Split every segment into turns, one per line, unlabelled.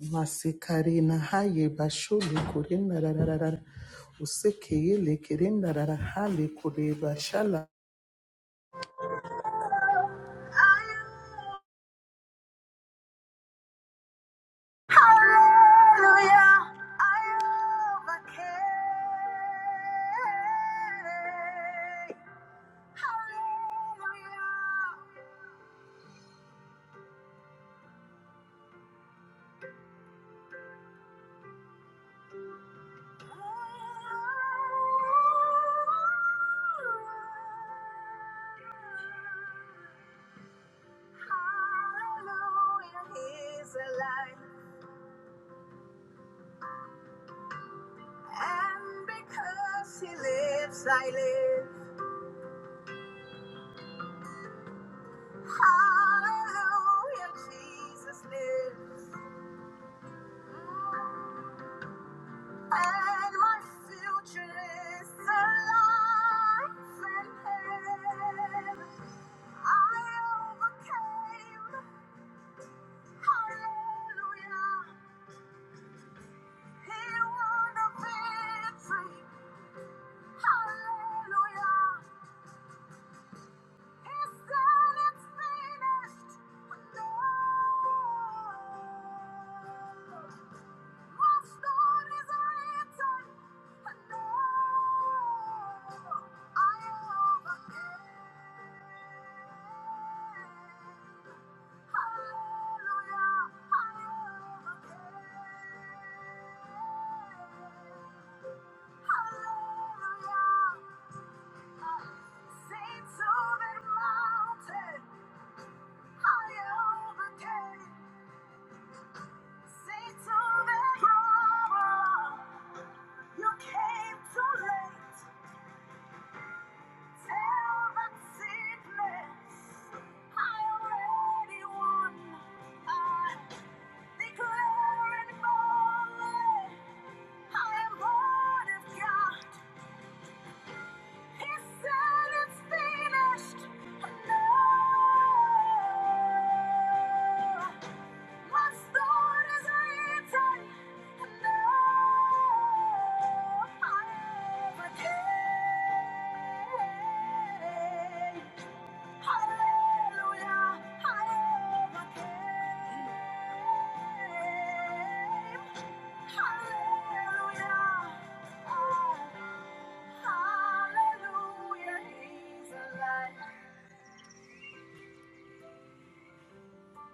Masikarina haye bashulu kurinda rararara. Usekeye lekerenda rarahale kure bashala.
Hallelujah, Hallelujah, He's alive, and because He lives, I live. Hallelujah, Jesus lives. And my future is alive in Him. I overcame. Hallelujah. He won the victory. Hallelujah. He said it's finished. No. What stories are written? No, I overcame. Hallelujah, I overcame. You came too late. Tell that sickness I already won. I declare it boldly. I am born of God. He said it's finished. No.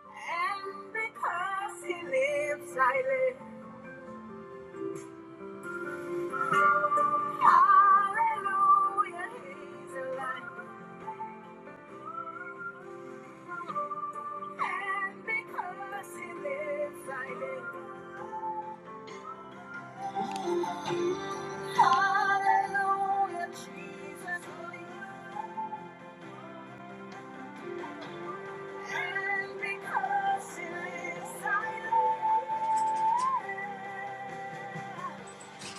And because he lives, I live. Hallelujah, he's alive. And because he lives, I live. Hallelujah, Jesus lives. And because he lives, I live.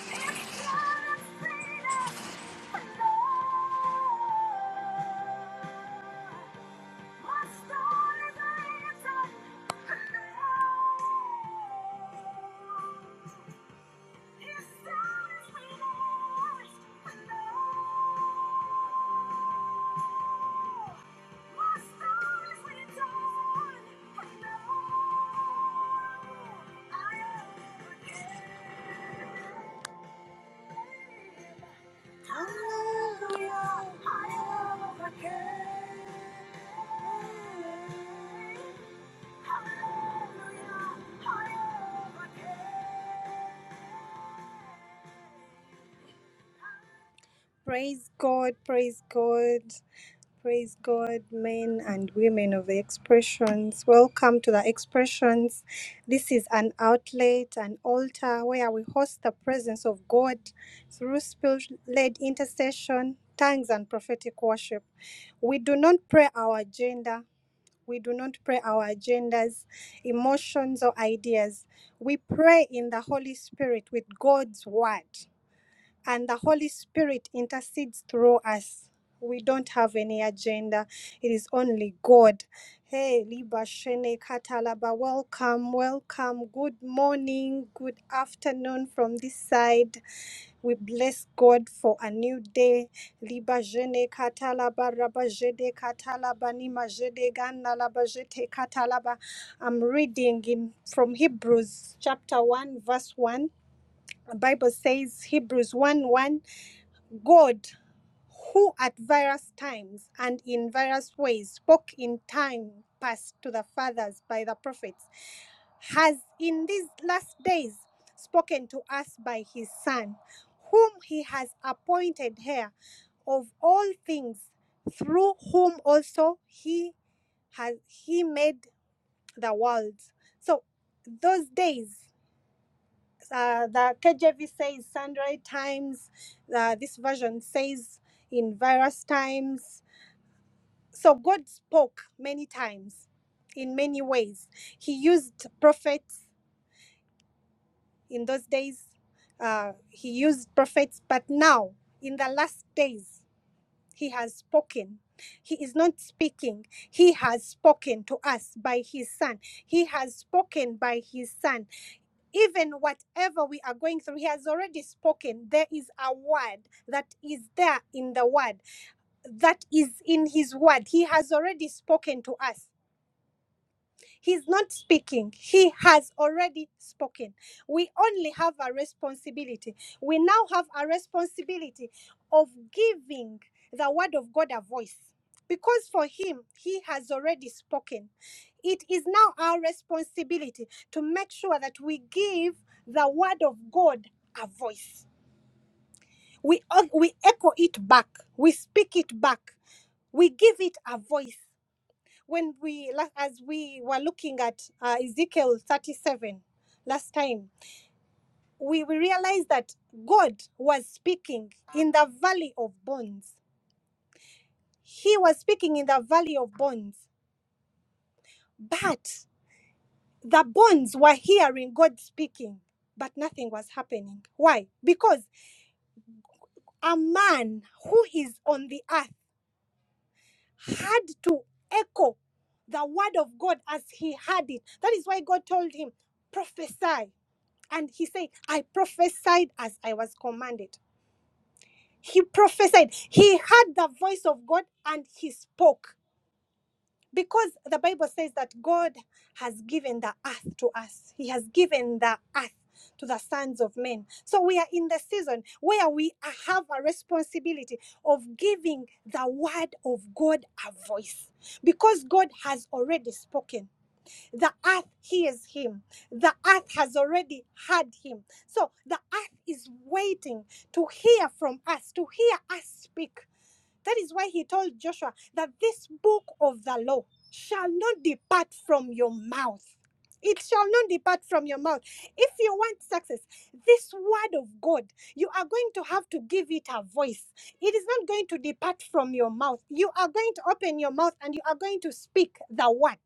It's God of freedom. Lord. Hallelujah, I am again. Praise God, praise God, praise God, men and women of the expressions. Welcome to the expressions. This is an outlet, an altar where we host the presence of God through spirit led intercession, tongues, and prophetic worship. We do not pray our agenda, we do not pray our agendas, emotions, or ideas. We pray in the Holy Spirit with God's word, and the Holy Spirit intercedes through us. We don't have any agenda, it is only God. Hey, Liba Shene Katalaba, welcome, welcome. Good morning, good afternoon from this side. We bless God for a new day. Liba jene katalaba raba jede katalaba nima jede gana laba jete katalaba. I'm reading in from Hebrews chapter 1 verse 1. The Bible says Hebrews 1 1. God who at various times and in various ways spoke in time past to the fathers by the prophets, has in these last days spoken to us by his Son, whom he has appointed heir of all things, through whom also he has he made the world. So those days, uh, the KJV says sundry times. Uh, this version says in various times so God spoke many times in many ways. He used prophets in those days, uh, he used prophets, but now in the last days, he has spoken. He is not speaking. He has spoken to us by his son. He has spoken by his son. Even whatever we are going through, he has already spoken. There is a word that is there in the word, that is in his word. He has already spoken to us He's not speaking. He has already spoken. We only have a responsibility. We now have a responsibility of giving the word of God a voice. Because for him, he has already spoken. It is now our responsibility to make sure that we give the word of God a voice. We, uh, we echo it back, we speak it back, we give it a voice when we as we were looking at uh, Ezekiel 37 last time, we, we realized that God was speaking in the valley of bones. He was speaking in the valley of bones, but the bones were hearing God speaking, but nothing was happening. Why? Because a man who is on the earth had to echo the word of God as he had it. That is why God told him, prophesy And he said, I prophesied as I was commanded. He prophesied. He heard the voice of God and he spoke. Because the Bible says that God has given the earth to us, He has given the earth to the sons of men. So we are in the season where we have a responsibility of giving the word of God a voice because God has already spoken. The earth hears him. The earth has already heard him. So the earth is waiting to hear from us, to hear us speak. That is why he told Joshua that this book of the law shall not depart from your mouth. It shall not depart from your mouth. If you want success, this word of God, you are going to have to give it a voice. It is not going to depart from your mouth. You are going to open your mouth and you are going to speak the word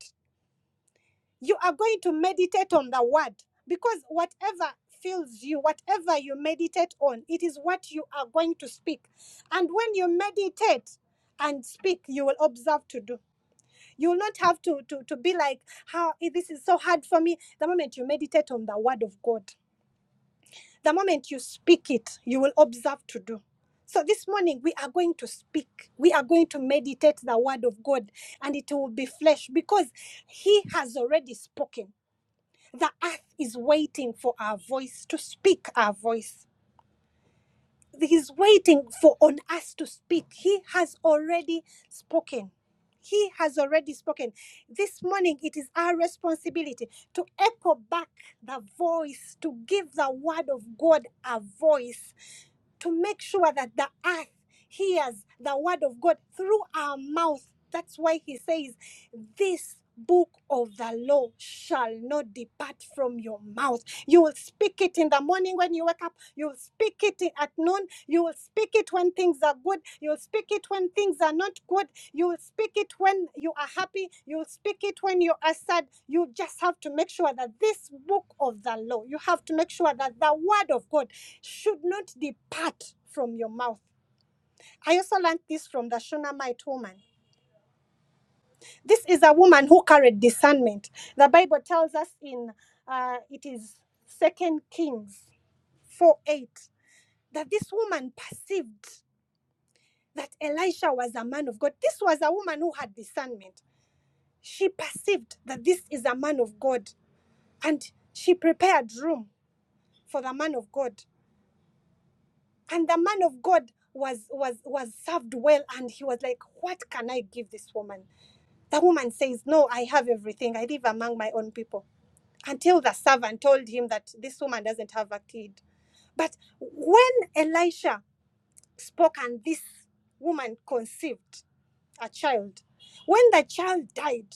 you are going to meditate on the word because whatever fills you whatever you meditate on it is what you are going to speak and when you meditate and speak you will observe to do you will not have to to, to be like how eh, this is so hard for me the moment you meditate on the word of god the moment you speak it you will observe to do so this morning we are going to speak we are going to meditate the word of god and it will be flesh because he has already spoken the earth is waiting for our voice to speak our voice. He's waiting for on us to speak. He has already spoken. He has already spoken. This morning, it is our responsibility to echo back the voice, to give the word of God a voice, to make sure that the earth hears the word of God through our mouth. That's why he says, This book of the law shall not depart from your mouth you will speak it in the morning when you wake up. You will speak it at noon. You will speak it when things are good. You will speak it when things are not good. You will speak it when you are happy. You will speak it when you are sad. You just have to make sure that this book of the law, you have to make sure that the word of God should not depart from your mouth. I also learned this from the Shunammite woman. This is a woman who carried discernment. The Bible tells us in uh, it is Second Kings 4 8 that this woman perceived that Elisha was a man of God. This was a woman who had discernment. She perceived that this is a man of God and she prepared room for the man of God. And the man of God was was was served well and he was like, "What can I give this woman?" The woman says, "No, I have everything. I live among my own people." Until the servant told him that this woman doesn't have a kid. But when Elisha spoke and this woman conceived a child. When the child died,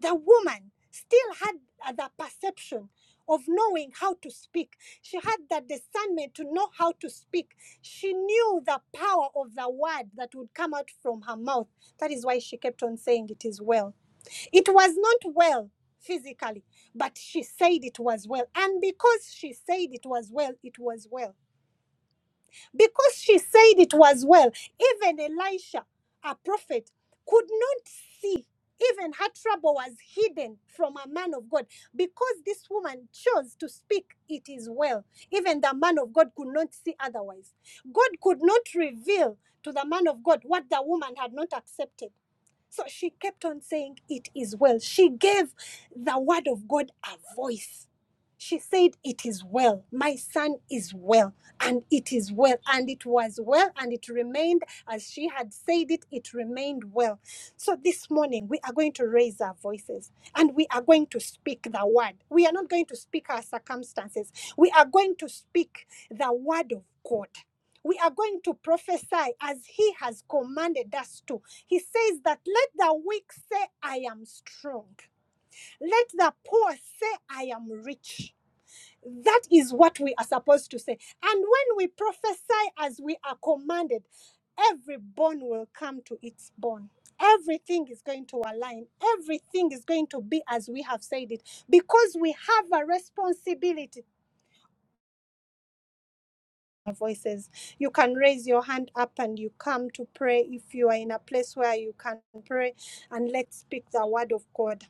the woman still had uh, the perception of knowing how to speak. She had the discernment to know how to speak. She knew the power of the word that would come out from her mouth. That is why she kept on saying, It is well. It was not well physically, but she said it was well. And because she said it was well, it was well. Because she said it was well, even Elisha, a prophet, could not see. Even her trouble was hidden from a man of God because this woman chose to speak, it is well. Even the man of God could not see otherwise. God could not reveal to the man of God what the woman had not accepted. So she kept on saying, It is well. She gave the word of God a voice. She said, It is well. My son is well. And it is well. And it was well. And it remained as she had said it, it remained well. So this morning, we are going to raise our voices and we are going to speak the word. We are not going to speak our circumstances, we are going to speak the word of God. We are going to prophesy as He has commanded us to he says that let the weak say, I am strong. Let the poor say, I am rich. That is what we are supposed to say. And when we prophesy as we are commanded, every bone will come to its bone. Everything is going to align. Everything is going to be as we have said it because we have a responsibility. Voices. You can raise your hand up and you come to pray if you are in a place where you can pray and let's speak the word of God.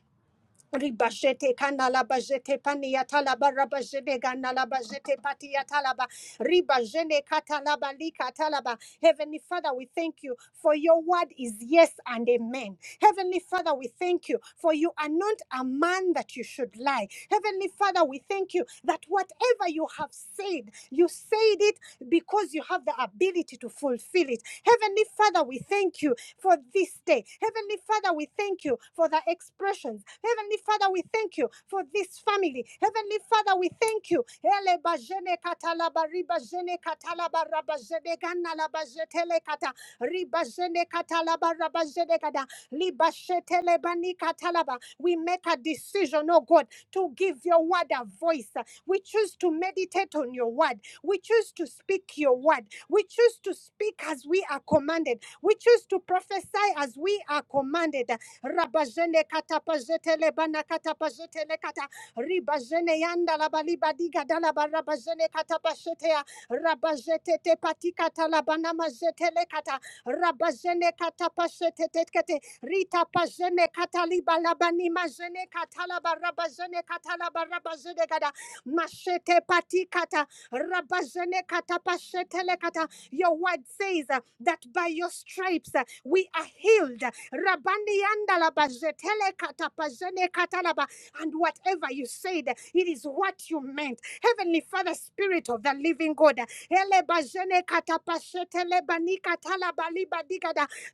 Ribashete kanala bajete pania talaba rabajene ganala bajete patia talaba ribajene katalaba lika talaba. Heavenly Father, we thank you for your word is yes and amen. Heavenly Father, we thank you for you are not a man that you should lie. Heavenly Father, we thank you that whatever you have said, you said it because you have the ability to fulfill it. Heavenly Father, we thank you for this day. Heavenly Father, we thank you for the expressions. Heavenly Father, we thank you for this family. Heavenly Father, we thank you. Ele bajene katalaba riba katalaba raba jene gana kata riba katalaba raba kada liba bani katalaba. We make a decision, oh God, to give your word a voice. We choose to meditate on your word. We choose to speak your word. We choose to speak as we are commanded. We choose to prophesy as we are commanded. Rabajene katapajete lebana katapajete lekata. Ribajene yanda labaliba diga dalaba rabajene katapajete ya. Rabajete te patika talabana majete lekata. Rabajene katapajete tekete. Rita pajene kataliba labani majene katalaba rabajene katalaba rabajene gada. Machete patikata. Rabajene katapajete lekata. Your word says uh, that by your stripes uh, we are healed. Rabandi andalaba jetele katapajene katalaba. And whatever you said, it is what you meant. Heavenly Father, Spirit of the Living God, ele katapashetele bani katalaba liba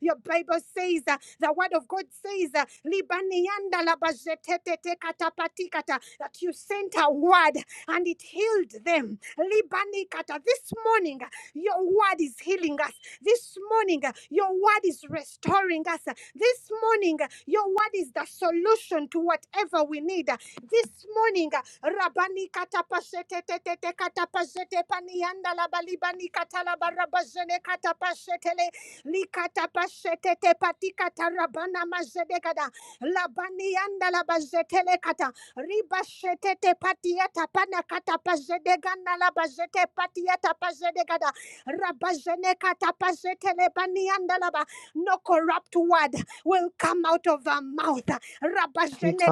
your Bible says, uh, the Word of God says, uh, libani andalaba jetetete katapatikata, that you sent a word and it healed them. Libanikata. This morning, your word is healing us. This morning, uh, your word is restoring us. Uh, This morning, uh, your word is the solution to whatever we need. Uh, This morning, uh, Rabani katapashete tetete katapashete panianda labalibani katalabarabajene katapashetele likatapashete tepatika tarabana majedekada labanianda labajetele kata ribashete tepatiata pana katapashedegana labajete patiata pashedegada Rabazene No corrupt word will come out of our mouth.
Thank
Rabazene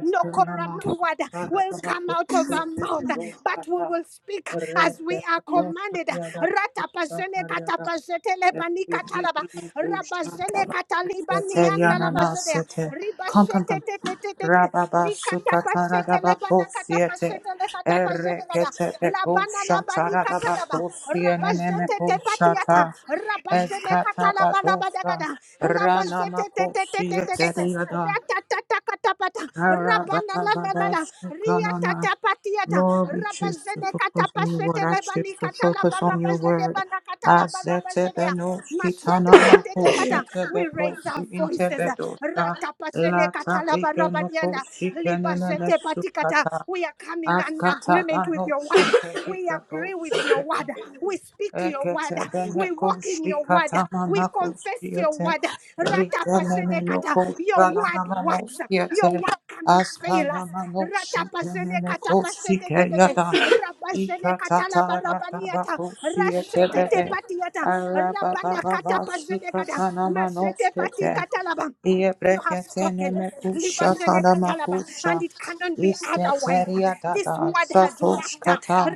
No corrupt word will come out of our mouth, but we will speak as we are commanded. Ratapazene
you.
katapazete lebani katalaba. Rabazene katalibani andalabazete.
Eteriananasete. Come, come,
Ribashete
come.
te te
Rababa sukatarababa kosiete. Erekete peko
Labana labani
shatarababa
katalaba.
kosieneneme
Rabazete te
koshata.
patiata. Rabazene katalabana
Eskatabadosa.
badagada.
Ranama
Labazete te te te te te
kosiete
te te. Ratatata katapata. Rabana la la la la.
Arababababasukanana.
Riatata patiata.
Lord, we choose to
Rabazene
focus on your
katapasete
word. I choose
lebani
to focus
katalaba.
on your
Rabazene
word.
bana katalaba. Rabazene. Masete te te te kata. We raise our voices.
Azetebenoshkitanamakosetebekosiintebedosa.
Ratapazene katalaba rabadiana. Libazete patikata.
Latabikenokoshikenenemesukata.
We are coming in agreement with your word. We agree with your
Askatabanoshikebigadoshiketa.
word. We speak your
Rekete
word. We walk in your word. We confess your word. Ratapazhenekata. Your word works. Your word cannot fail us. Ratapazhenekata pashetetetete. Rabazhenekatalabarabaniyata. Rashetetepatiyata. Rabanakatapazhenekata. Mashetepatikatalaba. You have spoken,
Yebreketene kusha tana
Libashenekatalaba, and
makusha.
it cannot be otherwise.
İsketeriya
This
dada
word has
satosh
worked.
kata.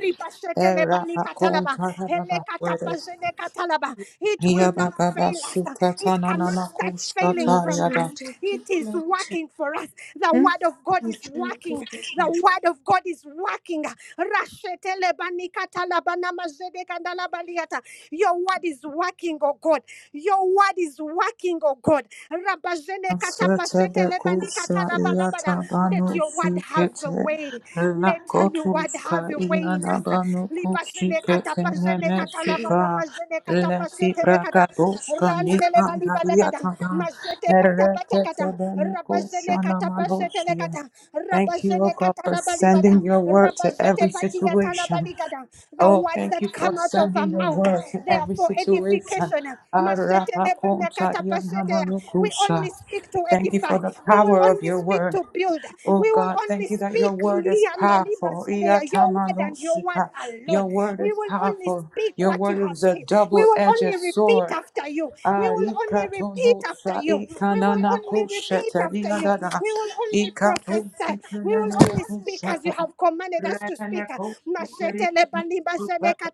Era akum taradaba wordes.
Helekatapazenekatalaba. It will
Iya
not
baba
fail us.
basuka
It
tanana
cannot start
makusta.
failing from us. It is working for us. The word of God is working. The word of God is working. Rashetelebanikatalabanamashenekandalabaliata. Your word is working, oh God. Your word is working, oh God. Rabazene
Sete
katapasete lebani
bekusa iya
katalabalabada.
tabanu
Let your word have a
sikete.
way.
La
Let your word
kotuska
have a way
iya
in us.
nabanu
Libazene
kushikete
katapazene
nene suka.
katalabarabazene
Leti
katapasete lekata.
prakatoska
Randele
nikanda iya
balibadagada.
taban.
Mazete
Erekete
patapatakata.
bene
Rabazene
kushana
katapasete
malosio.
lekata.
Thank you, O
Rabazene
God, for
katalabalibada.
sending your word to
Rabazete
every
patia
situation.
talabaligada. The
Oh,
words
thank you
that
for
come out of our
sending your
mouth,
word to
they are
every
for
situation.
edification. Mazete
Arapakonta
lebanakata pasetea. We
yanamanukusa.
only speak to
Thank you
edify.
for the
We will
power of
only
your
speak
word.
to build.
Oh
We will
God,
only
thank you that your
speak
word is
lianda
powerful.
Libazede. your word and your word
Iyatamanosika.
alone.
Your word
We
is
will only
powerful.
speak
Your
what you
word
have
is a
said. We
double
will
edged
only repeat
sword.
after you. We will only repeat after
Arikatonosa
you. We will only repeat
ikananakusheta
after you.
liyadada.
We will only prophesy. We will only speak as you
Ikatosikanakushata.
have commanded us to speak.
Renekosikerianamasuka.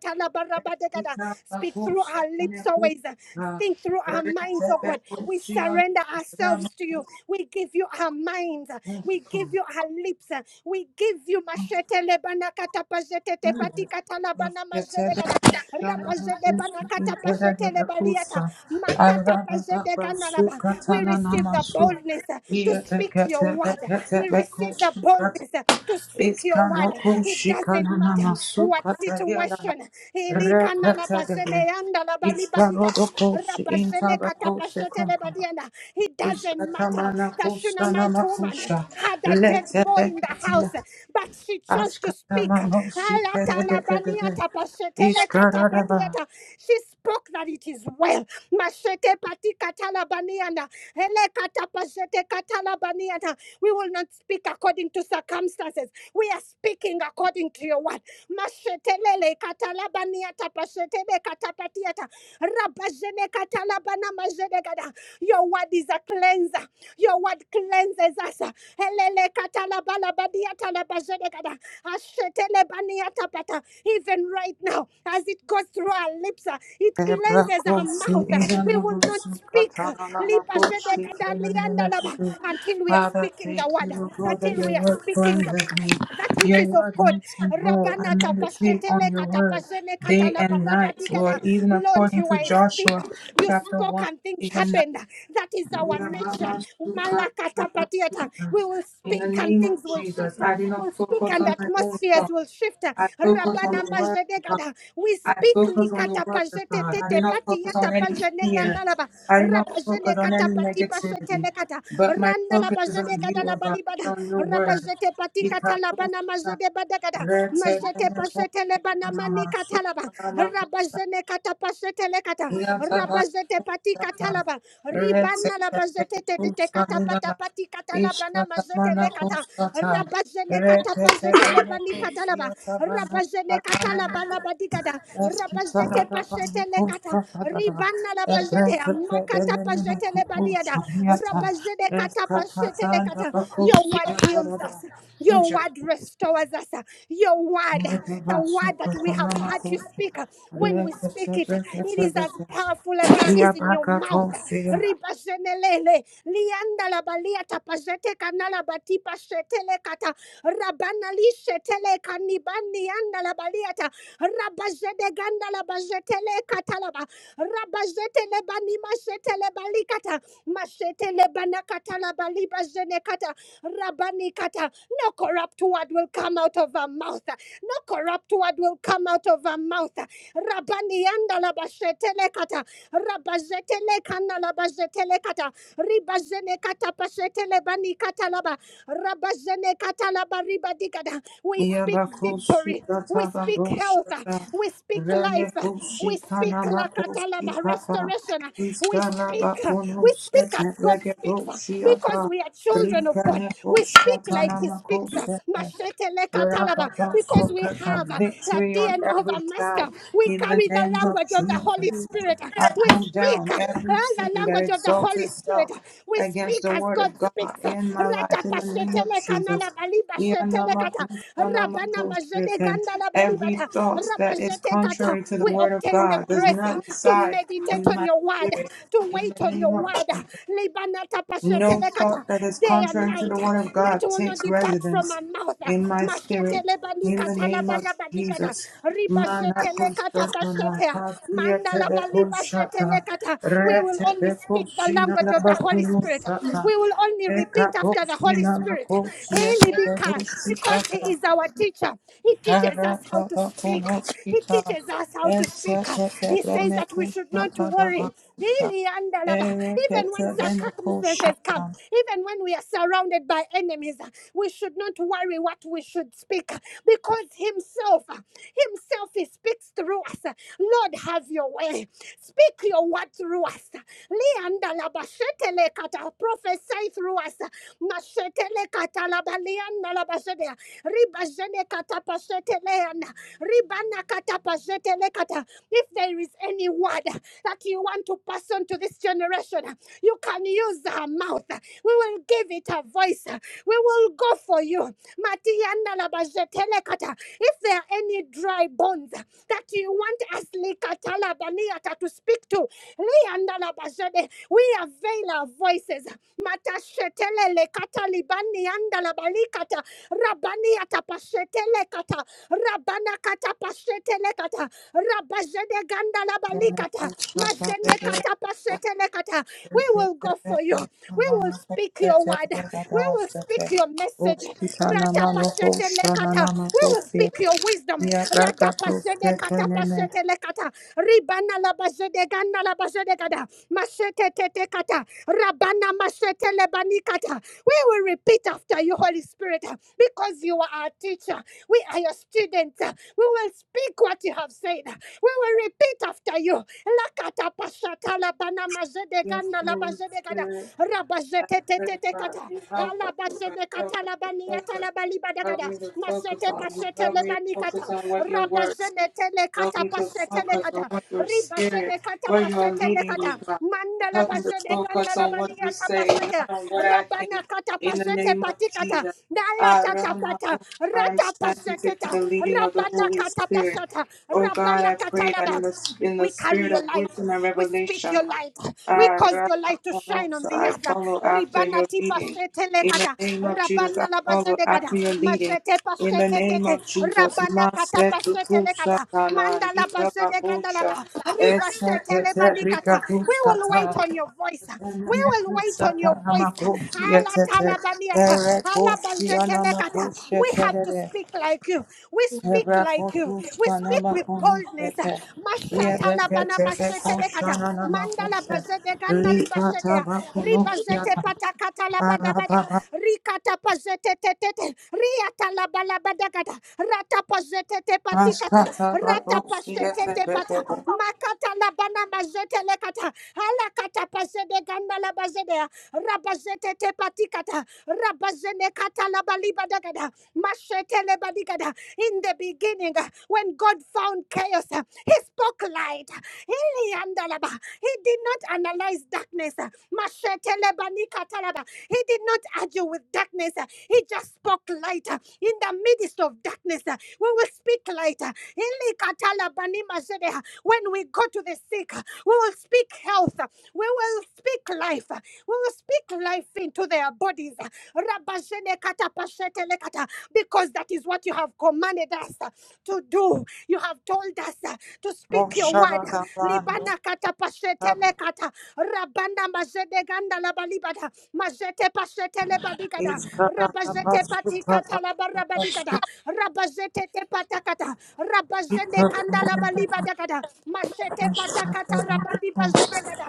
Speak through our lips always. Think through our minds, oh God. We surrender ourselves to you. We give you our minds. We give you our lips. We give you mashetelebanakatapazetetepatikatalabanamazedekada. We receive the boldness uh, to speak your word. We receive the boldness
Rekete
uh, to speak your word. It doesn't matter what situation.
de
Ilikanalabazene
Iskarodokos in tabakos secum.
It doesn't matter.
Ishkatamana
The
kushana
Shunammite woman
makusha.
had a dead
Lete
boy in the
deketia.
house but she chose to speak.
Ashkatamano shikere de de de de. Ishkararaba.
Alatalabaniatapashetelekatapatiata. She spoke that it is well. Mashetepatikatalabaniyanda. Elekatapashetekatalabaniata. We will not speak according to circumstances. We are speaking according to your word. Mashetelelekatalabaniatapashetelekatapatiata. Rabajenekatalabana majedegada. Your word is a cleanser. Your word cleanses us. Helele katalabalabadia talabazedekada. Ashetelebaniatapata. Even right now, as it goes through our lips, uh, it
Ebra
cleanses our
kosi
mouth. uh, We will not
inanamasu
speak uh,
katana namakushi
liandalaba,
kenenemesu.
until we are
Father,
speaking the
thank you,
word, uh,
O God, that
until
your
we are
word
speaking uh,
cleanses me.
that which
Your
is of
word
God.
makes me whole. I
Rabana
meditate
tapashetele
on your word
katapashene
day
katalaba
and night,
rabadiga da.
Lord, even
Lord,
according
you
to
are a
Joshua
speaker. You
chapter
spoke and things
1.
happened. That is
We
our
are
nature.
Mama Suka, Mama
Malakatapatiata.
Suka.
We will
In the
speak and
name of
things will
Jesus,
shift.
I do not
We'll speak
focus
and
on my own
atmospheres
thoughts.
will shift.
I focus on
Rabana
the word of God.
majedegada. We
I
speak
focus on the word of God. I do
likatapajetetete
not focus on
patiata
any fear.
pajenegandalaba.
I do not
Rabajene
focus on any
katapati
negativity.
pashetelekata.
But my
Randala
focus is on
bajenegada
you, O God,
labalibada.
on your word.
Rabajete patikata
Ika
labana
Suka,
majede badagada.
Rete
Majete
Bene
pashetele
Koshi,
banamani
Mama Suka,
katalaba
Mama Suka.
rabazene kata pasete lekata
Yataba
rabazete pati
Shaka
katalaba ribana
Rekete
labazete tete te kata pata
Kusanina
pati katalaba na mazete
Ishkatamana
lekata
Kusata
rabazene kata
Rekete
pazete lebani
Benekus
katalaba
Yatabana
rabazene katalaba
Katanamaku
labadikada
Eskitana
rabazete pasete lekata
Kusata
ribana labazete
Rekete
makata pazete
Beneku
lebadiada
Kusamiata
rabazene kata pasete
Eskatanda
lekata your
Bakusi
word heals us your
Yatarada
word restores us. Your word, the word that we have heard you speak, when we speak it, it is as powerful as it is in your mouth. Ribashenelele, lianda la balia tapajete kanala batipa shetele kata, rabanali shetele kanibani anda la baliata, rabajede ganda la bajetele katalaba, rabajetele bani mashetele balikata, mashetele banakata la baliba jenekata, rabani kata, no corrupt word will come out of her mouth. No corrupt word will come out of her mouth. Rabani anda la bashetele kata. Rabazete kana la bazetele kata. Ribazene katapashete lebani katalaba. Rabazene katalaba ribadikada. We speak victory. We speak health. We speak life. We speak la katalaba restoration. We speak. We speak as God speaks because we are children of
Rika
God.
ne
We speak
koshata
like He
nama
speaks.
kose
Mashete le katalaba because we have the
Victory on
DNA of
every
a
side
master. We
in the
carry the
name of
language of the Holy
Jesus.
Spirit.
I
We
come
speak
down
uh, the
everything that
language of the
exalts
Holy Spirit.
itself
We
against
speak
the
as
word
God
of God
speaks.
in my life in the name of Jesus. Every thought that is contrary to the
We
word of
obtain the
God does
grace uh,
not
to
reside
meditate
in
on
my
your word, uh,
spirit
to
in
wait
the
on
name
your
of
word. uh,
Jesus. No thought that is
Day and
contrary to the
night. uh,
Word of
It
God
will not
takes
depart from
residence
our mouth. uh,
in my spirit. In the name of Jesus.
Mandala baliba
Manakusatanakasietebekushata,
shetelekata. We will only speak the language of the Holy Spirit.
retebekusinalabakumusata,
We will only repeat after the Holy Spirit. Heli bika, Because He
ekakusinamakusietebedusikata,
is our teacher. He teaches us how to speak. He
aratabakunosita,
teaches us how to speak. He says that we should not
esetetebenekushata
worry.
dabakusa,
Heli andalaba. Even when circumstances
ereketebenekushata.
come, even when we are surrounded by enemies, we should not worry what we should speak because Him. Himself. uh, Himself, He speaks through us. uh, Lord, have your way. Speak your word through us. Leanda labashetele kata prophesy through us. Mashetele kata labalianda labashete. Ribajene kata pasheteleana. Ribana kata pashetele kata. If there is any word that you want to pass on to this generation, you can use our mouth. We will give it a voice. We will go for you. Matianda la bajetelekata. If there are any dry bones that you want us likatala baniata to speak to, lianda la we avail our voices. Matashetele katalibani anda la balikata. Rabani atapashetele kata. Rabana kata pashetele kata. Rabajede ganda la
Yes,
balikata.
Holy
Majene
Spirit,
kata pashetele kata. We will
I
go
pray,
for you. We
Father,
will speak your word. We will speak your message. Ratapashete lekata. We will speak your wisdom. Ratapashete katapashete lekata. Ribana labashete gana labashete gada. Mashete tete kata. Rabana mashete lebani kata. We will repeat after you, Holy Spirit, because you are our teacher. We are your students. We will speak what you have said. We will repeat after you. Lakata pashata labana majede gana labashete gada. Rabashete tete kata.
you help us, oh God,
Alabazene
help us to
katalabani
focus.
atalabali
Help
badagada.
me to focus
Masete
on you.
pasete
Help me to
lebani
focus
kata.
on what your word says.
Rabazene tele
Help
kata
me to
pasete le
focus on
kata.
what your spirit,
Ribazene kata
where you are
pasete le
leading me,
kata.
God.
Mandala
Help me to
bazene
focus
gandala
on what
bali
you
ata
say,
pasete.
not on what I
Rabana
think.
kata
In the
pasete
name of
patikata.
Jesus.
Nala
Ah,
tata
Rama,
pata.
oh, I am
Rata pasete
sensitive to
ta.
the leading of the
Rabana
Holy
kata
Spirit.
pasata.
Oh God,
Rabana
I pray that in
katalaba.
the in the
We carry
spirit of
your light.
wisdom and
We speak
revelation,
your light. We
ah,
cause
Rama,
your light to
oh,
shine on
so
the
I
earth.
follow after
Ribana
your
tipa
leading.
shete
In the
lekata.
name of Jesus,
Rabana
I follow after
labazedekata.
your leading.
Majete
In the
pashete
name
tete.
of Jesus,
Rabana kata
Masetu
pashete lekata.
Kusatana,
Mandala bazedekata
Itabakusha,
laba. Riba shete
Esekete,
lebanikata. We will wait
Rikakuskata,
on your voice. We will wait on your
Emekusatana
voice.
Makushi,
Ala
Etete,
talabaniata. Ala
Erekushi,
bazete lekata.
Anamakushi,
We have to
Tede,
speak like you. We speak like you. We
Erakuskana
speak with boldness.
Makunushete,
Mashata la
Yebekete,
mashete le
Bekushana
Mandala
Namakushi,
bazede gana li
Rikata
Ribazete
Bakunushata,
patakata la bada Rikata pazete te Riata la bala Rata pazete te
Thank
patikata. Rata pazete te pata. Makata la mazete le kata. pazede gana la Rabazete te patikata. Rabazene kata la bali Mashete le In the beginning, uh, when God found chaos. uh, he spoke light. He did not analyze darkness. He did not argue with darkness. He just spoke light in the midst of darkness. We will speak light. When we go to the sick, we will speak health. We will speak life. We will speak life into their bodies. Because that is what you have commanded us to do. You have told us. uh, to speak your word. Libana kata pashete lekata. Rabana mazede ganda labalibada. Mazete pashete
you.
lebadigada. Rabazete patikata labarabadigada. Rabazete tepatakata. Rabazende kanda labalibadagada. Mashete patakata rabadibazedegada.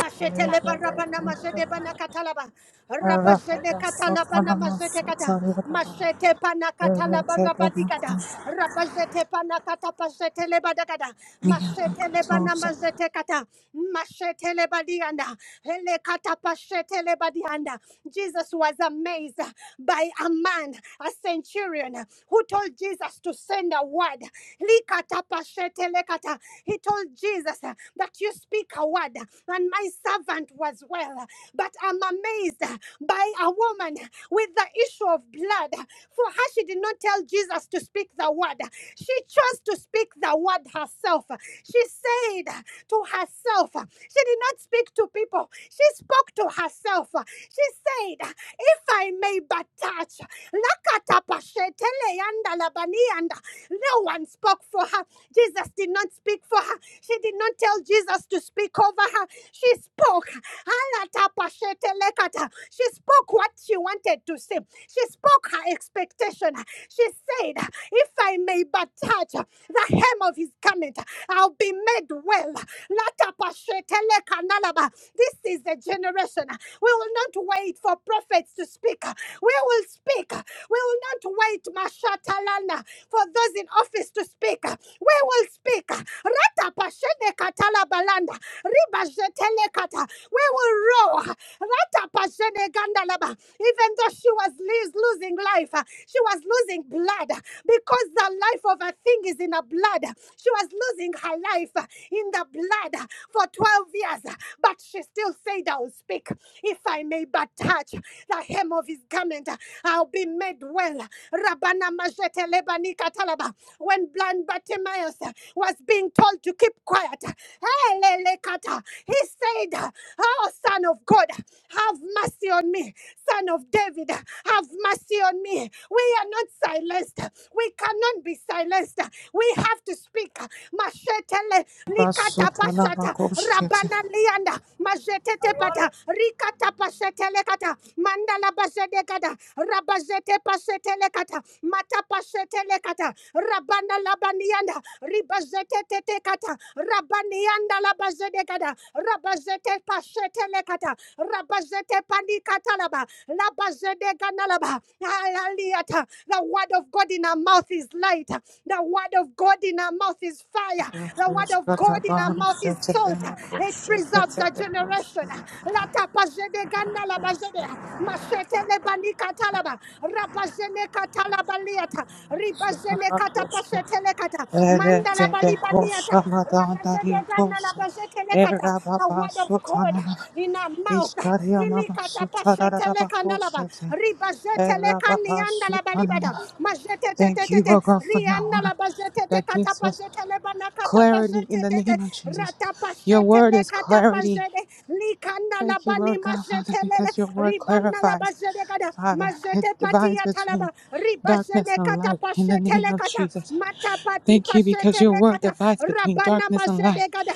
Mashete leba raba na mazede bana katalaba. Raba zene katalaba na mazete kata. Mashete pana katalaba raba digada. Raba zete pana kata pazete leba dagada. Mashete leba mazete kata. Mashete leba dianda. Hele kata pashete leba dianda. Jesus was amazed by a man, a centurion, who told Jesus to send a word. Likata pashete kata. He told Jesus that you speak a word, and my servant was well. But I'm amazed by a woman with the issue of blood. For her, she did not tell Jesus to speak the word, she chose to speak the word herself. She said to herself, she did not speak to people, she spoke to herself. She said, If I may but touch, Lakatapashetele yanda labani yanda, no one spoke for her. Jesus did not speak for her. She did not tell Jesus to speak over her. She spoke. She spoke what she wanted to say. She spoke her expectation. She said, If I may but touch the hem of his garment, I'll be made well. This is the generation. We will not wait for prophets to speak. We will speak. We will not not wait, Mashatalana, for those in office to speak. We will speak. Rata pashene katala balanda. Riba jetele kata. We will roar. Rata pashene gandalaba. Even though she was lis- losing life, uh, she was losing blood uh, because the life of a thing is in the blood. She was losing her life uh, in the blood uh, for 12 years, uh, but she still said, I will speak if I may but touch the hem of his his garment, uh, I'll be made well. Rabana Majete Lebani Katalaba. When blind Bartimaeus uh, was being told to keep quiet, uh, Elele Kata, he said, uh, Oh, son of God, have mercy on me. Son of David, have mercy on me. We are not silenced. We cannot be silenced. We have to speak. Mashetele likata pashata rabana lianda majetete pata Matapasetelekata, Mandalabazedekata, Rabazete Pasetelekata, Matapasetelekata, Rabana Labanianda, Ribazete Tetekata, Rabanianda Labazedekata, Rabazete Pasetelekata, Rabazete Panikatalaba, Labazedeganalaba, Aliata. The word of God in our mouth is light. The word of God in our mouth is fire. The word of God in our mouth is salt. It preserves of the generation. Latapajede ganda labajede. Machete lebani katalaba. Rabajene katalabaliata. Ribajene katapachete lekata. Mandala balibaniata. Rabajede ganda
Eretebekoşamadandariyatoshe,
labajete lekata. A word of God
erababasotanana,
in our mouth. Ilikata pachete lekandalaba.
iskariyanamasutararabakoshete,
Ribajete lekanianda
erababasutanana.
labalibada. Majete te te
Thank
te
you,
te.
O God, for your
Rianda
word
labajete te
that gives us
katapajete lebana
clarity in
katapazete
the
te. te.
name of Jesus. Your word
Ratapashetele
is clarity.
katapazede likanda
Thank you,
labani
Lord God, Father,
majetelele
because your word
ribana
clarifies,
labazede kada
Father. It
majete
divides
patia
between
talaba
darkness
ribazene
and light in the name
katapashetele
of
kata
Jesus.
matapati
Thank you because your
pashetele
word
kata
divides between
rabana
darkness and light.
mazede kada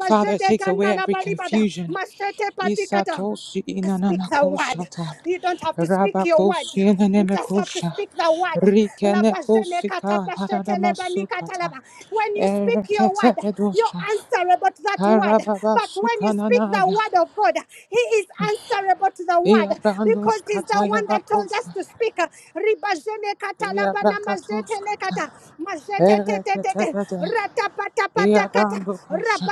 Father, it takes away
ganda
every
labalibada
confusion.
machete pati kata
Isatoshi
Speak the
inanamakosha
word. You don't have to speak your words.
rabakoshi
You just have to
inanemekosha
speak the word. Labazene
rikenekoshika
katapashetele bani
haradamasukata
katalaba. When you speak your word, you're
ereketeredosha
answerable to that word. But when you speak the
harababasukananaya
word of God, He is answerable to the word because He's the
iabrandoskataya
one that told us
bakosha
to speak. Ribajene katalabana majete
iabrakatoskata
lekata majete te te te
ereketebede iabandokosha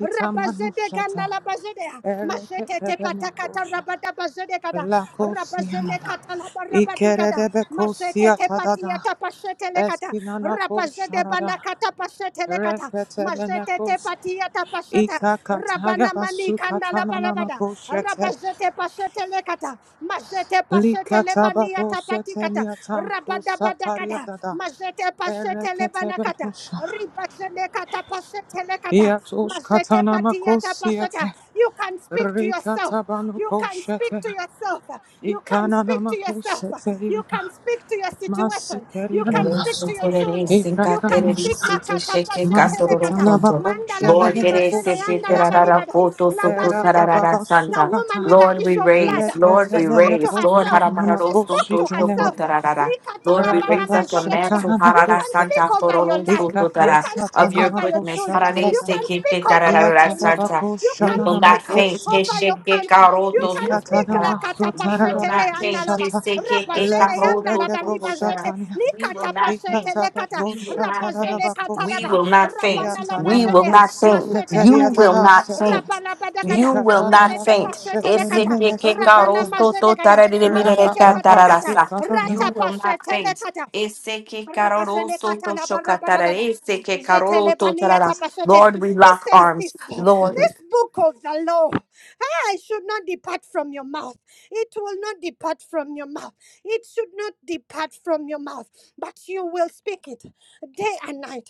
rabajede ganda majete te pata kata
Ereketebenekosha,
rabajene
lakosianana,
kata majete te pati
ikeredebekosiatadada,
lekata rabajede
eskinanakosharada,
banda pashete lekata Mazetete
reketebenekos,
patia tapaseta. Rabana mani kanda barabada.
ikakatayabasukatananakoshete,
Rabazete pasete lekata. Mazete pasete lebania tapatikata. Rabada badakata.
likatabadoseteniatakosatariadada,
Mazete pasete lebanakata.
ereketebedosha,
Ribazene kata pasete lekata. Mazete patia
iatoshkatanamakosiete,
tapaseta. You can speak to yourself. You can speak
rikatabanukoshete,
to yourself. You can speak to yourself. You
ikananamakosete,
can speak to your
Masi
situation. You
Karina
can
Lord,
speak
Santa.
to
Naso,
your
Lord,
children. You can speak
Ekakamoska,
makata pashete lekata. Manda la
Maskitanabakosia,
baliba jene yanda la
Nemekosikate,
balibada. La
Era
bajete kata.
Masikarinamasho.
The
Ekakamoshka.
woman
Maskitanabakosha nenemekoshikete. Erabababasukata.
with the
we
issue of blood.
raise, Lord,
She
we
spoke to
raise, Lord,
Leketenemekoshi
herself. She spoke to herself.
namakoshikenenem.
Likata
Lord,
la
we
bana
raise up a
majede gada.
mantle
You
harara
can
Rababashatanamakosete.
speak
santa
over your
fororo
life. You
sototara,
can
of
speak
your
over your
goodness.
children.
harare
You
Ikakasatanamakoshatarada.
can
seke
speak
ke
over your
tararara
finances.
santa.
You
We
can
will not
speak uh,
faint. ke
Iatarabakoshanamakosete.
over your
sheke
country. You
karoto
can speak la
sototara. We will
katapashete
not
le
faint.
andalaba.
We
Iskatanamasotaradabakoshata.
say, "Ke- ke- ka-
Rabazene
Lete
ho- to-
andalaba
to- to- ta- ra."
libazete.
brekedoshatania.
Li
We will not faint.
katapashete le kata.
We will
Ikatabakosha
not faint.
Rabazene
We
tadadabakosi.
katalaba.
will not faint.
Rabanalaba
We will
zene.
not
Iatanamakosi
faint.
Machete
You
keteria
will
patiata.
not
dadasete.
faint. You
Rabanabadagada.
will not
Mazete
faint.
Ikatanamakosha
pashete le
Ese
kata.
ke- ke- ka-
Rabana
ro-
terenemesukata.
to-
mazede
to- ta-
gada.
ra- re- re- mi- re- re-
Machete
kan- ta- ra- ra-
patakata.
sa.
Rabababasukatana.
You
Rata
will not
pashete le
faint.
kata.
Ese ke- ka- ro- ro-
Rabazene
so- to-
katala
sho- ka- ta- ra- re.
barabadagada.
Ese ke- ka- ro- ro-
Zetele
to- ta- ra- ra.
baniyata pasotea.
Lord, we
He
lock
says this,
arms. Lord,
this book of the law, I should not depart from your mouth. It will not depart from your mouth. It should not depart from your mouth, but you will speak it day and night.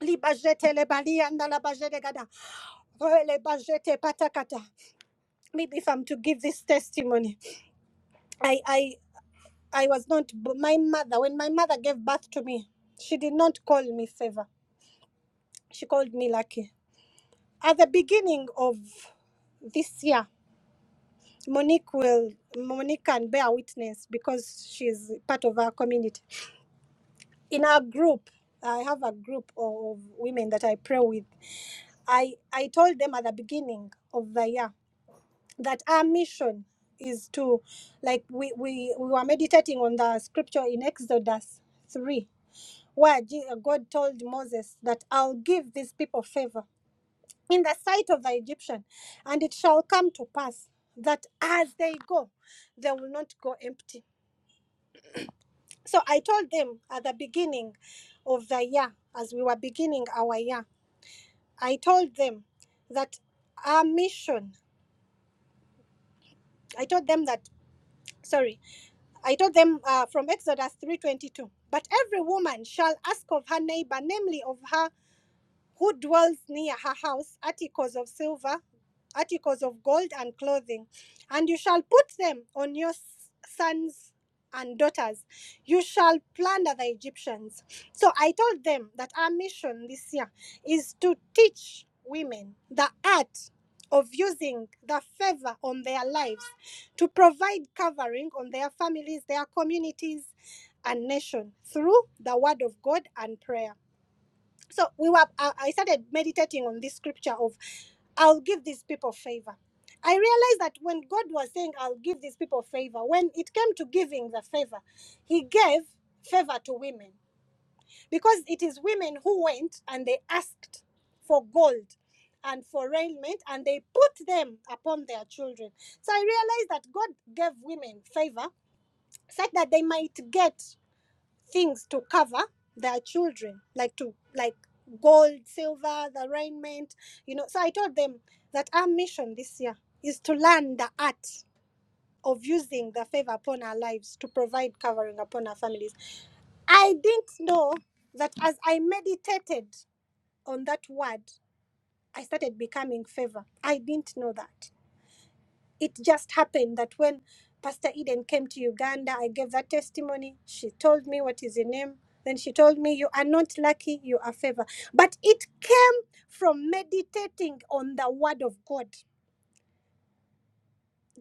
Libazetele baliyanda labazedegada. Rele bazete patakata. Maybe if I'm to give this testimony, I, I, I was not, my mother, when my mother gave birth to me, she did not call me favor. She called me lucky. At the beginning of this year, Monique will Monique can bear witness because she's part of our community. In our group, I have a group of women that I pray with. I, I told them at the beginning of the year that our mission is to like we, we, we were meditating on the scripture in Exodus three where Je- God told Moses that I'll give these people favor in the sight of the Egyptian. And it shall come to pass that as they go, they will not go empty. So I told them at the beginning of the year, as we were beginning our year, I told them that our mission, I told them that, sorry, I told them uh, from Exodus 3.22, but every woman shall ask of her neighbor, namely of her who dwells near her house articles of silver, articles of gold, and clothing. And you shall put them on your sons and daughters. You shall plunder the Egyptians. So I told them that our mission this year is to teach women the art of using the favor on their lives to provide covering on their families, their communities, and nation through the word of God and prayer. So we were. I, I started meditating on this scripture of I'll give these people favor. I realized that when God was saying, I'll give these people favor, when it came to giving the favor, He gave favor to women because it is women who went and they asked for gold and for raiment and they put them upon their children. So I realized that God gave women favor such that they might get things to cover their children, like to like gold, silver, the raiment, you know. So I told them that our mission this year is to learn the art of using the favor upon our lives to provide covering upon our families. I didn't know that as I meditated on that word, I started becoming favor. I didn't know that it just happened that when Pastor Eden came to Uganda, I gave that testimony. She told me what is the name. Then she told me, You are not lucky, you are favored. But it came from meditating on the word of God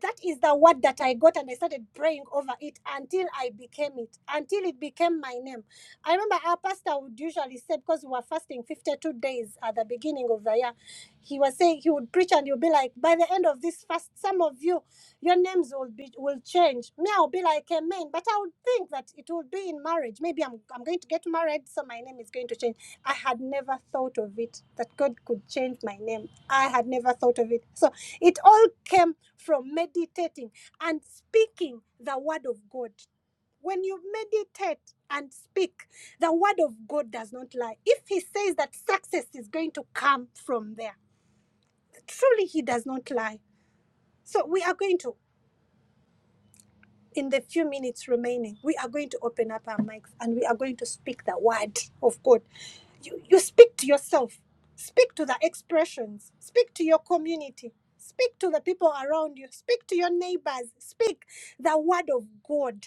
that is the word that I got, and I started praying over it until I became it, until it became my name. I remember our pastor would usually say, because we were fasting 52 days at the beginning of the year, he was saying he would preach and he would be like, by the end of this fast, some of you, your names will be will change. Me, I'll be like amen, but I would think that it will be in marriage. Maybe I'm I'm going to get married, so my name is going to change. I had never thought of it that God could change my name. I had never thought of it. So it all came from meditating and speaking the word of God. When you meditate and speak, the word of God does not lie. If he says that success is going to come from there, truly he does not lie. So we are going to in the few minutes remaining, we are going to open up our mics and we are going to speak the word of God. You, you speak to yourself, speak to the expressions, speak to your community, speak to the people around you, speak to your neighbors, speak the word of God.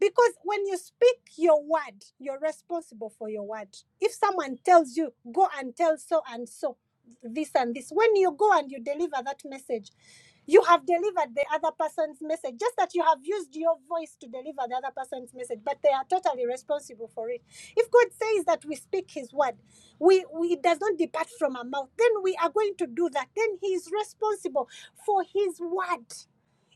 Because when you speak your word, you're responsible for your word. If someone tells you, go and tell so and so, this and this, when you go and you deliver that message, you have delivered the other person's message, just that you have used your voice to deliver the other person's message, but they are totally responsible for it. If God says that we speak His word, we, we it does not depart from our mouth, then we are going to do that. Then He is responsible for His word.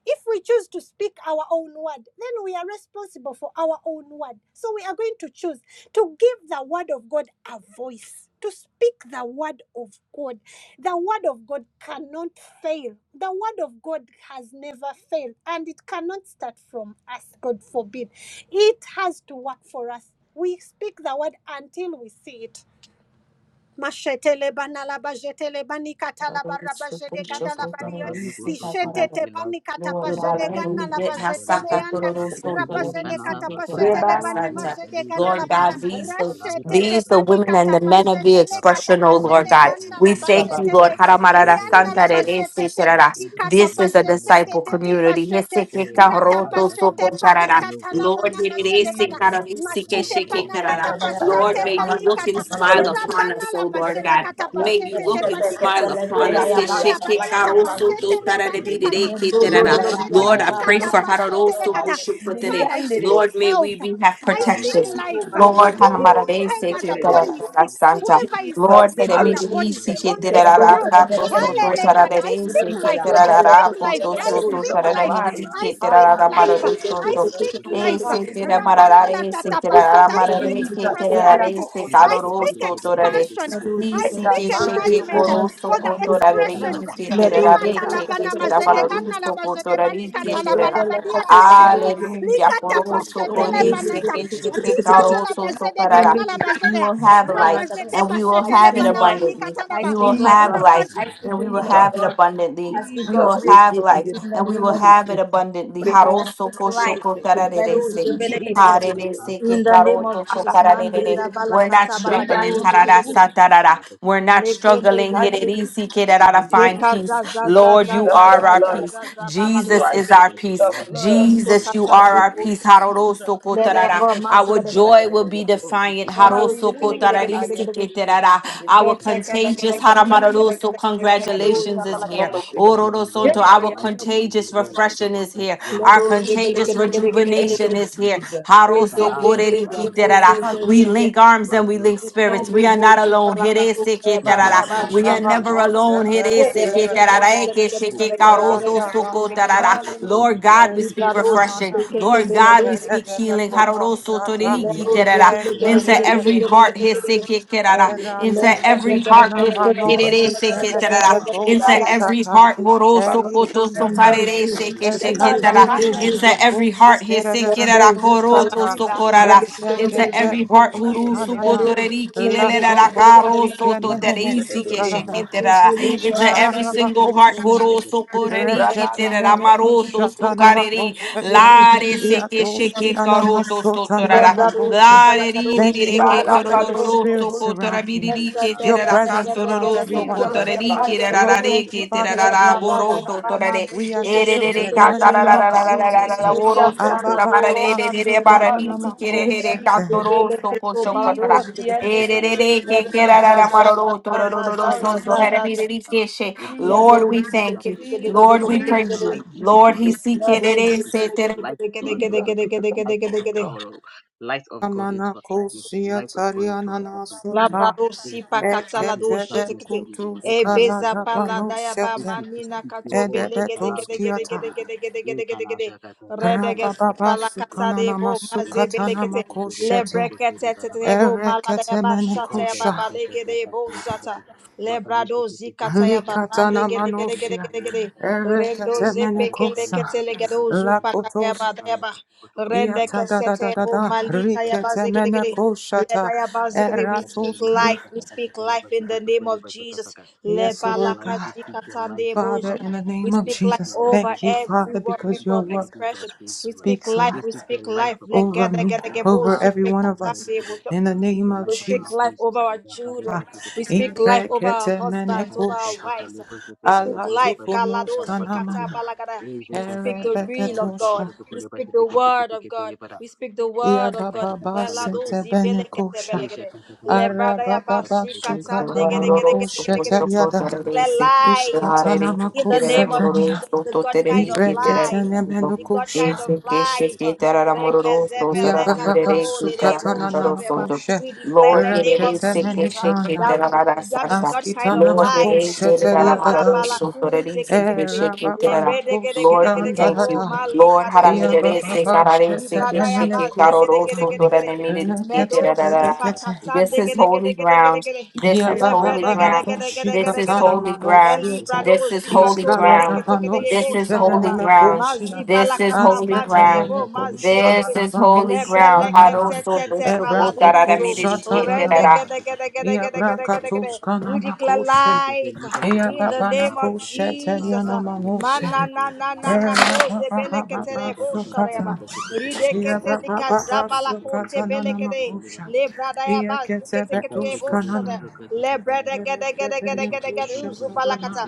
If we choose to speak our own word, then we are responsible for our own word. So we are going to choose to give the word of God a voice, to speak the word of God. The word of God cannot fail. The word of God has never failed, and it cannot start from us, God forbid. It has to work for us. We speak the word until we see it Mashetele banala bajetele banikata la barra bajede gada la balia
Yashasaka Nebosoturi
lishetete
Pilas,
panikata
Lord
Pitas
God,
Rebala
pajede
Peteke,
gana
kondo
every
la
bit
sobo
Kedija
has
kribe
bajetele anda
tishi kodi bibi.
rabaje rabajene
Ekana
kata
Masanda
pashetele
Rebala
bani
Nikolo,
kondo
majede
Shalika
sobo
ganda
di
la
Lord
ba
bibi
God,
Sakatandri
these the
bibi
Kalasha
rashetete
these, the
Katarigo
women and
panikata
the men of
Lokoshaka
Rebaba
the
pashetele
Kataba.
kata
expression, oh
baba
I
Lord
do
pajene
not
God.
ganda
We
la
repent
thank
over
you,
the
bajetele
Lord.
mouth the
Haramarara
devil
rianda la
Santa de
anymore. I
Se
refuse
bajetete
to
Terara.
free up
patikata
This
any
is a
anymore.
pajete
I
disciple
do not
tete
community.
pashete
fall
Heseke
in
rata
Karoto
Kalasha
pashete
Soko
Kani. May
Charara.
your
panikata la
word fill
bana
Lord,
in
Re
God with
majede
Se
gada
generous
Kara
Jesus,
Re
people,
Se
God
Yes,
Machete
sobo
Almighty, and
panakata
Karara.
our
rebala
ministry,
Lord,
pachete
kondo
may
every
you look
single
panikata.
and
Thank
sobo
blessing
smile
to the
upon
church,
Rabana
us,
la
oh Lord
bajene
God.
Lord, that
May
is
you
pachete te
what
look
I
and
do
patikata.
smile upon us.
Hey,
Rabana la
Heseke
ababa
for
baniata
my
kondo
family
Karoto
bibi
pachete
Do
over
le
the
Tara De
bibi
expression.
bibi ya.
banikata.
Ke
It's a
Terara.
Rebala
fact that
Rabajete
we
kondo
Lord,
le
I
will
bibi
not
pray
bibi.
kata
for
be
pachete
defeated
le
Hararoso
kata.
Aya
Koshu
bibi bibi
Kotere.
Father, I speak
Lord, may we
health.
be have
I
because
protection.
speak
God
Jesus,
has
life
generously
bibi
Lord,
to
bibi
provided
bibi
on
Hanamarade,
our
bibi
whoever
needs.
the
Seke,
bibi
We
body is
can
Tarara,
sick.
have
Santa.
every
Whoever is
pressure,
Jesus,
Lord, may
sick
every
in
me
the
pressure, every
be
body
hallelujah.
pressure,
on
Seke,
every
this
pressure,
Tarara,
Lord,
group.
Sato,
and then we
Soto,
are
Walele
have it.
you,
I
Sarade,
We will
speak
be
Seke,
life.
fixed.
God.
I
Tarara,
speak
We
life.
Protect
will
Poto,
be
our
I
fixed. We
Soto,
will be
speak
physical
Sarada,
life.
fixed.
body.
Kalash,
I
Midike,
we will
speak
Tarara,
be fixed.
Hallelujah,
life.
Maro,
I
Soto.
Every
Jesus.
pressure,
speak
every
E
life.
se
pressure,
te
every
ra
Hallelujah,
pressure,
Rabana la
Jesus.
tata
every pressure,
pashata. I
every
marare,
speak
pressure.
ke
Jesus.
te
Yeah,
ra
and
you.
I'm
re,
prosperity.
gonna
se
go this,
I
you
Ikeshe
karoro
could do
speak
kete
so
kere bashe
it.
torare.
kete
I, I
expansion.
kere
I
I
speak
bashe
Protect
si
toke
our
speak
toke
mind,
toke la
Lord
enlargement
bashe.
uh, for
so
the
Jesus.
kotorare,
Kala
Let us
expressions. uh,
bashe
be
ke
a
te
kete kete
light,
la
God.
Rimata
bashe.
ke ke
labana
te ra
The
Hallelujah,
majedegana
distinguished
so
lost the way, which are
kotorare,
labajedebanika
lost
Jesus.
ke
the
te
way, that are
talabalabadia
leadership.
Jesus.
tapashete.
Hallelujah.
Our
Likata
Father is
Poroso,
a
pashete
big people who
porese,
are
lebanata.
thank you that
peche,
Ribana
pecaroso,
they can let
soparara.
Hallelujah,
us
labajedegana
into
We
labajede.
will
God
have
can
life
us
Rabajete
and
provide
we
all
will
pashete
have it
lebana
Jesus.
manika
abundantly.
talaba.
We will
And the
have
Jesus.
life
Christian God is
and we
the
will
will of
really
Jesus.
have it
God.
abundantly.
I speak
Jesus,
We
God's
will
will
we
have
give you
life
the
in the
and
glory,
we
name
will
we
of
give you
have
the
it abundantly.
praise.
I
Haroso,
speak
Prebalakanda
the
de
life.
de
lifting
koshoko,
se,
of
que
the
me
Let
banner.
all
supo de
tararerese.
Jebele
de
kede
de
kede.
de
Women
de
are
de.
Harerese
cast now
in
we
the
say
name of
there's
karoto
a
to
Jesus,
lifting of the
Prebalakanda
man,
de
there's
de
kararerere.
a
banner.
de.
She did
We're not
balakata
it.
struggling.
balagado,
Bribando
harara
supo
zebelekede.
de de de.
satarara.
Shatakatakalabu.
We're not
Lekente,
struggling.
Pati
zebelekede.
de
Hirerisi
supo
ke
de de
rarara.
de de.
Find
Allah
peace.
shatakatakalabu.
Lord, you
Jesus, the
are our
blood of
peace.
Azabadaka.
Yekazazazazazazazazazaza
Jesus
Jesus
balados
Christ,
is
bilik.
our
Ekatabatu.
peace.
We
the
are the
blood
head
of
and neck
Jesus, you
the
Jesus,
are
Lesokatande
tail.
our
bos.
peace.
Jesus,
Haroroso
Shatakatakalabu.
ko
Lede
que de
yabo
vos,
Our
mazigede.
que para
joy
de
will be
Ekatakalibu.
vos.
defiant.
Shutukubi.
Endoze
Haroso
Shutukubi.
ko
Hallelujah,
Shutukubi.
tararisi
ayato
biligedigedigedigedigedig.
de vos, donde
Our contagious
Jesus,
Eshatatakalabalaba.
haramararoso
que de de
Ketekedigedigedigedigedigedigedigedigedigedigedigedoza
congratulations
vos,
is
Our
no
balagada.
here.
lo
life
que
is
va.
for
Ororo
you well.
sonto.
Our
Hey,
Our
I
life
know
is
who
for you
contagious
this
well. and we
refreshing
is.
shall
is
end
here.
well
Our
because
Ledoze
the plans
contagious
for us are for good
Thank
rejuvenation
and
biligedigedigedigedigedig.
you,
for
is here.
evil.
Jesus.
The Kalasha that
Hallelujah.
are for
Harosokorerikiterara.
good and
Hallelujah.
not
We
for
Ezezezezezezezezezeze.
link
evil.
arms and
Plans
we
for us
link
are for good
spirits.
and
Kendi
We
not
are
for
not
bozu
evil.
alone.
balakato
The
baba
Hereseketarara.
plans
baba
for
Osha
us
We
are
gibi.
are
for good
never
and not
Hallelujah.
for
tabakosha
alone. Herese
evil.
Hey, I give us
ketarara. Eke
terebebekonos.
some
Hope.
Hereseketarara.
Sunday
The
little-
Kalasha
Gedigedigedigedigedigedigedigedigedigedigedoza
Tekete.
Ratabana
Ekeshekekarotosokotarara.
biligedig.
Tekete Leba
Lord
Jete
Hallelujah.
God, we
Tete
speak
Erika
Leba Jete
refreshing.
Tete Kana.
Lord
Thank
Jesus.
God, we
Thank
speak
you
healing.
for some
The word, Lord,
Hallelujah.
we
Harorosotorerikiterara.
speak your word,
Into
Lord, we
Hallelujah.
every
speak your
heart.
the
Hesekekerara.
Kalaba
Into
Shokoto Laba
every
Shokoto.
heart.
Hallelujah.
Earlier was a
Hesekerereseketarara.
farmer.
Into
Yes,
every heart.
Hallelujah.
nana
Jete Tete
Horosokotosokarerese
Leba
Es
Laba Laba
katanana
into
Laba.
every
bakoshi
heart
kerede
hesekerara
Thank
bekunus
koroto
kata.
sokorara
Es
into
şekete
every heart
koshi
huru
kanana.
sukotoreriki
Yeah,
Lato
lelerara karo
koshi
soto
kenene
teresi
mesukarana.
kesheketerara
Jesus,
into
I
every
can't
İşkarara
live
single
in
heart
bakoshi.
the
horo
people.
sokoreriki
Rekete
Rabala
terara
can
mene
do
maroto
you.
kushatana
sokareri
it.
makosete.
lare sekesheke
Yatoski nana
karoto
masotanana
sotorara
makoshe.
Lare ri ri ri
Thank
re
you, O
che
Yebala
God, that your
kando
torororo
spirit
sto
soko de de
cotora
surrounds
de
me.
de
biriri che
de
Your
de.
terara
presence
canto
surrounds
roro
every
sto
one of
Jesus,
cotora
us.
ya
ri che
bando
rara
Lord,
dobo
re
thank you,
che
kono
Father, that
dobo.
we
terara
know
boroto torare
we are
Lord,
shielded in the
Jesus, I
name of
can't live in
Jesus.
the
Abba,
underdog.
ba, ba,
oh,
ba, sukana na
hallelujah,
makoshete.
Jesus, Jesus, yeah,
you.
hallelujah,
Father. We refuse to
Jesus,
we
with
thank you.
darkness
Jesus,
Lord,
anymore. We
we
speak
Jesus,
praise you.
Let
light into
Lord,
our
he
Jesus.
lives,
seek
light into our business,
it.
light into our jobs,
Jesus,
and
is the
light of the
Lord.
power
Labarosi
of light of God
Amana
into our business,
kosia
light of God into
tariana
our
na
jobs and careers.
suta.
We refuse to
pakata la
argue with
Ekete
doje
darkness
zekete
anymore.
bekutus
e beza
kalada
pala
Rekalajakatakataka.
daya ba
We
panoshete.
choose to
manina
speak your
kato
word.
bele gede
Edebetos
gede gede
kiata.
gede
Rekalajakatakaribo.
gede gede gede gede gede rede gezi
Rababa
pala kata
sukana
de
na
bo maze
masukata
bele
na
kete le
makoshete.
brekete
Rekalajakatarebo.
tete de bo mala daya ba shata
Thank
ya ba
Ereketemenekusha.
bale gede bo zata Lebrado zikataya babande
Likatana
gede gede gede
manosia.
gede gede. Rendo zepeke
Ereketemenekusha.
lekete legedo zupakaya
Lakotos.
badaya ba. Rende
Yata da da da
kesete
da
o
da.
malika ya baze gede
you.
gede.
Riketemenekushata.
Ledaya baze
We
gede.
speak
We speak
Eratoska.
life. We speak life in the name of Jesus.
Yes, Lord
light,
Lebalaka
God.
we speak your light
zikatande
into
Father,
our
bojada.
in the
We
name
businesses,
of
we
speak
speak
life
your
Jesus,
light
over
thank
into
you,
our
Father,
finances,
everyone,
we
because
speak
people
your
your
of
word
light into our
expression. We
spiritual life,
speak
speaks a
life.
we
lot
We
speak your
speak
light
life.
upon
over
our
Legede
health.
gede
me,
We
gede
speak
bo
over every one of us.
zupekatande bojada.
In the name
your
of
We
light upon
speak
our
Jesus.
life over
voices.
our children. We speak life over our husbands, over our wives. We speak
Ala
life.
tukunus
Kalado zikata
kanamana.
balagada. We speak the real of God.
Erebeketusha.
We speak the word of God. We speak the word of God.
Believe the lie
Yababa
of
Melado
sete
zibelekete
benekusha.
belegede. Lebradaya
Arababa
Lord, it is
basikata
sick,
sukatanamakusha
ndegedegedegedegede
teriada.
declare life in the name of
Ishkatanamakusetania.
Jesus, the God kind of life,
the
Ibreketene
enemy
the God kind
menukusha.
of life.
Yababa
Rekezebelekatoleleboshateba.
sukatanamakusha.
We declare in the name of Jesus uh,
shake it,
Reketemenikana.
that we
Terra
that the
Santa.
God kind of
Lord, it
life.
is
Askitanamakusha
Terra
teriada
Maroro,
daso.
Sotorisi,
Mazabalakuzeketekete.
shake it, Terra.
Erababanakusi
Lord, we thank
Lebredegedegedegedegebro.
you.
andadada.
Lord,
Iya
Haramidere,
Malikadozebelekete.
baba
Sekarare,
shete benene
Sekeshiki, Karoro,
kusata
Libradayabazegedegedegedegede.
lekete
Sotore,
pedekete.
this is
and
holy ground.
Medosipakatsandegedegedegedegede.
This
Iya
Thank
is
you.
Let's
baba
break
holy
it
bana
ground.
down, down, down, down,
koshi
down, down,
This is
down, down.
katana
holy
El
ground.
libro
manosiyete
de
This
los
is holy
dictadores,
iskala
belé
da
ground.
que te quede
This
banoshi
vos
is
sabes.
holy
pedene me
ground.
Mazi
koshiya
para la
This is holy
campana,
askete
ground.
mene
debo mazi, down,
koshala
This
down.
da
is holy
Let's
banoshi
be
ground.
like that,
kanana
that,
Haroso
that, that,
tosho
ebra
para tu
kotarara
koko
yo.
miriri
shata da da
Render,
keterara.
down,
ba.
down, down, down,
Iya
down, down, down,
brakatus
down. We
kanama
declare
koshe.
life
Iya
in the
baba na
name of
koshe
Jesus.
teriana
Man,
manose.
na, na, na, na,
Iya
na, cause
baba
belé que
baba
te
baba
debo sabes.
sukata. Ia ba ba
Rideketelika
ba ba
zabala
su
kote belekede. Le
Ia
baz
ke te
kete
be tu
Ikanabasa
sh ka
boshada. Le gede gede gede gede gede uzu balakata.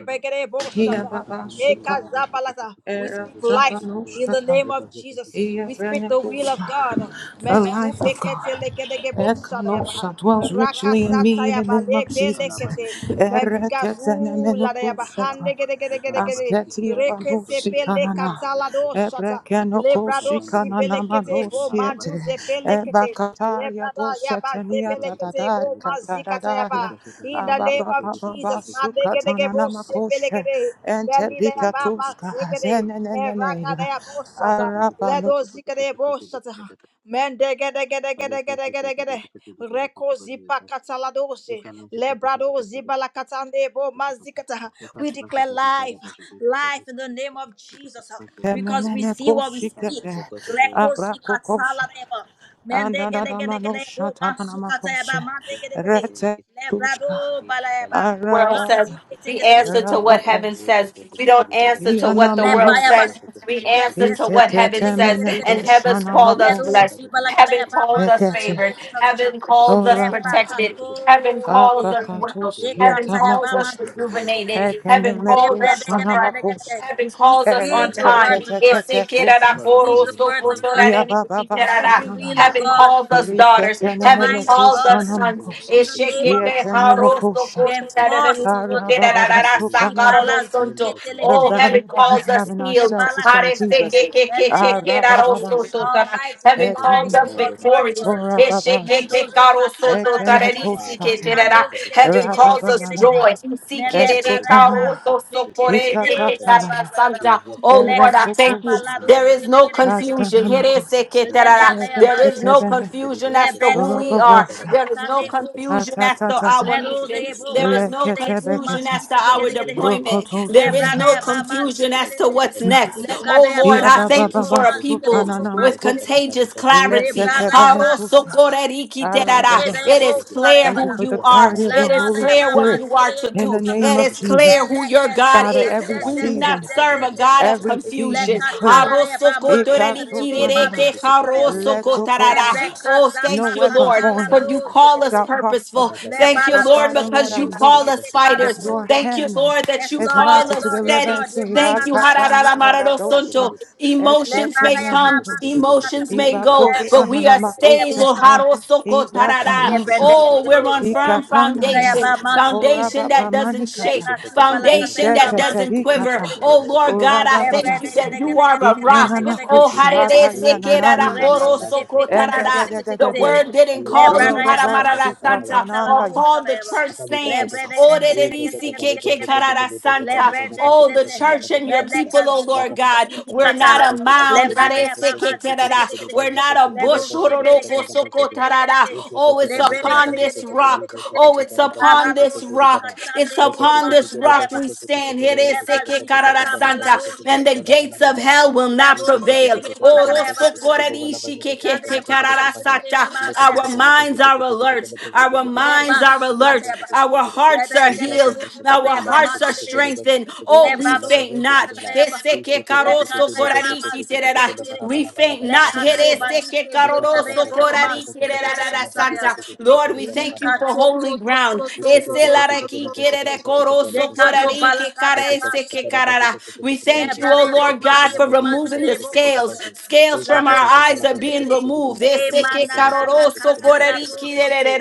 begede
Ia
boshata.
ba ba
Eka zabalata. We
Era
speak
ta
life
no
in the name of Jesus.
Ia
We
be
speak the will of God.
The
Mesu
life of God.
bekete le gede gede boshada ya baha.
Ekanosha dwells
Raka
richly in me in the name
bale
of Jesus.
belekete. Mediga zu la de ya
Ereketenemenukushata.
bahande gede gede gede gede.
Asketia
Rekete
babusi
pele
kanana.
katala doshata. Lebrado
Ebrekenokoshi kanana
sibelekete bo
manosiete.
manduze pelekete.
Ebakataria
Lebrada yaba
Thank
dosetenia
zebelekete bo
dadadar
mazikata yaba.
kataradaria.
In the name of
Ababababa
Jesus, mandegedege
sukatanana
bo
makoshe.
sebelekete.
Ente
Belida yaba
bikatuska
mazekete.
zenenenene.
Erakada yabo sata.
Arapano
Ledo zikete bo sata. Mendegedegedegedegedegede. Reko zipa kataladose. Lebrado zibala katande bo mazikata. We declare life, life in the name of Jesus, because we
Emenene
see what we speak.
koshikete
Reko
abrako koshi
zikataladeba.
andadada
Mendegedegedegede
manosha
bo
you.
tananama koshi
masukateba
Thank
mandegedegede.
rete tuska
Lebrado balaeba.
world
araba
says. We
Masiketekede.
araba
answer to what
rabakos
heaven says. We don't answer to what the world
ianamanos
Lepaya
says.
bas.
We
Yes,
answer
yes,
to what
kande
ikekete
heaven
gede gede
says.
mene
gede gede
And
gede.
heaven's
kushanama
called us
Ledu
koshi
blessed.
jibala kada
Heaven
ya ba
calls
mazu
us
kada ya
ekete
bo
favored.
shata ha.
Heaven calls us
oraba
Lepa
protected.
kato
Heaven
lede.
calls us well.
Ye
akakatoskia
kata
Heaven
ya
calls
ba
tamakosh
us
mazu gede gede
rejuvenated.
gede.
Heaven
ekeneme
calls
Lebe
us
de gede
kushanama
refreshed.
gede
koshi
gede.
Heaven
We
calls us on
speak the
erete
time.
word
tete
of God.
tete
Heaven
We speak the words of God.
Ya baba
We
basu
speak the will of
kanana.
God.
calls us
We
daughters.
speak the
Heaven
Riketeneme
mind of
calls
God
us sons.
makos.
in the name of
Eshekete
Yekeneme
Jesus.
haroso
We
koşa.
enforce the word
Ara
of
koshareremishite
God.
baba
you.
rararasa
We
Even
balazuke
that
karorosonto.
is not
The
Oh,
telegedege
heaven
value that
bokara.
we
calls
have
us
in
E
healed.
ourselves is from
balakatale.
Jesus.
Haresekekekesheke
Ara
Elegedegedegede.
basu.
Our
rarosototara.
lives
Heaven
Struggling
calls
align
every
Ekeneme.
us
with
morning.
God's
with us at
word
the
for
victorious.
system
us.
Ora
Eshekete
Mendos bikata
Ekene
barakata.
Father, we
koşata.
thank you
karosototarerisiketerara.
Ikandos
for the good
Heaven
Ra
calls
baba
us
degedegedegedegedegede.
joy.
baba.
and the good and the
Mele
Sikerere
brada
good and the good and the
ya
good and
bazu
the
beketele da ya
good.
Ikakatanana.
bazagada.
We
karotosokorekeketarasanta.
walk
Oh
through the
Era
Lord, I
wonder,
Lekata
thank you.
in
kokosha.
palado
There is
abundance.
no
Sakala shaka
shedegedegedege.
confusion.
kata kata kata. Ara kete
Hereseketerara.
kete
Lebradea
There is
kete
no
bazigene.
Ereketebene.
kete
confusion as
kete
to
kete
Lebredo
who
kete
we
kata
are.
kata
Roboboşa.
kata.
There is
bazikatande
no
Nashe
vo.
kete
confusion as to our
Ledo
Atatatata.
mission.
devo
There is no
Lekete
mazikedebo
confusion
bekete.
as to our
masikedekedekede.
deployment.
Rokoto
There is no
Lebradea
sanana.
ba
confusion as
mazikedekede.
to what's next. Oh
Lekadea ba
Lord,
Bia
I
baba
thank
mandebo
you
baba
for a people
mazikedebo
sukanana
with
makusa.
mazikedekede.
contagious clarity.
Lekete
Lebradea ba
benekusa.
Okay.
Arababa.
It
suketekedebo
is clear
sadeba.
Thank you
who
for the
you are.
clarity of your
It is
Lada da
Holy
ya
clear
ba
what
ma
Spirit.
you are
zikireye
to
In
do.
the
boksata.
name
It
of
is
Jesus.
clear who your
Eleke ze
God
Father,
ze
is.
ze
every
We
ze
do
ze
not
season,
ze
serve
ze
a
ze
God
ze.
of
every season
confusion.
Leka
is clear.
tala ya ba ma zikireye bo ma da ya
Ikasotanana.
boksare.
Letokosa.
Lebeka
Oh,
za
No
pa
thank you,
weapon
Lord,
katala
formed.
for
yo
you call us
zikireye.
shall prosper.
purposeful.
Le
Thank you,
But
balado
Lord,
Father, Lord,
because
skupe
I
you
know
call
kete le
us
bala
that
fighters.
your
kuzi.
Thank you,
hand
Lord, that
Yes
you
is
Lord, yes
call
mighty to
us
Lord, yes
deliver
Thank
steady.
and
Lord. Ye
save.
Thank
mana
you.
na na na katala yo
Akatanikarabosha,
Harararamararosonto.
zikireye. Le
Emotions may
bada ya ba
come,
ma
esketenemekosa,
zikata.
emotions may go, but
Eleke
we are
zikireye
you.
stable.
boksata.
ibakoshananamakosete,
Harosokotarara.
ibrakanosa,
Le
Oh, we're on firm
ikakanaria,
foundation, foundation that doesn't shake,
orababamanikata,
foundation that doesn't quiver.
iseteterikata,
Oh, Lord God, I thank you
orabababase,
that you are a rock. Oh, harere
ikananakoshata,
sekerara
Reko
koro
yanananinanase,
sepe kete
sokotarara.
kete kete
Mashe
The
kete.
and
word didn't
Le
call you
brada ya ba
haramarara
masu
Robobosika
santa
keta la do
or
tananaya
call
da
the
ya ba.
church
Akalika
Le
stands.
shakata.
brede
Oh,
gede
E
rerere
gede gede
shakata kalebo
gede gede gede.
shokoto
sikekekarara
koleba
Le
shakata
santa.
brede
kalaba
Oh, the
shakata
sete.
kata
church
kata
and
kata
your
kata.
Meleka
people, oh
zu zu
Lord
Laka
zu
God.
bili
shakata
We're
kata.
not
kalebo
a
shokoto
Le
mound.
brada
koleba
hare
ya ba ba
shokoto
zi gede
shokoto
sekekerara.
gede gede.
koleba
We're not
shokoto
a
Le do
bush.
koleba
shebele
shakata
hororoko
gede
kalaba
gede gede
shakata.
gede
sokotarara.
gede.
E
Oh,
shakata
Le
it's
kata
brede
kalaba
upon
gede gede
this
shokoto
gede
rock.
gede
koleba
gede gede.
Oh,
shakata
it's
kalaba
upon
shokoto
Arado
this
koto
si
ribara.
rock.
kata
It's
le bo
Leke
upon
teke
mazi
this
teke
gede
leba
ya
rock
ba.
we
shokoto koto
stand.
koleba
Leba
shakata kata kata
zikata
Here
kalaba
Santa,
balado
shokoto
and
koto
the
shekete.
kalaba
gates
laba
of
laba laba.
hell will
E
not
Labo
shakata
prevail.
zikere
kata kata
bola
kalaba
kadaya
shokoto
bazikere.
koto kalaba shakata kata
Kande ya
kalaba
pa
shokoto
mazikere
kalaba.
ye ba ba
Thank
kadaya.
Our minds are alert. Our
Le
minds
ba
are
sukate
alert.
ya ba.
Our
Le
hearts
de
are
kade
healed.
bo kande
Our
ya ba
hearts are
mazikere.
strengthened.
Le
Oh, we
ba do
faint not.
kate kadaya ba. Le kate ya ba mazikere kade kade.
We faint
Le
not.
kato balike zikere bo mazikere bo kade ya.
Lord, we thank
you.
you for
Likato
holy
to to
ground.
to to
Thank
to to to to to to.
We
Dekazo bala kadaya ba.
thank you, oh
Lebrarebo
Lord God, for
marebo
removing the
mazirebo
scales.
sater.
Scales from our
Lado
eyes are
sikete.
being removed.
E
Lord,
manana na kazila dosite.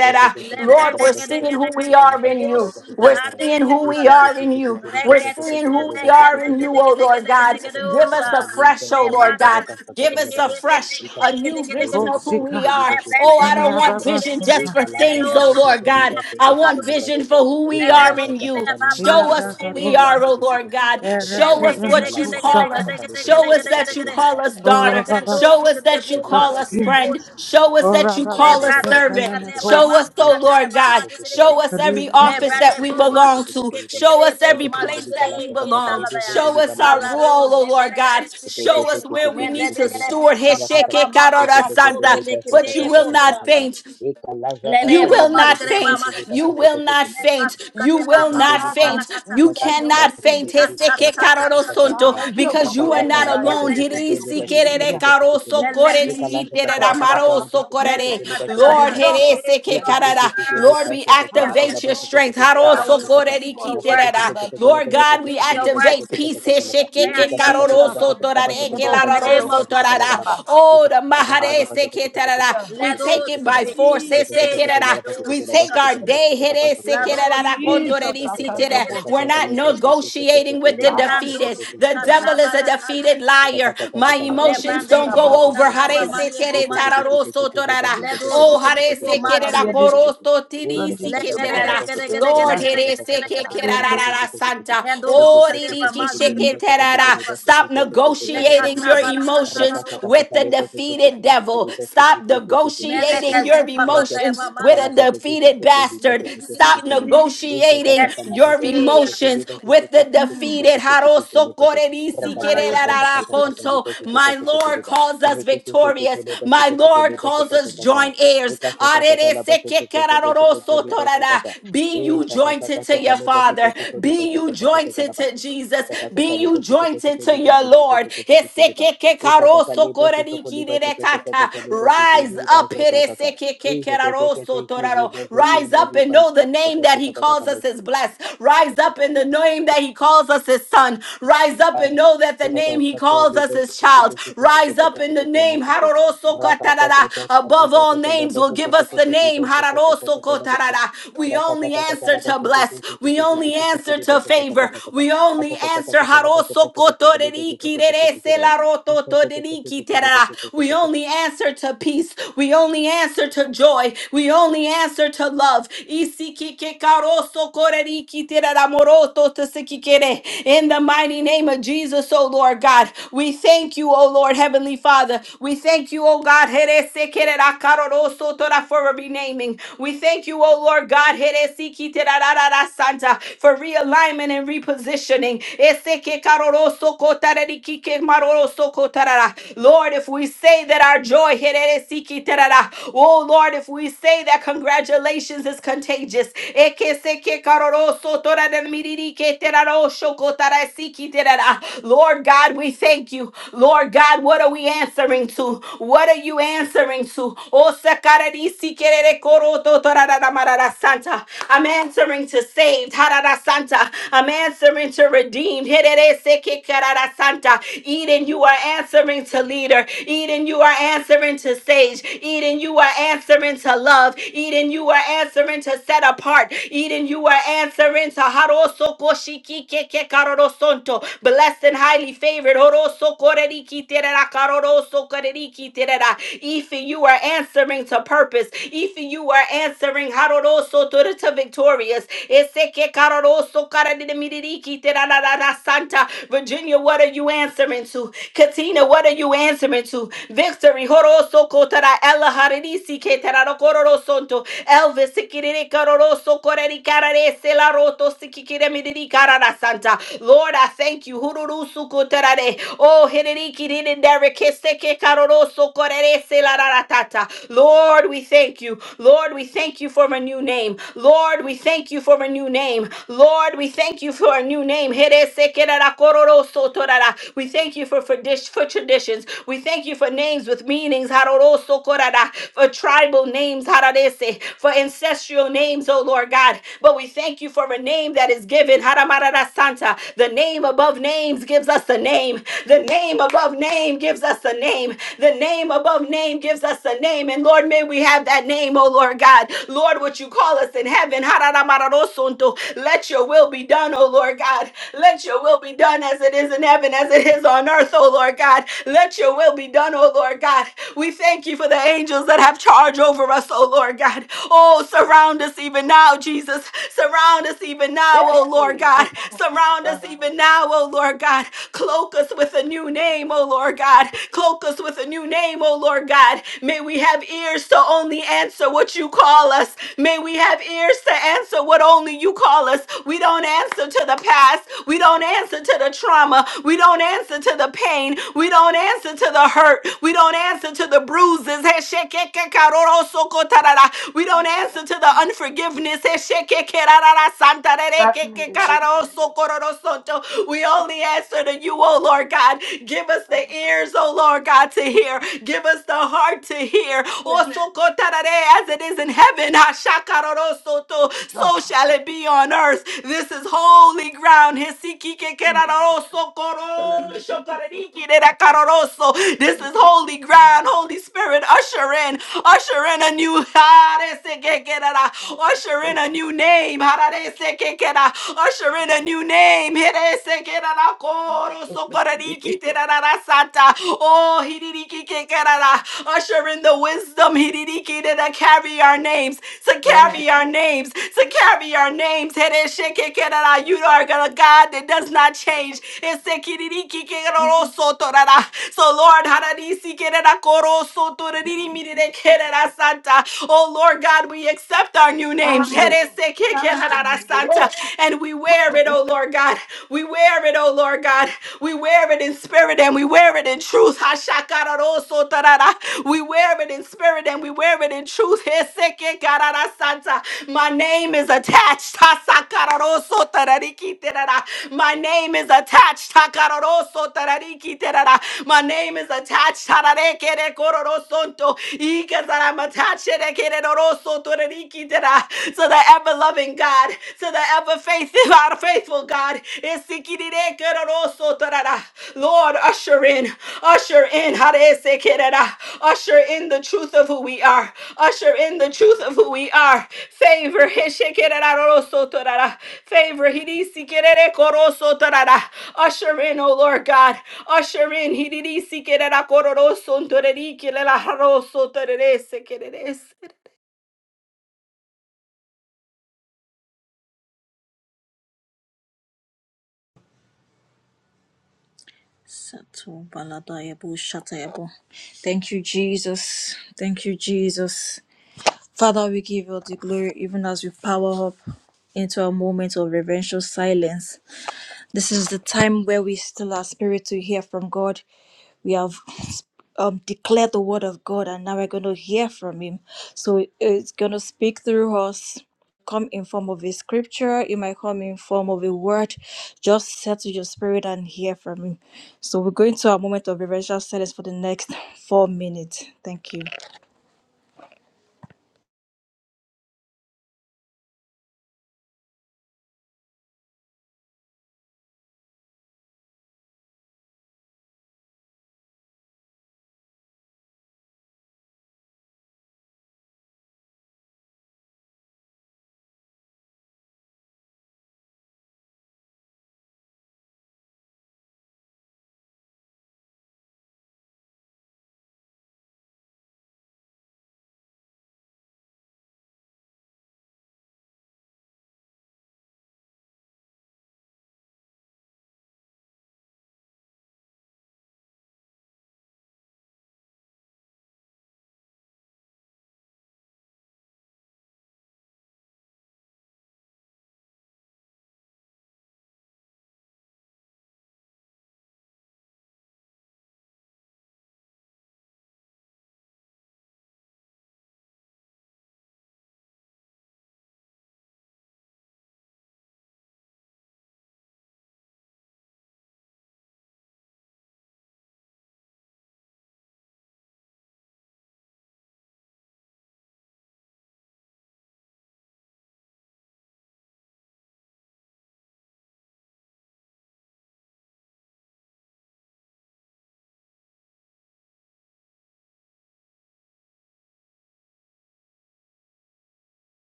Lebede
we're
kede
seeing
kede
who we
kede
are
kede
in
go
you.
sita
We're
hande
seeing
bo
who we
sater.
are in you. We're
Rekete
seeing who
bele
we are
kende
in you,
kede
oh
kede
Lord
kede kede
God.
kede
Give
osa.
us a fresh, oh Lord
Lebada
God. Give
site
us a
kebele
fresh,
kede
a
kede kede
new
kede
vision
kede.
of who we
koshika
are. Oh,
Lebede
I don't
kede
want
you.
kede
vision
kede
just for
kede
rababasota
kede
Ikalaza
things, oh
kali
osu
Lord
bozo
God.
pila
liba
I I
sheke
want
teke liba
katadoze.
vision
sheka.
for who we
Lero
are
Ikanaza
in
taka
zikre
you.
kali
baba
Show
bozo
us
tozo
zukre
who
bo
we
liba la
are,
yarakadosha
oh
sheke teke
masita.
Lord
teke.
God.
Teke
Show
sheke
us
eretebene
liba
what
la
you
sheka
call
taka
us.
taka liba bozo
Show us
teke teke
that you
teke
call
liba.
us daughter.
Asha taka taka
orababas
Show us
taka
that
taka
you
the
liba
call us
sheke teke
spirit
friend.
teke
Show us that you
teke
orababas
call us
liba sheke
servant.
teke teke.
Show us, oh
Ishe
Lord
teke
God.
teke
Show
teke
us every
liba
rike
sheke
office
liba
that we
bozo teke
belong
teke
to.
teke liba la.
Show us every
Reke teke
place
liba
that
la
we
sheka taka
belong.
liba bozo
Show
liba
us
la. ba
our
la ba.
role, oh Lord God.
Teke
Show us
teke
where
teke
we need
teke
to
teleka.
steward.
Rakata teke teke teke leka shata
But you
kata
will
kata
not
kata.
faint.
Eka la jaka
You
tande
will
lipo
not
teke
faint.
teke leka
You
shata
will
kata
not
kata.
faint. You will not
Allah
Shotolika
comes
faint.
and
Let
You
Zaka
Alakom,
cannot
Labasuko
faint.
Yandobosindiri,
Heseke
Kudibara
karoro sonto,
Sakataka,
Hallelujah,
Because you are
Ikasaka
not
Labasha
alone.
to
Hiri
Kotoli
si
Bashi to
kerere karo
Katakataka,
sokore
Meleko
Ikalasha
jitere
Jesus,
shikateba.
Katakataka,
ramaro sokorere.
Libasukotoli Basha
Lord,
Alakom,
here
Katakataka,
Hey,
Oh, yeah,
seke
did
your
it.
karara.
Ikitiki
words
Lord, we
Basha Katakataka,
activate your
Basha
Hallelujah.
strength.
Kotoko
Haro
Basha
I will
He did
sokore
Katakata,
the
speak
ri
most
your
on
Masaka
the
kitere
words.
ra.
keyboard.
Katakataka,
Lord
We
Basha
God, we
speak
Kotoko
your
Basha
activate
words.
peace.
We
Katakataka,
Hesheke
declare
ke
as you have
Ikasha
karoro
Jesus.
Katakataka,
spoken.
He
Basha
did
sotorare
the
ke
In
Kotana
most
the
Basha
on
lararo
the
name
Katana
of
Basha Katana
Jesus.
Baraba,
Baba.
sotorara. Oh, the
Ikasaka
mahare
Basha
seke
Katakataka,
tarara.
Hallelujah.
We
Basha
Let
take
those
it
who
by
pay
Katakataka,
force for se
Basha
Jesus.
like
Kotana Basha
We
those
Kotana
take
Basha
shikata.
our
Kotana
day. here
Basha
se
Kotana
quiere da
Lados
Thank
Jesus.
belekete.
I
si
can do most
We're not negotiating with the
Bala
defeated.
Lebandos
The
you.
devil
kata
is a defeated
balakazi.
liar. My emotions don't
Hallelujah.
go
Lebrandebo
over.
sateba
Hare
Babosokodede,
se
manebo mazire.
tararo so
and the
Lebo
Oh, hare
zikrebo
se quiere da
body
mazikre.
and the
coro so
body,
si
the- the
Legere gere gere
bosokodede.
gere gere gere
Lord,
gere
here se
gere gere gere gere.
Hallelujah.
santa.
Kendo
Oh, di di
zikreba mazikrebo sareba.
Stop negotiating
Lekata
your
bala kata la
emotions
ro.
with the defeated devil. Stop negotiating
Meleke
negotiating your
zupa kata yaba
emotions with
mando
a
zikri.
defeated bastard.
Zikri zikri zikri
Stop
zikri zikri.
negotiating
Yes.
your
Eya.
emotions with the
Hmm.
defeated.
Rakata
Nambara yebo zikri.
My Lord calls us victorious. My Lord calls us joint heirs. Be you jointed to your Father. Be you jointed to
Rakata
Jesus. Be you jointed to your Lord. Rise Rise up. Peresekekekeraro-sotoraro. Rise up and know the name that he calls us is blessed. Rise up in the name that he calls us his son. Rise up and
Raka
know that the name he calls us is child. Rise up in the name hararoso katarara. above all names will give us the name hararoso Harorosokotarara. We only answer to bless. We only answer to favor. We only answer haroso kotoreriki rerese la roto Harosokotorerikirerese terara. We only answer answer to peace. We only answer to joy. We only answer to love. In the mighty name of Jesus, O Lord God, we thank you, O Lord Heavenly Father. We thank you, O God, for renaming. We thank you, O Lord God, for realignment and repositioning. Lord, if we say that our joy, oh Lord, if we say that congratulations is contagious, Lord God, we thank you. Lord God, what are we answering to? What are you answering to? Oh, sakararisi kerere koroto torarara marara Santa. I'm answering to saved. harara Santa. I'm answering to redeemed. Hererese kekarara Santa. Eden, you are answering to lead leader. Eden, you are answering to sage. Eden, you are answering to love. Eden, you are answering to set apart. Eden, you are answering to haroso koshiki keke karorosonto. Blessed and highly favored. Horoso koreriki terera karoroso koreriki terera. Ife, you are answering to purpose. Ife, you are answering haroroso to the to victorious. Eseke karoroso karadimiririki terera santa. Virginia, what are you answering to? Tina, what are you answering to? Victory. Horoso kotara ela harinisi ketararo kororosonto. Elvis sikiriri karoroso koreri karare selaroto sikikire miriri karara santa. Lord, I thank you. Hururusu kotarare. Oh, hiriri kiriri derekeseke karoroso korere selararatata. Lord, we thank you. Lord, we thank you for a new name. Lord, we thank you for a new name. Lord, we thank you for a new name. Here se kerara kororoso torara. We thank you thank you for, for, dish, for traditions. We thank you for names with meanings, Haroroso Korara, for tribal names, Hararese, for ancestral names, oh Lord God. But we thank you for a name that is given, Haramarara Santa. The name above names gives us a name. The name above name gives us a name. The name above name gives us a name. And Lord, may we have that name, oh Lord God. Lord, what you call us in heaven, Hararamarorosunto. let your will be done, oh Lord God. Let your will be done as it is in heaven heaven as it is on earth, oh Lord God. Let your will be done, oh Lord God. We thank you for the angels that have charge over us, oh Lord God. Oh, surround us even now, Jesus. Surround us even now, oh
Hey,
Lord God. Surround us
bosokodede.
even now, oh Lord God. Cloak us with a new name, oh Lord God. Cloak us with a new name, oh Lord God. May we have ears to only answer what you call us. May we have ears to answer what only you call us. We don't answer to the past. We don't answer to the trauma. We don't answer to the pain. We don't answer to the hurt. We don't answer to the bruises. We don't answer to the unforgiveness.
Black men, they do this
We only answer to you, oh Lord God. Give us
kind
the
of-
ears, oh Lord God, to hear. Give us the heart to hear.
Yes,
As it is in heaven,
Jesus.
so shall it be on earth. This is holy ground que
Jesus.
querararoso,
Bala
coro,
de Bosoko.
shokareriki, derakaroroso. This is
Yes,
holy
Bala
ground, Holy Spirit. Usher in, usher in a new harese que querara.
de
usher in a
Bosoko.
new name. hararese que quera. Usher in a new name. herese querara,
Jesus,
coro,
de de de.
sokoreriki, terararasata. Oh, hiririki que querara. usher in the wisdom hiririki, that carry our names, to
Then
carry our names, to carry our names. Hereshe que querara. You are gonna a God that does not change. Ese kiririki kerero So, Lord, hararisi kerera koro sotoriri mirire kerera oh Lord God, we accept our new name.
the
Jerese ke
God, they
kerera
needed it
santa.
all.
And we wear it, oh Lord God. We wear it, oh Lord God. We wear it in spirit and we wear it in truth. Hashakararo sotorara. We wear it in spirit and we wear it in truth. Ese ke kerera santa. My name is attached. My name is attached. Takaroroso tarariki terara. My name is attached. Tararekere kororosonto. Ikazara matachere kereroroso torariki tera. To the ever loving God, to the ever faithful, our faithful God. Isikirire keroroso tarara. Lord, usher in, usher in, harese kerera. usher in the truth of who we are, usher in the truth of who we are. Favor, heshe kereroroso torara. Favor. Hidisi kerere koroso tarara. Usher in, O Lord God. Usher in. Hidisi kerera kororoso ntoreri kelela haroso tererese kererese.
Sato balada yebo shata yebo. Thank you, Jesus. Thank you, Jesus. Father, we give you all the glory even as we power up into a moment of reverential silence. This is the time where we still our spirit to hear from God. We have um, declared the word of God and now we're going to hear from Him. So it's going to speak through us. Come in form of a scripture, it might come in form of a word. Just settle your spirit and hear from him. So we're going to our moment of reverential silence for the next four minutes. Thank you.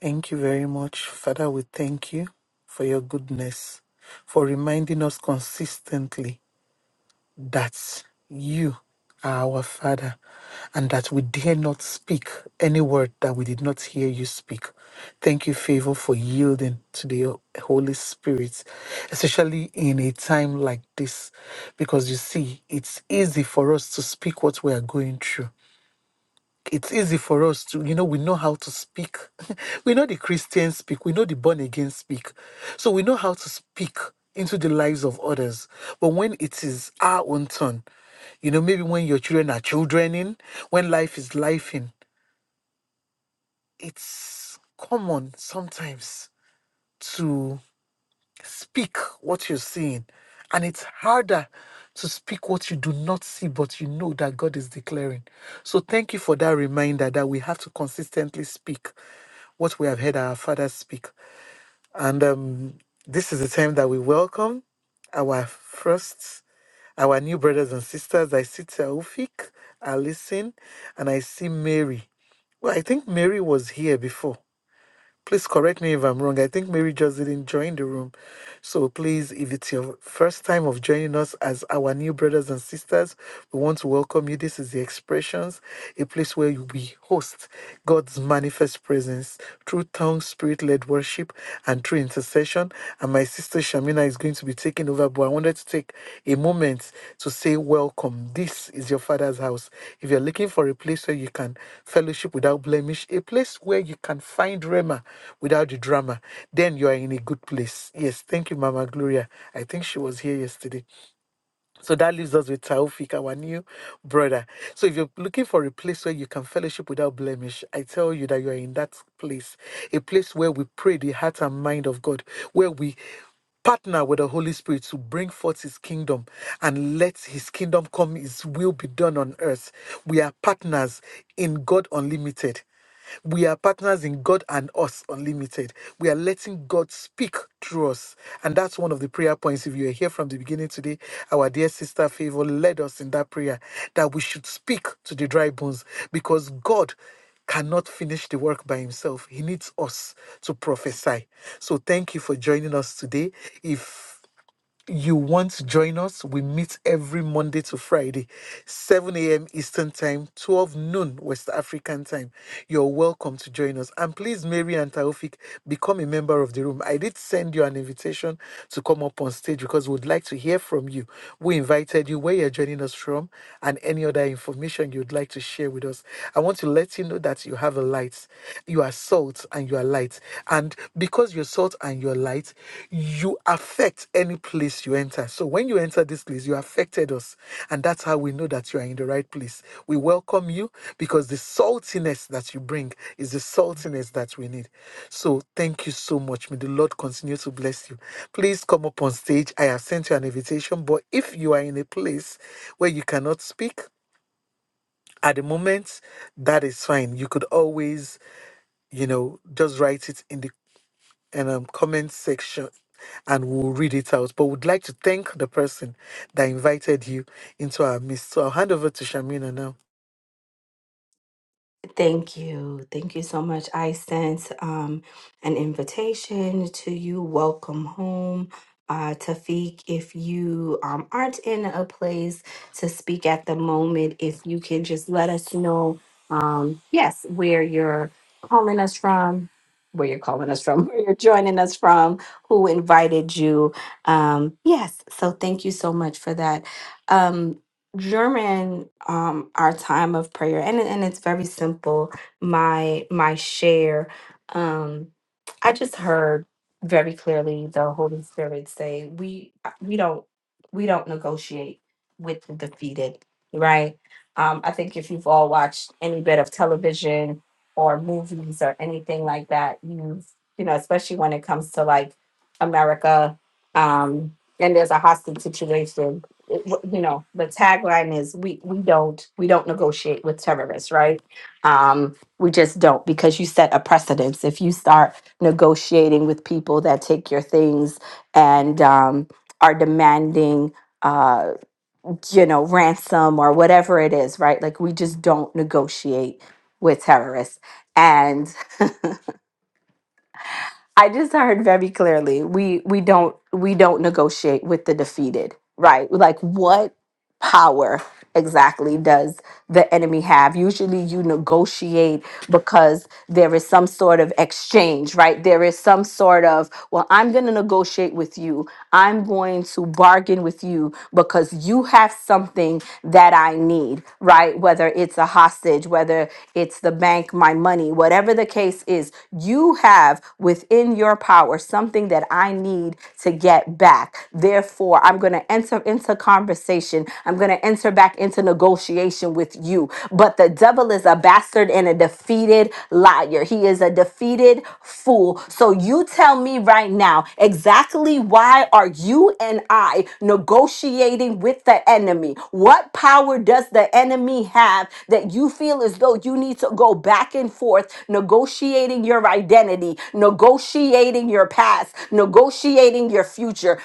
Thank you very much, Father. We thank you for your goodness, for reminding us consistently that you are our Father, and that we dare not speak any word that we did not hear you speak. Thank you, Favor, for yielding to the Holy Spirit, especially in a time like this, because you see, it's easy for us to speak what we are going through it's easy for us to, you know, we know how to speak. we know the Christians speak. We know the born again speak. So we know how to speak into the lives of others. But when it is our own turn, you know, maybe when your children are children in, when life is life in, it's common sometimes Speak what you're seeing. And it's harder to speak what you do not see, but you know that God is declaring. So thank you for that reminder that we have to consistently speak what we have heard our Father speak. And um, this is the time that we welcome our first, our new brothers and sisters. I see Taufik, Alison, and I see Mary. Well, I think Mary was here before. Please correct me if I'm wrong. I think Mary just didn't join the room. So please, if it's your first time of joining us as our new brothers and sisters, we want to welcome you. This is The Expressions, a place where we host God's manifest presence through tongue, spirit led worship, and through intercession and my sister Shamina is going to be taking over. But I wanted to take a moment to say, Welcome. This is your father's house. If you're looking for a place where you can fellowship without blemish, a place where you can find Rema without the drama, then you are in a good place. Yes, thank you, Mama Gloria. I think she was here yesterday. So that leaves us with Taufik, our new brother. So if you're looking for a place where you can fellowship without blemish, I tell you that you are in that place, a place where we pray the heart and mind of God, where we partner with the Holy Spirit to bring forth His kingdom and let His kingdom come, His will be done on earth. We are partners in God Unlimited. We are partners in God and us unlimited. We are letting God speak through us. And that's one of the prayer points. If you are here from the beginning today, our dear sister Favor led us in that prayer that we should speak to the dry bones because God cannot finish the work by himself. He needs us to prophesy. So thank you for joining us today. If you want to join us, we meet every Monday to Friday, 7 a.m. Eastern Time, 12 noon West African Time. You're welcome to join us. And please, Mary and Taufik, become a member of the room. I did send you an invitation to come up on stage because we'd like to hear from you. We invited you where you're joining us from and any other information you'd like to share with us. I want to let you know that you have a light, you are salt, and you are light. And because you're salt and you're light, you affect any place you enter. So when you enter this place, you affected us. And that's how we know that you are in the right place. We welcome you because the saltiness that you bring is the saltiness that we need. So thank you so much. May the Lord continue to bless you. Please come up on stage. I have sent you an invitation, but if you are in a place where you cannot speak, at the moment, that is fine. You could always, you know, just write it in the and um, comment section and we'll read it out. But would like to thank the person that invited you into our midst. So I'll hand over to Shamina now.
Thank you. Thank you so much. I sent um, an invitation to you. Welcome home. Uh, Tafiq, if you um, aren't in a place to speak at the moment, if you can just let us know, um, yes, where you're calling us from, where you're calling us from, where you're joining us from, who invited you. Um, yes, so thank you so much for that. Um, during um our time of prayer and and it's very simple my my share um i just heard very clearly the holy spirit say we uh, we don't we don't negotiate with the defeated right um i think if you've all watched any bit of television or movies or anything like that you've you know especially when it comes to like america um and there's a hostage situation it- you know the tagline is we we don't we don't negotiate with terrorists right um we just don't because you set a precedence if you start negotiating with people that take your things and um are demanding uh you know ransom or whatever it is right like we just don't negotiate with terrorists I just heard very clearly we we don't we don't negotiate with the defeated, right? Like what power exactly does the enemy have. Usually you negotiate because there is some sort of exchange, right? There is some sort of, well, I'm going to negotiate with you. I'm going to bargain with you because you have something that I need, right? Whether it's a hostage, whether it's the bank, my money, whatever the case is, you have within your power something that I need to get back. Therefore, I'm going to enter into conversation. I'm going to enter back back into negotiation with you. But the devil is a bastard and a defeated liar. He is a defeated fool. So you tell me right now exactly why are you and I negotiating with the enemy? What power does the enemy have that you feel as though you need to go back and forth negotiating your identity, negotiating your past, negotiating your future,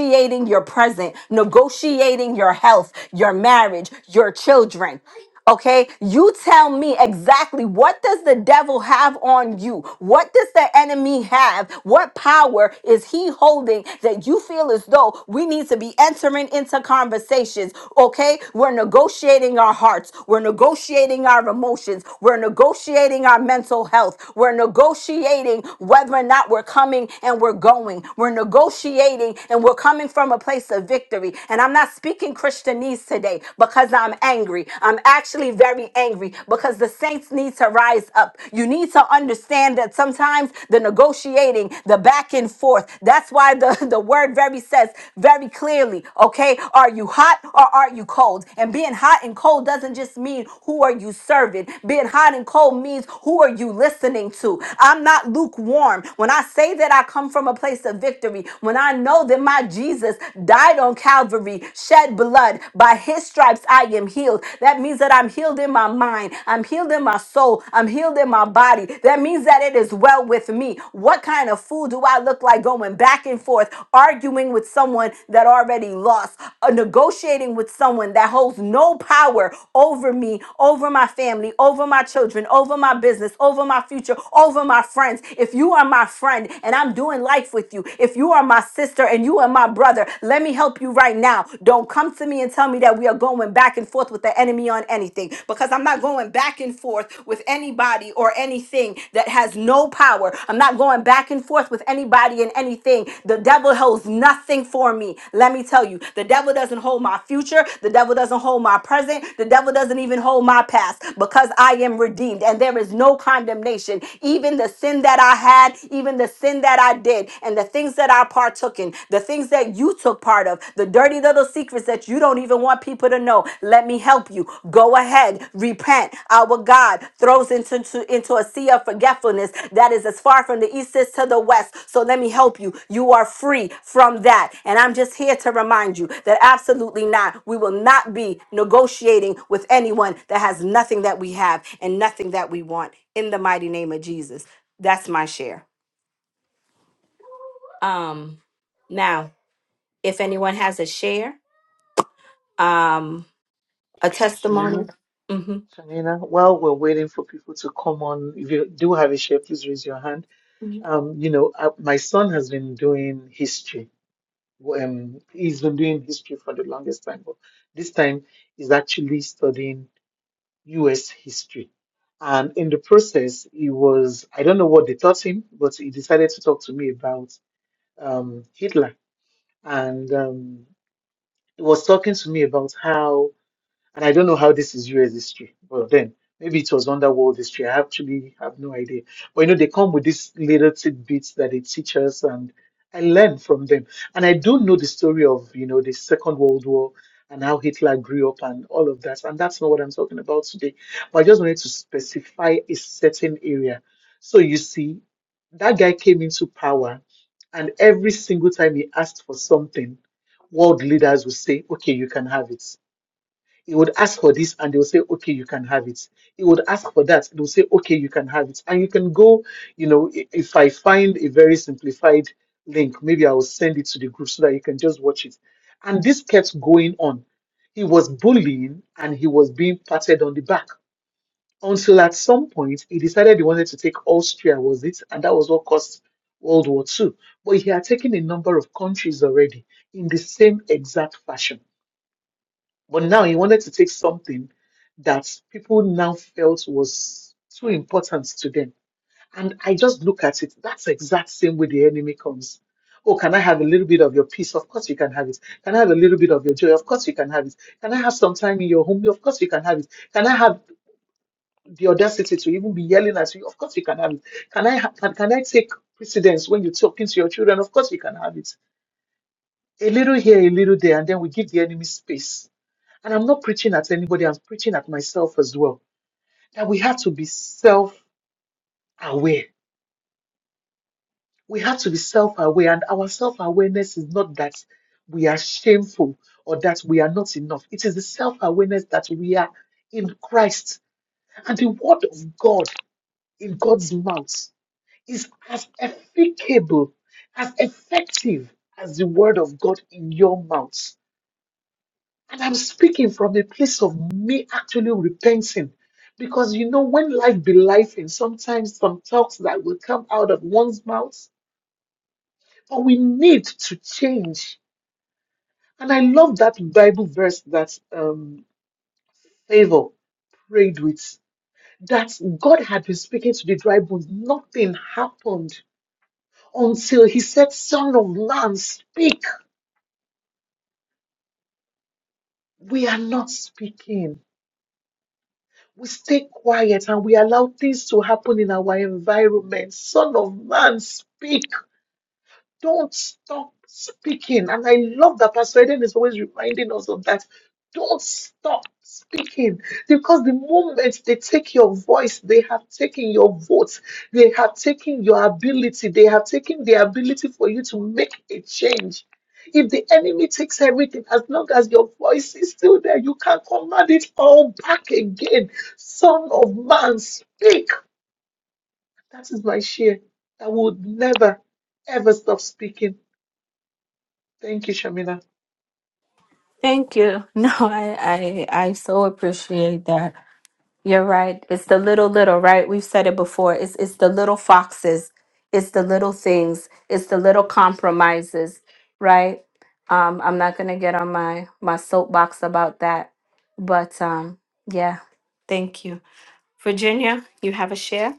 negotiating your present, negotiating creating your health, your marriage, your children. Okay, you tell me exactly what does the devil have on you? What does the enemy have? What power is he holding that you feel as though we need to be entering into conversations? Okay, we're negotiating our hearts, we're negotiating our emotions, we're negotiating our mental health, we're negotiating whether or not we're coming and we're going, we're negotiating and we're coming from a place place of victory. And I'm not speaking Christianese today because I'm angry. I'm actually very angry because the saints need to rise up. You need to understand that sometimes the negotiating, the back and forth, that's why the, the word very says very clearly, okay, are you hot or are you cold? And being hot and cold doesn't just mean who are you serving. Being hot and cold means who are you listening to? I'm not lukewarm. When I say that I come from a place of victory, when I know that my Jesus died on Calvary, shed blood. By his stripes, I am healed. That means that I'm healed in my mind, I'm healed in my soul, I'm healed in my body. That means that it is well with me. What kind of fool do I look like going back and forth, arguing with someone that already lost, uh, negotiating with someone that holds no power over me, over my family, over my children, over my business, over my future, over my friends? If you are my friend and I'm doing life life with you. If you are my sister and you are my brother, let me help you right now. Don't come to me and tell me that we are going back and forth with the enemy on anything because I'm not going back and forth with anybody or anything that has no power. I'm not going back and forth with anybody and anything. The devil holds nothing for me. Let me tell you, the devil doesn't hold my future. The devil doesn't hold my present. The devil doesn't even hold my past because I am redeemed and there is no condemnation. Even the sin that I had, even the sin that I did and the things that I partook in, the things that you took part of, the dirty little secrets that you don't even want people to know. Let me help you. Go ahead, repent. Our God throws into, into, into a sea of forgetfulness that is as far from the east is to the west. So let me help you. You are free from that. And I'm just here to remind you that absolutely not. We will not be negotiating with anyone that has nothing that we have and nothing that we want in the mighty name of Jesus. That's my share. Um, now, if anyone has a share, um, a testimony.
Shamina,
hmm
Shamina, while we're waiting for people to come on, if you do have a share, please raise your hand. Um, you know, uh, my son has been doing history. Um, he's been doing history for the longest time, but this time he's actually studying US history. And in the process, he was, I don't know what they taught him, but he decided to talk to me about um, Hitler. And um, he was talking to me about how and I don't know how this is US history. Well, then maybe it was under world history. I actually have no idea. But you know, they come with these little tidbits that they teach us, and I learn from them. And I do know the story of you know the Second World War and how Hitler grew up and all of that. And that's not what I'm talking about today. But I just wanted to specify a certain area. So you see, that guy came into power, and every single time he asked for something, world leaders will say, "Okay, you can have it." He would ask for this and they will say, okay, you can have it. He would ask for that. They will say, okay, you can have it. And you can go, you know, i- if I find a very simplified link, maybe I will send it to the group so that you can just watch it. And this kept going on. He was bullying and he was being patted on the back until at some point he decided he wanted to take Austria, was it? And that was what caused World War Two. But he had taken a number of countries already in the same exact fashion. But now he wanted to take something that people now felt was too important to them. And I just look at it. That's the exact same way the enemy comes. Oh, can I have a little bit of your peace? Of course you can have it. Can I have a little bit of your joy? Of course you can have it. Can I have some time in your home? Of course you can have it. Can I have the audacity to even be yelling at you? Of course you can have it. Can I ha- can, can I take precedence when you're talking to your children? Of course you can have it a little here, a little there, and then we give the enemy space. And I'm not preaching at anybody, I'm preaching at myself as well. That we have to be self aware. We have to be self aware, and our self awareness is not that we are shameful or that we are not enough. It is the self awareness that we are in Christ. And the word of God in God's mouth is as efficable, as effective as the word of God in your mouth. And I'm speaking from a place of me actually repenting. Because you know, when life be life, and sometimes some talks that will come out of one's mouth, but we need to change. And I love that Bible verse that um, Favor prayed with that God had been speaking to the dry bones. Nothing happened until He said, Son of man, speak. We are not speaking. we stay quiet and we allow things to happen in our environment. Son of man, speak. Don't stop speaking. And I love that Pastor Eden is always reminding us of that. Don't stop speaking because the moment they take your voice, they have taken your vote, they have taken your ability, they have taken the ability for you to make a change. If the enemy takes everything, as long as your voice is still there, you can command it all back again. Son of man, speak. That is my share. I would never, ever stop speaking Thank you, Shamina.
Thank you. No, I, I I so appreciate that. You're right. It's the little little, right? We've said it before. It's it's the little foxes. It's the little things. It's the little compromises, right? Um, I'm not gonna get on my my soapbox about that, but um, yeah. Thank you, Virginia, you have a share?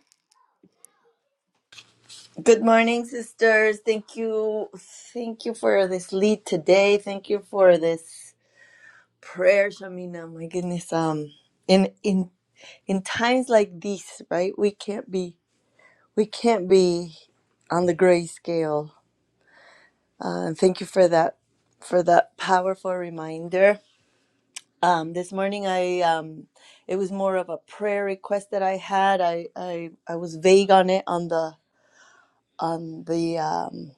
Good morning, sisters. Thank you. Thank you for this lead today. Thank you for this prayer, Shamina. My goodness. Um in in in times like these, right? We can't be we can't be on the grayscale. Uh, and thank you for that for that powerful reminder. Um this morning I um it was more of a prayer request that I had. I I, I was vague on it on the on the um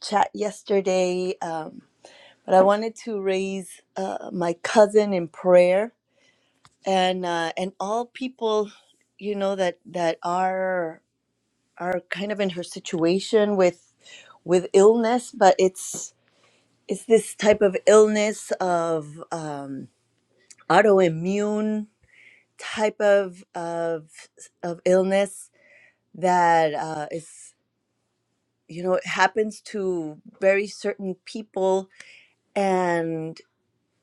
chat yesterday. Um But I wanted to raise uh, my cousin in prayer and uh, and all people, you know that that are are kind of in her situation with with illness, but it's it's this type of illness of um, autoimmune type of of of illness that uh, is you know it happens to very certain people and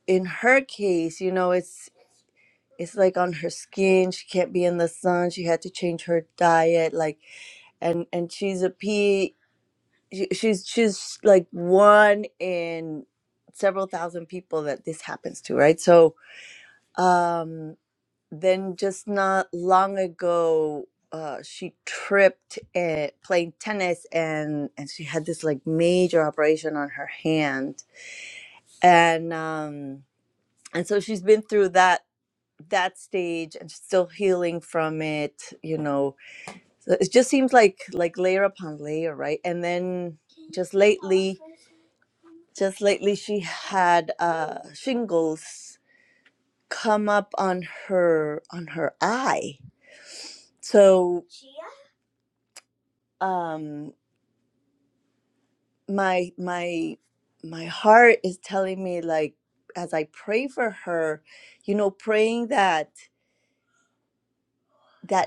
in her case you know it's it's like on her skin she can't be in the sun she had to change her diet like and and she's a p she- she's she's like one in several thousand people that this happens to right so um then just not long ago uh, she tripped at playing tennis and and she had this like major operation on her hand and um and so she's been through that that stage and still healing from it you know so it just seems like like layer upon layer right and then just lately just lately she had uh shingles come up on her on her eye so um my my my heart is telling me like as i pray for her you know praying that that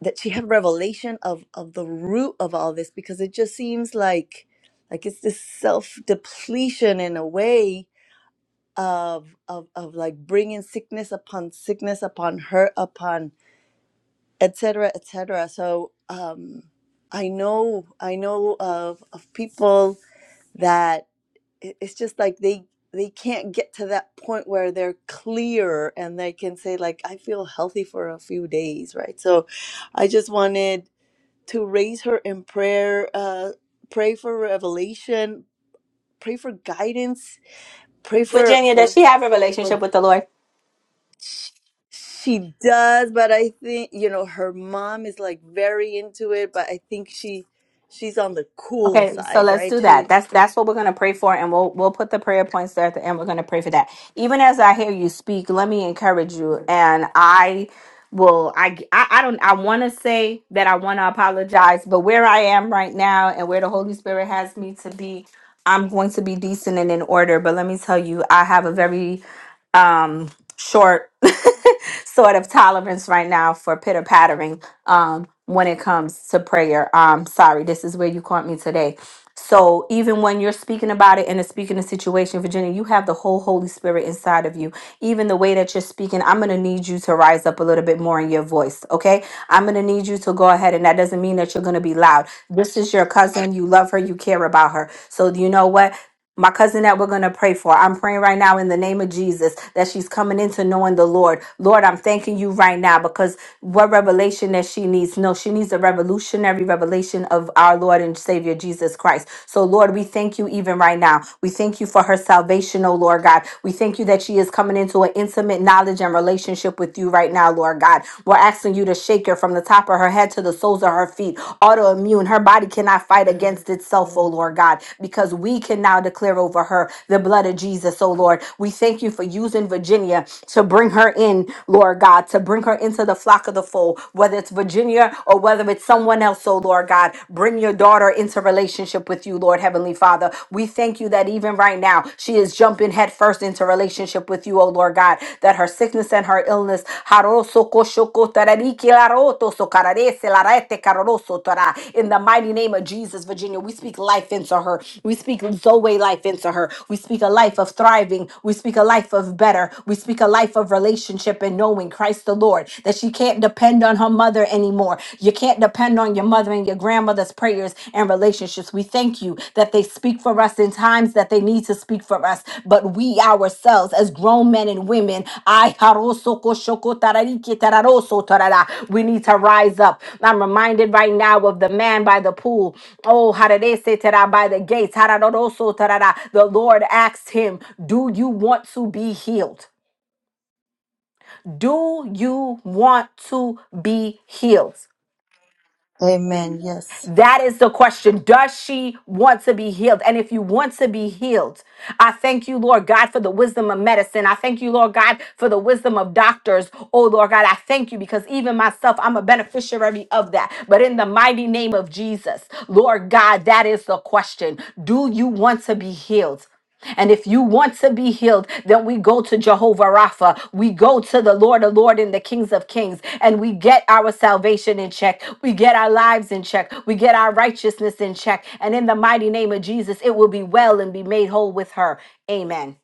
that she had revelation of of the root of all this because it just seems like like it's this self depletion in a way of of of like bringing sickness upon sickness upon her upon etc etc so um i know i know of of people that it- it's just like they they can't get to that point where they're clear and they can say like i feel healthy for a few days right so i just wanted to raise her in prayer uh pray for revelation pray for guidance pray for
Virginia.
for
Does she have a relationship with the Lord?
she does but i think you know her mom is like very into it but i think she she's on the cool
Okay, so
side
let's
right
do
she
that. That's that's what we're gonna pray for, and we'll we'll put the prayer points there at the end. We're gonna pray for that. Even as I hear you speak, let me encourage you, and I will. I I, I don't. I want to say that I want to apologize, but where I am right now and where the Holy Spirit has me to be, I'm going to be decent and in order. But let me tell you, I have a very um short sort of tolerance right now for pitter pattering um, when it comes to prayer. Um, sorry, this is where you caught me today. So even when you're speaking about it and it's speaking the situation, Virginia, you have the whole Holy Spirit inside of you. Even the way that you're speaking, I'm gonna need you to rise up a little bit more in your voice. Okay, I'm gonna need you to go ahead, and that doesn't mean that you're gonna be loud. This is your cousin. You love her. You care about her. So you know what? my cousin that we're going to pray for. I'm praying right now in the name of Jesus that she's coming into knowing the Lord. Lord, I'm thanking you right now because what revelation that she needs? No, she needs a revolutionary revelation of our Lord and Savior Jesus Christ. So, Lord, we thank you even right now. We thank you for her salvation, oh Lord God. We thank you that she is coming into an intimate knowledge and relationship with you right now, Lord God. We're asking you to shake her from the from the top of her head to the soles of her feet. Autoimmune. Her body cannot fight against itself, oh
amen,
Lord God, because we can now declare over her the blood of Jesus, oh Lord. We thank you for using Virginia to bring her in, Lord God, to bring her into the flock of the fold, whether it's Virginia or whether it's someone else, oh Lord God. Bring your daughter into relationship with you, Lord Heavenly Father. We thank you that even right now she is jumping headfirst into relationship with you, O Lord God, that her sickness and her illness in the mighty name of Jesus, Virginia, we speak life into her. We speak Zoe life into her. We speak a life of thriving. We speak a life of better. We speak a life of relationship and knowing Christ the Lord, that she can't depend on her mother anymore. You can't depend on your mother mother and your grandmother's prayers and relationships. We thank you that they speak for us in times that they need to speak for us. But we ourselves, as grown men and women, ay, harosoko shoko tarariki tararoso tarara, we need to rise up. I'm reminded right now of the man by the pool. Oh, hararese tara, by the gates. hararoroso tarara. The Lord asked him, Do you want to be healed? Do you want to be healed?
amen yes
That is the question. Does she want to be healed? And if you want to be healed, I thank you, Lord God, for the wisdom of medicine. I thank you, Lord God, for the wisdom of doctors. Oh, Lord God, I thank you because even myself, I'm a beneficiary of that. But in the mighty name of Jesus, Lord God, that is the question. Do you want to be healed? And if you want to be healed, then we go to Jehovah Rapha. We go to the Lord of Lord and the Kings of Kings, and we get our salvation in check. We get our lives in check. We get our righteousness in check. And in the mighty name of Jesus, it will be well and be made whole with her. Amen.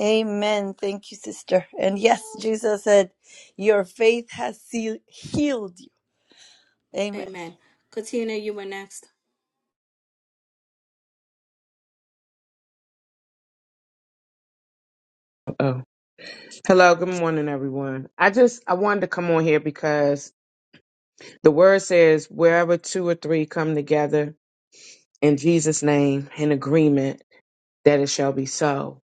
amen thank you sister and yes jesus said your faith has seal- healed you amen
Because,
Oh, hello. Good morning, everyone. I just I wanted to come on here because the word says wherever two or three come together in Jesus' name in agreement, that it shall be so.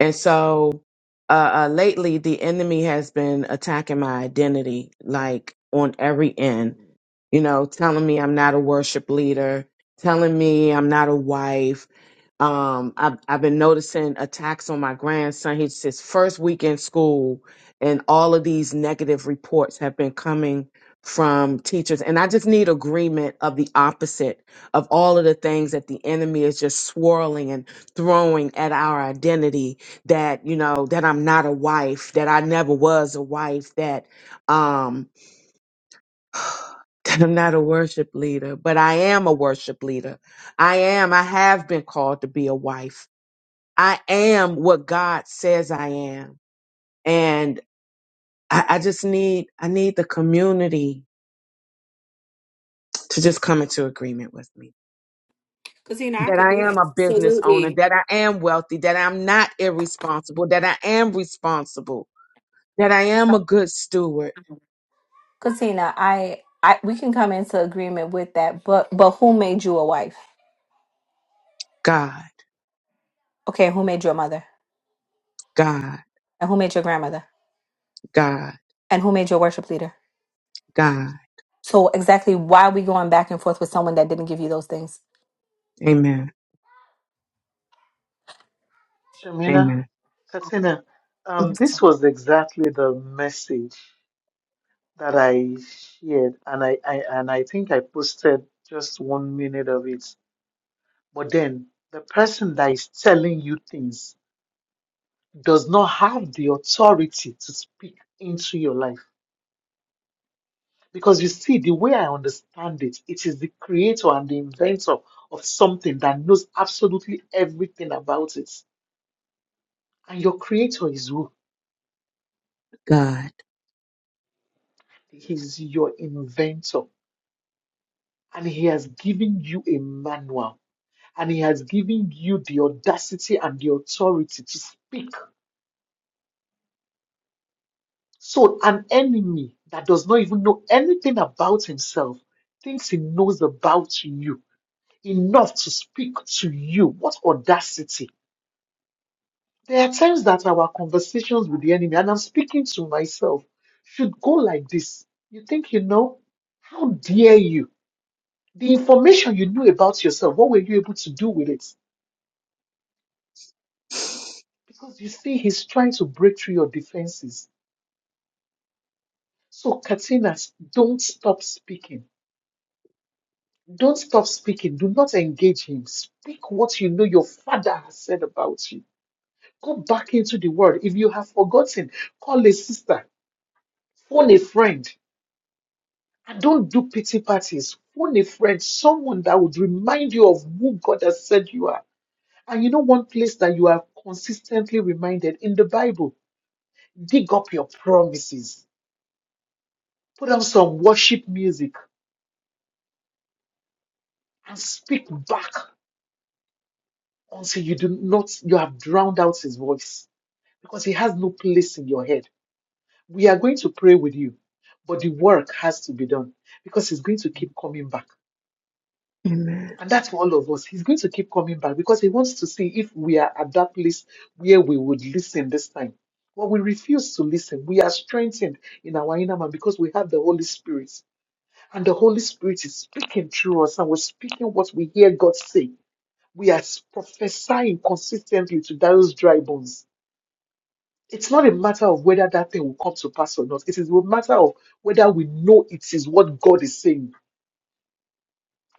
And so, uh, uh lately, the enemy has been attacking my identity, like on every end. You know, telling me I'm not a worship leader, telling me I'm not a wife, um I've, I've been noticing attacks on my grandson he's his first week in school and all of these negative reports have been coming from teachers and i just need agreement of the opposite of all of the things that the enemy is just swirling and throwing at our identity that you know that i'm not a wife that i never was a wife that um that i'm not a worship leader but i am a worship leader i am i have been called to be a wife I am what God says I am. And I, I just need, I need the community to just come into agreement with me.
I
That
could do
I am
that.
a business owner,
Absolutely.
that I am wealthy, that I'm not irresponsible, that I am responsible, that I am a good steward.
Christina, I, I we can come into agreement with that, but but who made you a wife?
God,
Okay, who made your mother?
God,
And who made your grandmother?
God,
And who made your worship leader?
God.
So exactly why are we going back and forth with someone that didn't give you those things?
Amen.
Shamina,
Amen.
Katina, um, this was exactly the message that I shared, and I, I and I think I posted just one minute of it. But then the person that is telling you things does not have the authority to speak into your life. Because you see, the way I understand it, it is the creator and the inventor of something that knows absolutely everything about it. And your creator is who?
God.
He's your inventor, and He has given you a manual, and He has given you the audacity and the authority to speak. So, an enemy that does not even know anything about himself thinks he knows about you enough to speak to you. What audacity! There are times that our conversations with the enemy, and I'm speaking to myself, should go like this. You think you know? How dare you? The information you knew about yourself, what were you able to do with it? Because you see, he's trying to break through your defenses. So, Katina, don't stop speaking. Don't stop speaking. Do not engage him. Speak what you know your father has said about you. Go back into the word. If you have forgotten, call a sister, phone a friend. And don't do pity parties. Phone a friend, someone that would remind you of who God has said you are. And you know, one place that you are consistently reminded in the Bible. dig up your promises, put on some worship music, and speak back until you do not you have drowned out his voice because he has no place in your head. We are going to pray with you, but the work has to be done because he's going to keep coming back.
Amen.
And that's for all of us. He's going to keep coming back because he wants to see if we are at that place where we would listen this time. But we refuse to listen. We are strengthened in our inner man because we have the Holy Spirit. And the Holy Spirit is speaking through us, and we're speaking what we hear God say. We are prophesying consistently to those dry bones. It's not a matter of whether that thing will come to pass or not. It is a matter of whether we know it is what God is saying.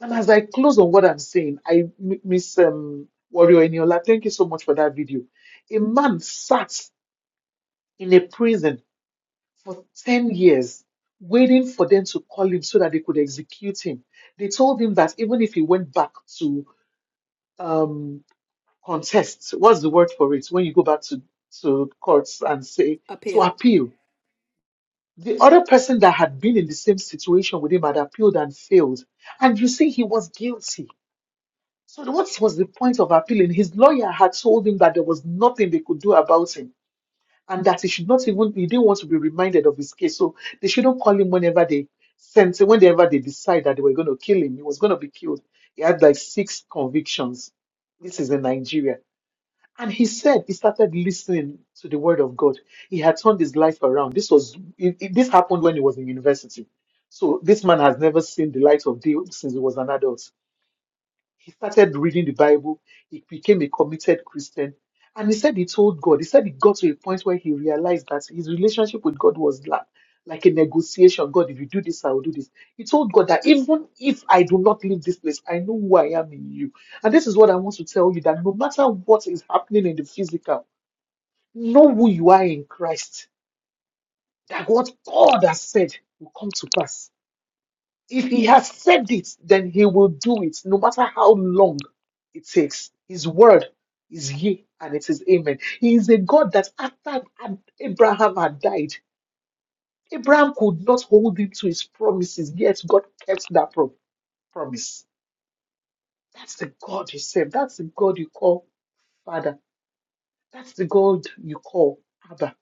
And as I close on what I'm saying, I am saying I miss um, Warrior Eniola. Thank you so much for that video. A man sat in a prison for 10 years waiting for them to call him so that they could execute him. They told him that even if he went back to um, contest. What's the word for it? When you go back to, to courts and say, to
appeal,
appeal. The other person that had been in the same situation with him had appealed and failed. And you see, he was guilty. So what was the point of appealing? His lawyer had told him that there was nothing they could do about him and that he should not even, he didn't want to be reminded of his case. So they shouldn't call him whenever they sent, whenever they decide that they were going to kill him. He was going to be killed. He had like six convictions. This is in Nigeria. And he said he started listening to the word of God. He had turned his life around. This was it, it- this happened when he was in university. So this man has never seen the light of day since he was an adult. He started reading the Bible. He became a committed Christian. And he said he told God, he said he got to a point where he realized that his relationship with God was like, like a negotiation. God, if you do this, I will do this. He told God that even if I do not leave this place, I know who I am in you. And this is what I want to tell you that no matter what is happening in the physical, know who you are in Christ. That what God has said will come to pass if he has said it, then he will do it, no matter how long it takes. His word is yea and it is amen. He is a God that after Ab- Abraham had died, Abraham could not hold him to his promises, yet God kept that pro- promise. That's the God you serve. That's the God you call Father. That's the God you call Abba.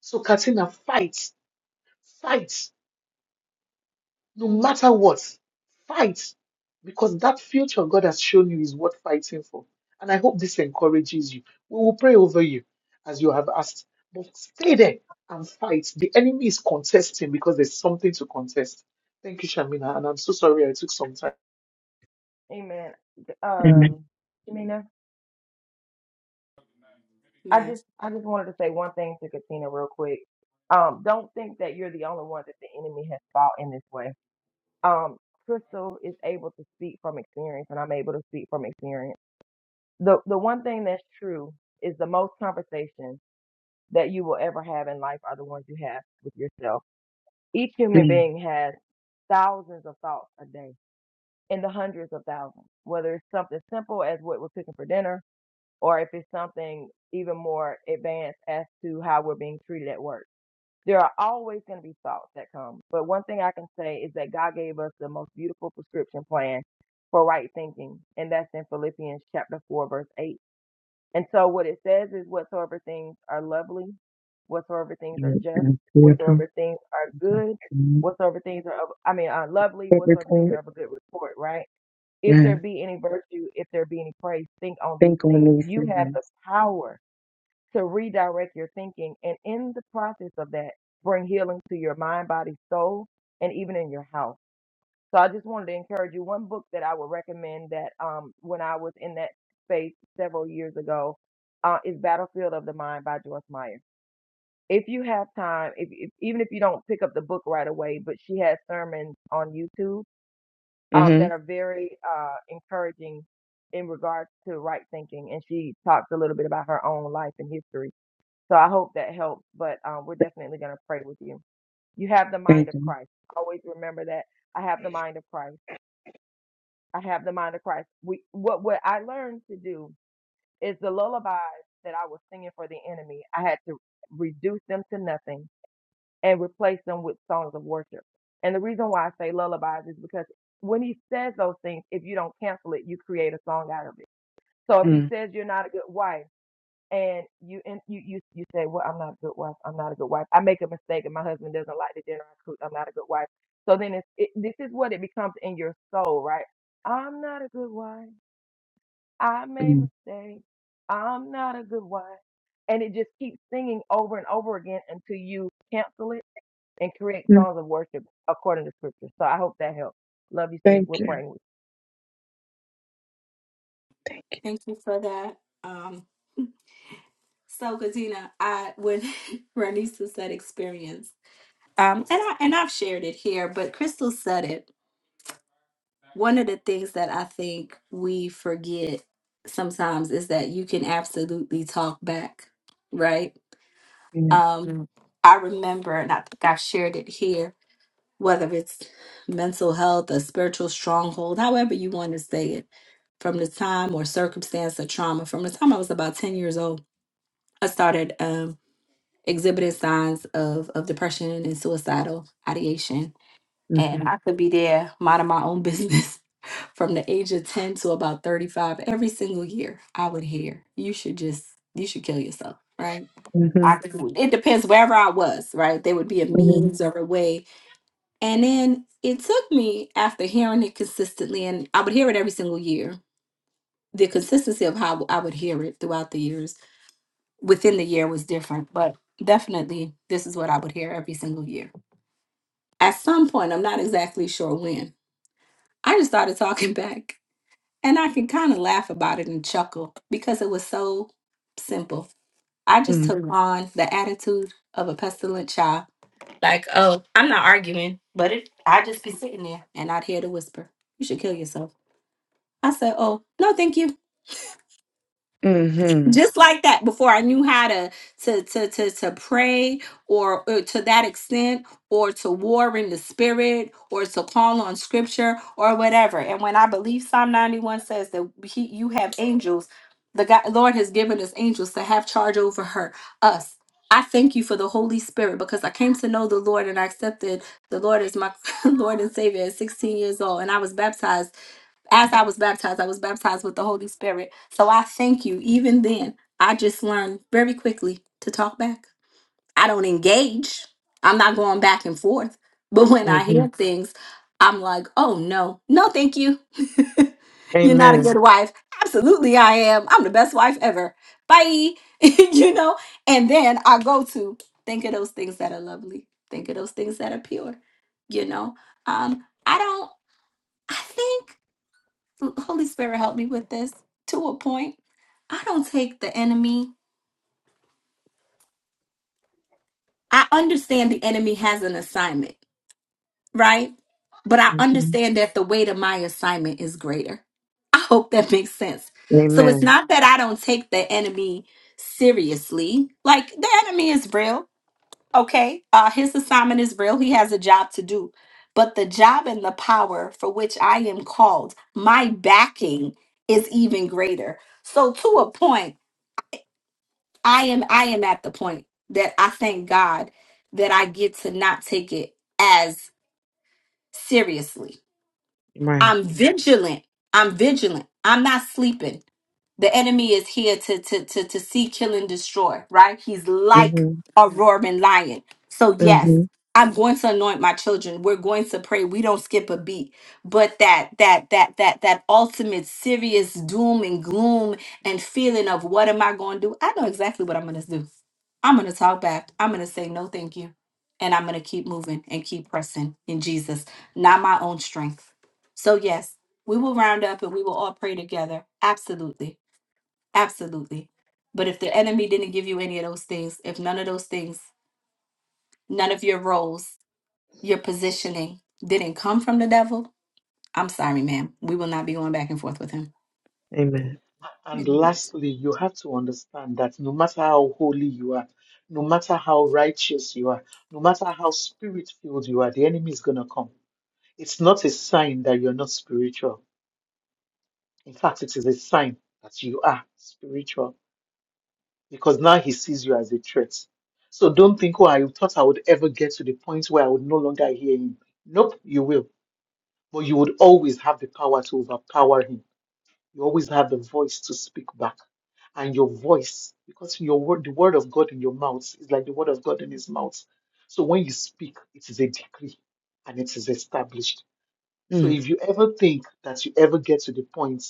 So, Katina, fight, fight. No matter what, fight because that future God has shown you is worth fighting for. And I hope this encourages you. We will pray over you as you have asked, but stay there and fight. The enemy is contesting because there's something to contest. Thank you, Shamina. And I'm so sorry I took some time.
Amen.
Amen.
Um, Jimena. I
ma'am.
just I just wanted to say one thing to Katina real quick. Um, don't think that you're the only one that the enemy has fought in this way. Um, Crystal is able to speak from experience, and I'm able to speak from experience. The the one thing that's true is the most conversations that you will ever have in life are the ones you have with yourself. Each human
Mm,
being has thousands of thoughts a day, in the hundreds of thousands. Whether it's something simple as what we're cooking for dinner, or if it's something even more advanced as to how we're being treated at work. There are always going to be thoughts that come. But one thing I can say is that God gave us the most beautiful prescription plan for right thinking, and that's in Philippians chapter 4, verse 8. And so what it says is whatsoever things are lovely, whatsoever things are
mm,
just,
mm. Theodore,
whatsoever things are good,
okay.
whatsoever things are, of, I mean, are lovely,
Good
whatsoever things are
report.
of a good report, right? if there
Yeah.
be any virtue, if there be any praise, think on these
Think on
things.
these
You have
things.
the power to redirect your thinking, and in the process of that, bring healing to your mind, body, soul, and even in your house. So I just wanted to encourage you. One book that I would recommend that um, when I was in that space several years ago uh, is Battlefield of the Mind by Joyce Meyer. If you have time, if, if even if you don't pick up the book right away, but she has sermons on YouTube um,
hmm
that are very uh, encouraging in regards to right thinking. And she talked a little bit about her own life and history. So I hope that helps. But um, we're definitely going to pray with you. You have the mind
Thank
of
you.
Christ. Always remember that. I have the mind of Christ. I have the mind of Christ. We, what what I learned to do is the lullabies that I was singing for the enemy. I had to reduce them to nothing and replace them with songs of worship. And the reason why I say lullabies is because when he says those things, if you don't cancel it, you create a song out of it. So if he
Mm,
says you're not a good wife and you and you you, you say, Well, I'm not a good wife, I'm not a good wife. I make a mistake and my husband doesn't like the dinner I cook, I'm not a good wife. So then it's it, this is what it becomes in your soul, right? I'm not a good wife. I made
mm,
mistakes. I'm not a good wife. And it just keeps singing over and over again until you cancel it and create
mm.
songs of worship according to scripture. So I hope that helps. Love you, sis.
Thank
We're
you.
praying with you.
Thank you.
Thank you for that. Um, so Katina, I when Ranisa said experience, um, and I and I've shared it here, but Crystal said it. One of the things that I think we forget sometimes is that you can absolutely talk back, right?
Yeah.
Um, Mm. I remember, and I think I've shared it here. whether it's mental health, a spiritual stronghold, however you want to say it, from the time or circumstance or trauma, from the time I was about 10 years old, I started um, exhibiting signs of, of depression and suicidal ideation.
Mm-hmm.
And I could be there minding my own business from the age of 10 to about 35. Every single year, I would hear, you should just, you should kill yourself, right?
Mm-hmm.
I could, it depends wherever I was, right? There would be a
Mm-hmm.
means or a way and then it took me after hearing it consistently, and I would hear it every single year. The consistency of how I would hear it throughout the years within the year was different, but definitely this is what I would hear every single year. At some point, I'm not exactly sure when, I just started talking back. And I can kind of laugh about it and chuckle because it was so simple. I just took Mhm. on the attitude of a pestilent child. Like, oh, I'm not arguing, but it, I'd just be sitting there and I'd hear the whisper, you should kill yourself I said, "Oh no, thank you."
Mm-hmm.
Just like that, before I knew how to to to to to pray, or, or to that extent, or to war in the spirit, or to call on scripture, or whatever. And when I believe Psalm ninety one says that he, you have angels, the God, Lord has given us angels to have charge over her us. I thank you for the Holy Spirit because I came to know the Lord and I accepted the Lord as my Lord and Savior at 16 years old, and I was baptized as I was baptized, I was baptized with the Holy Spirit. So I thank you. Even then, I just learned very quickly to talk back. I don't engage, I'm not going back and forth. But when I
Mm-hmm.
hear things, I'm like, oh no, no, thank you. You're not a good
Amen.
wife. Absolutely, I am. I'm the best wife ever. Bye. you know, and then I go to think of those things that are lovely, think of those things that are pure. You know, um, I don't, I think. Holy Spirit, help me with this to a point. I don't take the enemy. I understand the enemy has an assignment, right? But I
Mm-hmm.
understand that the weight of my assignment is greater. I hope that makes sense. So it's
Amen.
not that I don't take the enemy seriously. Like the enemy is real, okay? Uh, his assignment is real. He has a job to do. But the job and the power for which I am called, my backing is even greater. So to a point, I am I am at the point that I thank God that I get to not take it as seriously.
Right.
I'm vigilant. I'm vigilant. I'm not sleeping. The enemy is here to to to to see, kill, and destroy. Right? He's like
Mm-hmm.
a roaring lion. So yes,
Mm-hmm.
I'm going to anoint my children. We're going to pray. We don't skip a beat. But that that that that that ultimate serious doom and gloom and feeling of what am I going to do? I know exactly what I'm going to do. I'm going to talk back. I'm going to say no, thank you, and I'm going to keep moving and keep pressing in Jesus, not my own strength. So yes, we will round up and we will all pray together. Absolutely. Absolutely. But if the enemy didn't give you any of those things, if none of those things, none of your roles, your positioning didn't come from the devil, I'm sorry, ma'am. We will not be going back and forth with him.
Amen.
And lastly, you have to understand that no matter how holy you are, no matter how righteous you are, no matter how spirit filled you are, the enemy is going to come. It's not a sign that you're not spiritual In fact, it is a sign that you are spiritual because now he sees you as a threat. So don't think, oh, I thought I would ever get to the point where I would no longer hear him. Nope, you will. But you would always have the power to overpower him. You always have the voice to speak back. And your voice, because your word, the word of God in your mouth is like the word of God in his mouth. So when you speak, it is a decree and it is established. So
Mm.
if you ever think that you ever get to the point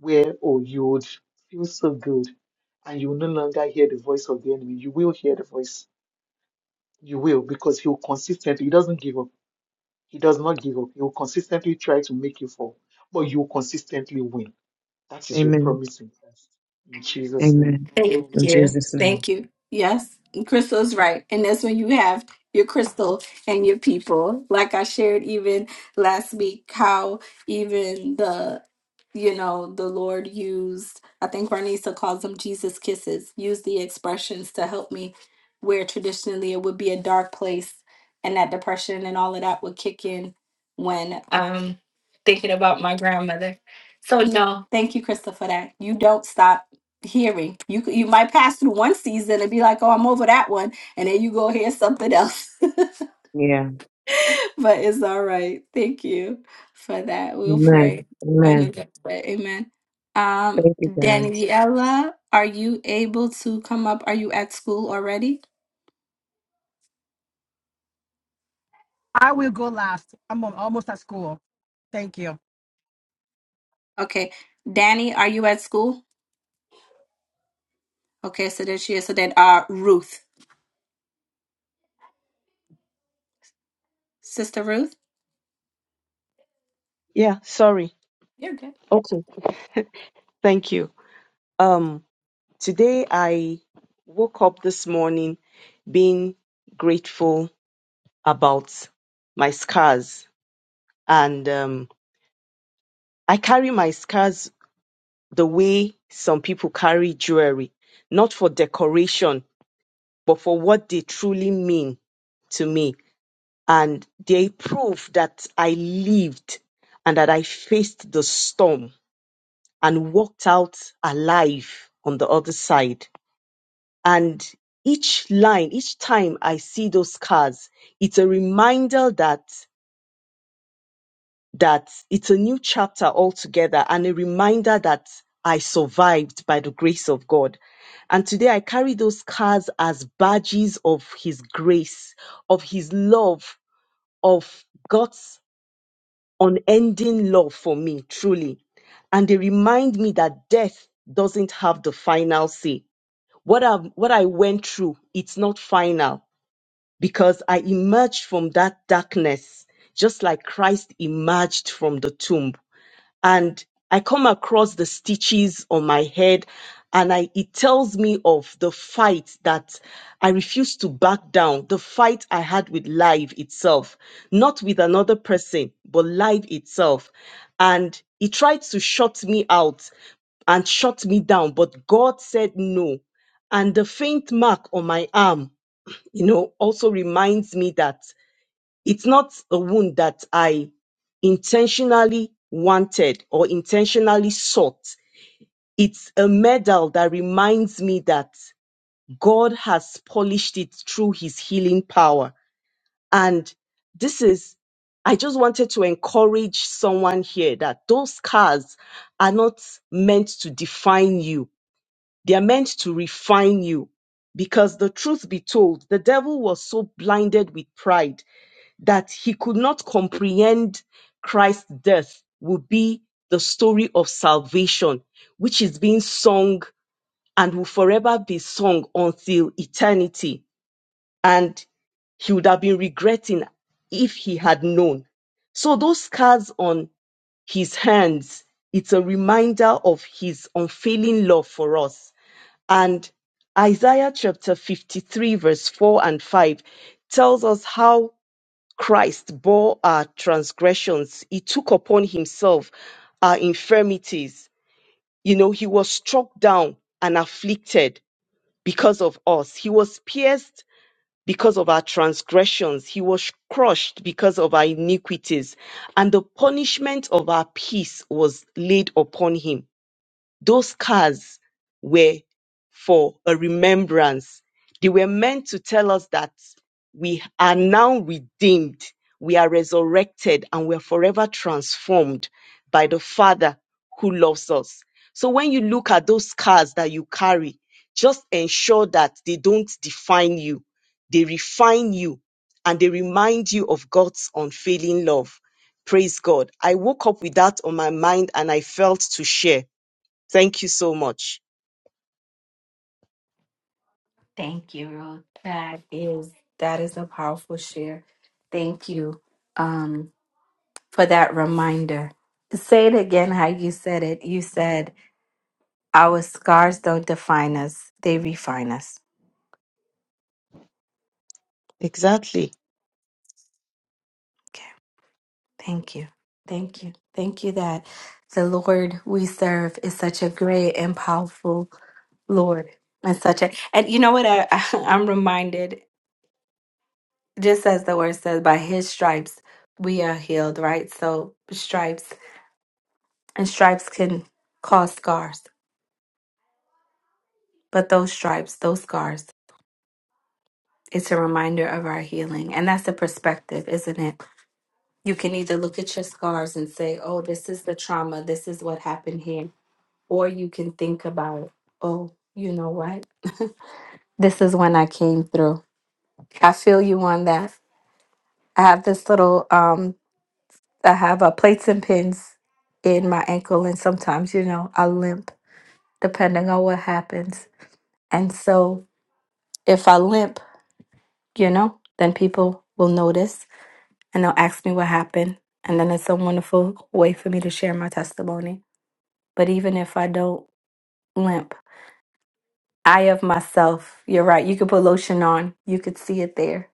where, oh, you would feel so good and you will no longer hear the voice of the enemy, you will hear the voice. You will, because he will consistently, he doesn't give up. He does not give up. He will consistently try to make you fall, but you will consistently win. That is your
Amen.
promise in Christ. In Jesus' name.
Amen.
Thank
In
Amen.
you.
Jesus' name.
Thank you. Yes, and Crystal's right. And that's when you have your crystal and your people. Like I shared even last week, how even the you know, the Lord used, I think Barnisa calls them Jesus kisses, used the expressions to help me where traditionally it would be a dark place and that depression and all of that would kick in when um thinking about my grandmother. So no, thank you, Crystal, for that. You don't stop hearing. You c- you might pass through one season and be like, "Oh, I'm over that one," and then you go hear something else. but
Yeah.
it's all right. Thank you for that. We'll
Amen.
pray another
Amen.
day. Amen. Um,
Thank you, guys.
Daniela, are you able to come up? Are you at school already?
I will go last. I'm al- almost at school. Thank you.
Okay, Danny, are you at school? Okay, so there she is. So then, uh, Ruth, sister Ruth,
Yeah, sorry.
you're good.
Okay, thank you. Um, today I woke up this morning being grateful about my scars, and um, I carry my scars the way some people carry jewelry, not for decoration, but for what they truly mean to me. And they prove that I lived and that I faced the storm and walked out alive on the other side And each line, each time I see those scars, it's a reminder that that it's a new chapter altogether and a reminder that I survived by the grace of God. And today I carry those scars as badges of his grace, of his love, of God's unending love for me, truly. And they remind me that death doesn't have the final say. What I, what I went through, it's not final because I emerged from that darkness, just like Christ emerged from the tomb. And I come across the stitches on my head, and I, it tells me of the fight that I refuse to back down, the fight I had with life itself, not with another person, but life itself. And it tried to shut me out and shut me down, but God said no. And the faint mark on my arm you know, also reminds me that it's not a wound that I intentionally wanted or intentionally sought. It's a medal that reminds me that God has polished it through his healing power. And this is, I just wanted to encourage someone here that those scars are not meant to define you. They are meant to refine you. Because the truth be told, the devil was so blinded with pride that he could not comprehend Christ's death will be the story of salvation, which is being sung and will forever be sung until eternity. And he would have been regretting if he had known. So those scars on his hands, it's a reminder of his unfailing love for us. And Isaiah chapter 53, verse 4 and 5 tells us how Christ bore our transgressions. He took upon himself our infirmities. You know, he was struck down and afflicted because of us. He was pierced because of our transgressions. He was crushed because of our iniquities. And the punishment of our peace was laid upon him those cars were for a remembrance. They were meant to tell us that we are now redeemed, we are resurrected, and we are forever transformed by the Father who loves us. So when you look at those scars that you carry, just ensure that they don't define you. They refine you and they remind you of God's unfailing love. Praise God. I woke up with that on my mind and I felt to share. Thank you so much.
Thank you, Ruth. That is that is a powerful share. Thank you. for that reminder. Say it again how you said it. You said, Our scars don't define us, they refine us.
Exactly.
Okay. Thank you. Thank you. Thank you that the Lord we serve is such a great and powerful Lord. And such a, and you know what? I, I'm reminded, just as the word says, by his stripes we are healed, right? So stripes and stripes can cause scars, but those stripes, those scars, It's a reminder of our healing. And that's the perspective, isn't it? You can either look at your scars and say, oh, this is the trauma, this is what happened here. Or you can think about, oh, you know what? this is when I came through. I feel you on that. I have this little um I have uh, plates and pins in my ankle and sometimes, you know, I limp depending on what happens. And so if I limp, you know, then people will notice and they'll ask me what happened. And then it's a wonderful way for me to share my testimony. But even if I don't limp, I of myself, you're right, you could put lotion on, you could see it there.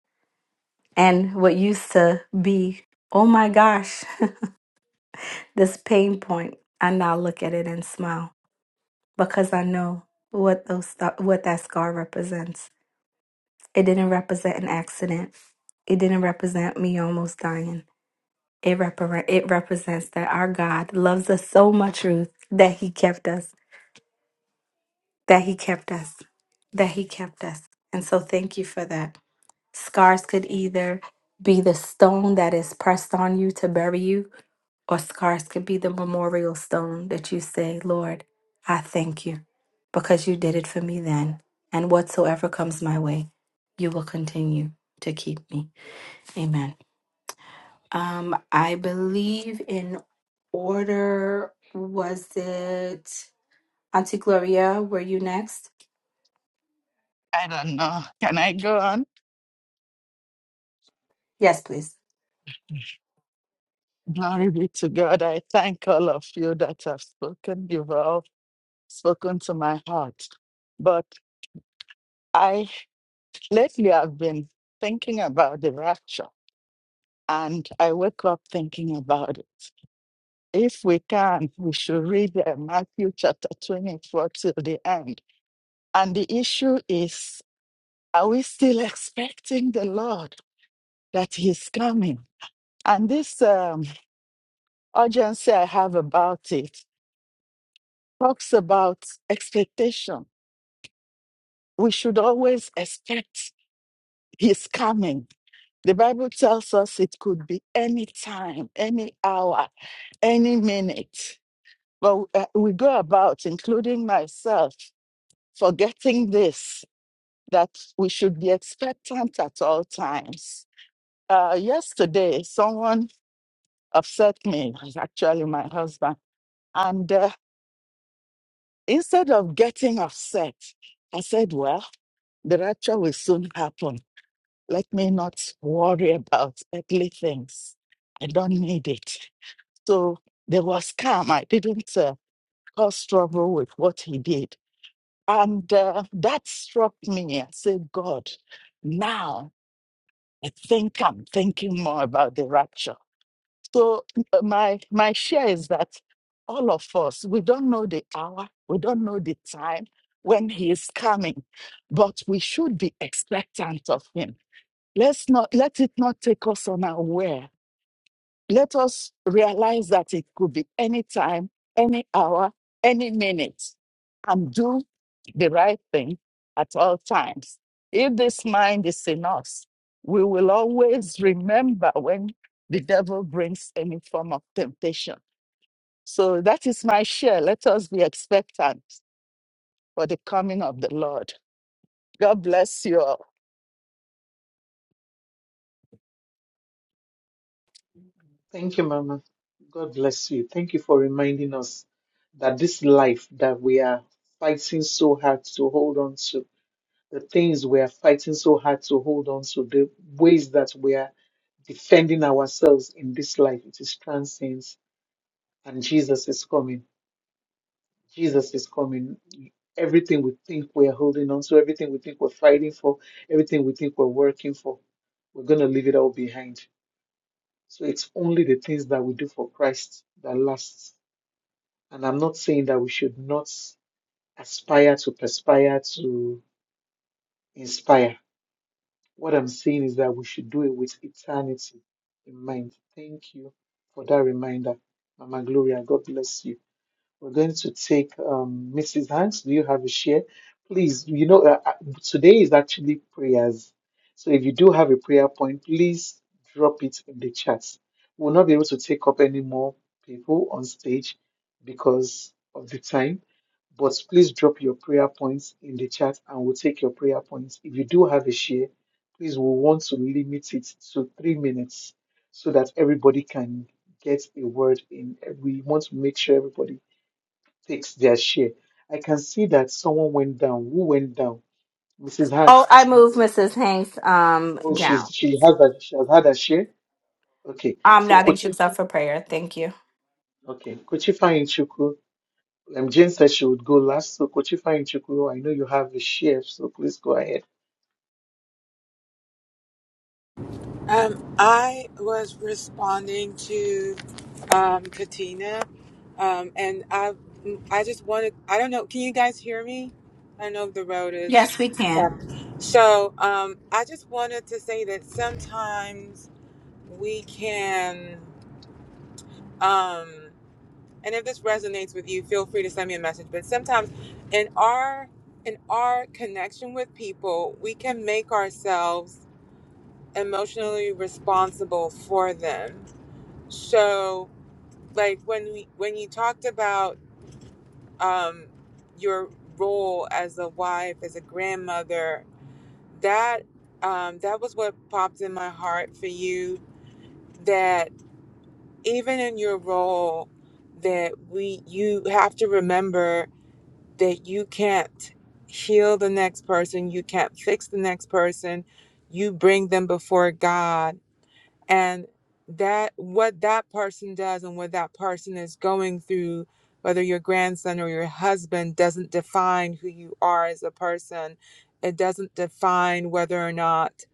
And what used to be, oh my gosh, this pain point, I now look at it and smile because I know what those sta- what that scar represents. It didn't represent an accident. It didn't represent me almost dying It, repre- it represents that our God loves us so much, Ruth, that He kept us, that He kept us, that He kept us. And so thank you for that. Scars could either be the stone that is pressed on you to bury you, or scars could be the memorial stone that you say, Lord, I thank you because you did it for me then. And whatsoever comes my way, you will continue to keep me. Amen. Um, I believe in order was it Auntie Gloria, were you next?
I don't know. Can I go on?
Yes, please.
Glory be to God. I thank all of you that have spoken. You've all spoken to my heart. But I lately I've been thinking about the rapture and I wake up thinking about it. If we can, we should read uh, Matthew chapter 24 till the end. And the issue is are we still expecting the Lord that He's coming? And this um, urgency I have about it talks about expectation. We should always expect his coming. The Bible tells us it could be any time, any hour, any minute. But uh, we go about, including myself, forgetting this that we should be expectant at all times. Uh, yesterday, someone upset me, actually, my husband. and. uh, Instead of getting upset, I said, Well, the rapture will soon happen. Let me not worry about earthly things. I don't need it. So there was calm. I didn't uh, cause trouble with what he did. And uh, that struck me. I said, God, now I think I'm thinking more about the rapture. So uh, my my share is that all of us we don't know the hour, we don't know the time when he is coming, but we should be expectant of him. Let's not let it not take us unaware let us realize that it could be any time, any hour, any minute, and do the right thing at all times. If this mind is in us, we will always remember when the devil brings any form of temptation. So that is my share. Let us be expectant for the coming of the Lord. God bless you all.
Thank you, Mama. God bless you. Thank you for reminding us that this life that we are fighting so hard to hold on to the things we are fighting so hard to hold on to, the ways that we are defending ourselves in this life. It is transcends, and Jesus is coming. Jesus is coming. Everything we think we are holding on to, everything we think we're fighting for, everything we think we're working for, we're going to leave it all behind. So it's only the things that we do for Christ that lasts. And I'm not saying that we should not aspire to perspire to inspire What I'm saying is that we should do it with eternity in mind. Thank you for that reminder, Mama Gloria. God bless you. We're going to take um, Mrs. Hanks. Do you have a share? Please, you know, uh, uh, today is actually prayers. So if you do have a prayer point, please drop it in the chat. We'll not be able to take up any more people on stage because of the time. But please drop your prayer points in the chat and we'll take your prayer points. If you do have a share, please, we want to limit it to three minutes so that everybody can get a word in. We want to make sure everybody takes their share. I can see that someone went down. Who went down? Mrs.
Oh,
Hanks.
I move Mrs. Hanks um
Oh, she's
down.
she has a she has had a share. Okay,
Um now
so
I think she
Kochi.
was up for prayer. Thank you.
Okay, Kochi Fainchuku. Um, Jane said she would go last. So Kochi Fainchuku, I know you have a share, so please go ahead.
Um, I was responding to um, Katina, um, and I, I just wanted, I don't know, can you guys hear me? I don't know if the road is.
Yes, we can.
So um, I just wanted to say that sometimes we can, um, and if this resonates with you, feel free to send me a message. But sometimes in our in our connection with people, we can make ourselves emotionally responsible for them. So, like when we when you talked about um, your role as a wife, as a grandmother, that um, that was what popped in my heart for you that even in your role that we you have to remember that you can't heal the next person you can't fix the next person you bring them before god and that what that person does and what that person is going through whether your grandson or your husband doesn't define who you are as a person it doesn't define whether or not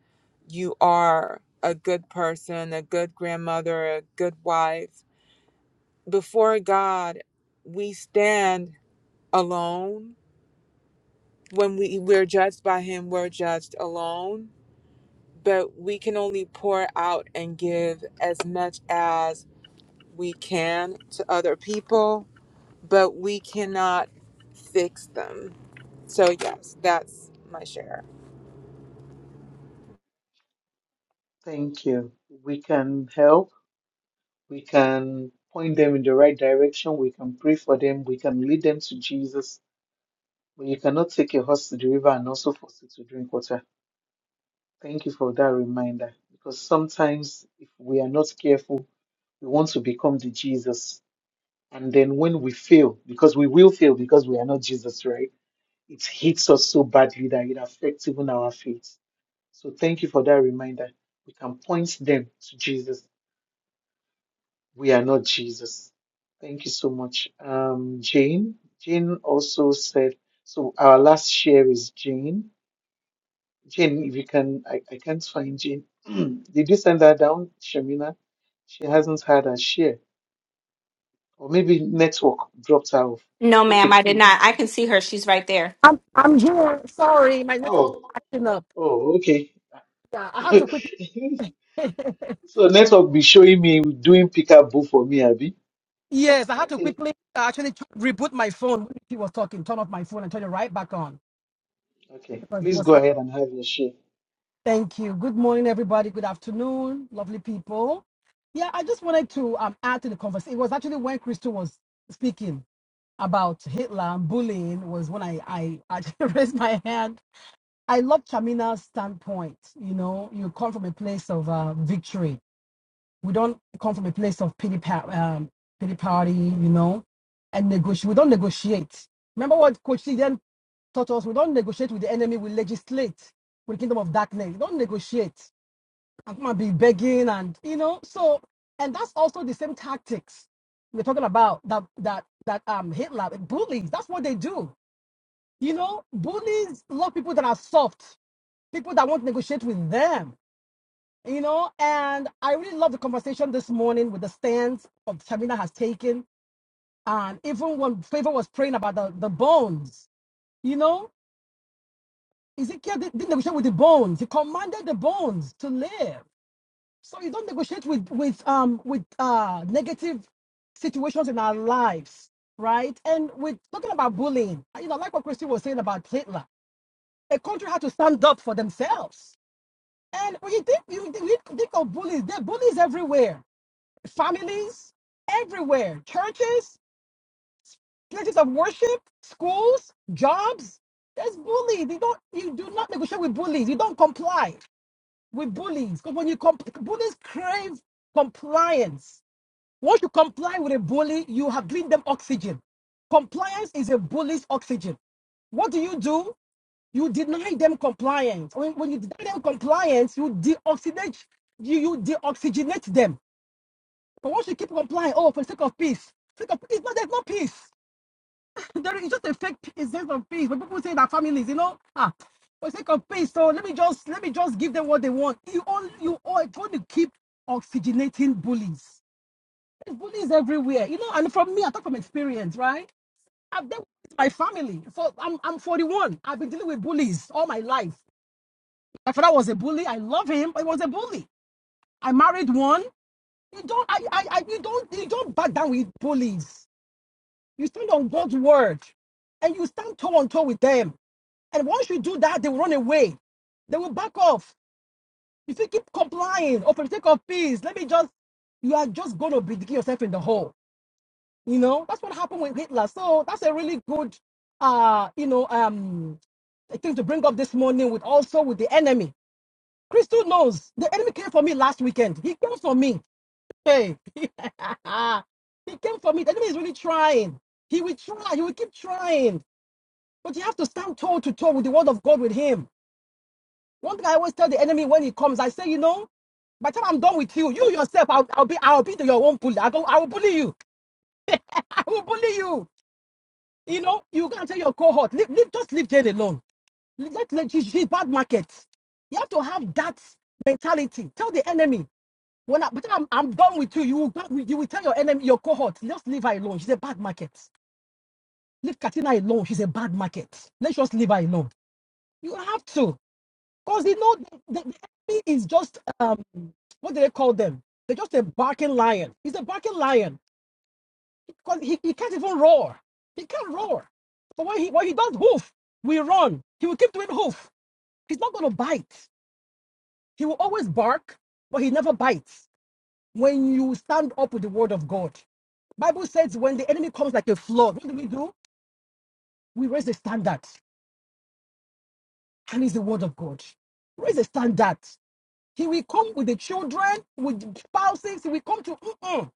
you are a good person, a good grandmother, a good wife. Before God, we stand alone. When we, we're judged by Him, we're judged alone. But we can only pour out and give as much as we can to other people, but we cannot fix them. So, yes, that's my share.
Thank you. We can help. We can point them in the right direction. We can pray for them. We can lead them to Jesus. But you cannot take a horse to the river and also force it to drink water Thank you for that reminder because sometimes if we are not careful, we want to become the Jesus. And then when we fail, because we will fail because we are not Jesus, right? It hits us so badly that it affects even our faith. So thank you for that reminder. We can point them to Jesus. We are not Jesus. Thank you so much. Um, Jane. Jane also said, so our last share is Jane. Jane, if you can, I, I can't find Jane. Did you send her down, Shamina? She hasn't had her share. Or maybe network dropped her off.
No,
Okay,
ma'am, I did
please.
not. I can see her. She's right there.
I'm I'm here. Sorry, my network is
Oh,
acting up.
oh, okay.
Yeah, I had to quickly.
So network be showing me doing pickup boo for me, Abby.
Yes, I had to
Okay,
quickly uh, actually t- reboot my phone. when He was talking, turn off my phone and turn it right back on
okay.
because it
Please
was.
go ahead and have your share.
Thank you. Good morning, everybody. Good afternoon, lovely people. Yeah, I just wanted to um add to the conversation. It was actually when Crystal was speaking about Hitler and bullying was when I I actually raised my hand I love Chamina's standpoint. You know, you come from a place of uh, victory. We don't come from a place of pity, pa- um, pity party, you know, and negotiate. We don't negotiate. Remember what Coach C then taught us? We don't negotiate with the enemy. We legislate with the kingdom of darkness. We don't negotiate. I'm going to be begging and, you know, so, and that's also the same tactics we're talking about that, that, that um, Hitler, bullies, that's what they do. You know, bullies love people that are soft people that won't negotiate with them. You know, and I really love the conversation this morning with the stance of Shamina has taken. And even when Favor was praying about the, the bones, you know, Ezekiel did- didn't negotiate with the bones. He commanded the bones to live. So you don't negotiate with with um with uh negative situations in our lives, right? And with talking about bullying, you know, like what Christy was saying about Hitler, a country had to stand up for themselves And you think you think, you think of bullies? There are bullies everywhere. Families, everywhere. Churches, places of worship, schools, jobs. There's bullies. You don't you do not negotiate with bullies. You don't comply with bullies. Because when you comp- bullies crave compliance. Once you comply with a bully, you have given them oxygen. Compliance is a bully's oxygen. What do you do? You deny them compliance. When, when you deny them compliance, you deoxygenate you, you deoxygenate them. But once you keep complying, oh, for the sake of peace, sake of peace, no, there's no peace. there is just a fake peace, sense of peace. When people say that families, you know, ah, for the sake of peace, so let me just let me just give them what they want. You all you all going to keep oxygenating bullies. There's bullies everywhere, you know. And from me, I talk from experience, right? I've dealt with my family. So I'm I'm 41. I've been dealing with bullies all my life. My father was a bully. I love him, but he was a bully. I married one. You don't, I, I, I, you don't, you don't back down with bullies. You stand on God's word, and you stand toe on toe with them. And once you do that, they will run away. They will back off. If you keep complying, or for the sake of peace, let me just, you are just going to be digging yourself in the hole. You know that's what happened with Hitler. So that's a really good, uh, you know, um, thing to bring up this morning with also with the enemy Crystal knows the enemy came for me last weekend. He came for me. Hey, he came for me. The enemy is really trying. He will try. He will keep trying. But you have to stand toe to toe with the word of God with him. One thing I always tell the enemy when he comes, I say, you know, by the time I'm done with you, you yourself, I'll, I'll be, I'll be to your own bully. I go, I will bully you. I will bully you. You know, you can't tell your cohort, leave, leave, just leave Jane alone. Let, let she, she's bad market. You have to have that mentality. Tell the enemy. When I, but I'm, I'm done with you. You will, back- you will tell your enemy, your cohort, just leave her alone. She's a bad market. Leave Katina alone. She's a bad market. Let's just leave her alone. You have to. Because you know, the, the, the enemy is just, um, what do they call them? They're just a barking lion. He's a barking lion. Because he, he can't even roar. He can't roar. But when he, when he does hoof, we run. He will keep doing hoof. He's not going to bite. He will always bark, but he never bites. when you stand up with the word of God. Bible says when the enemy comes like a flood, what do we do? We raise the standard, and it's the word of God. Raise the standard. He will come with the children, with spouses. He will come to, mm-mm,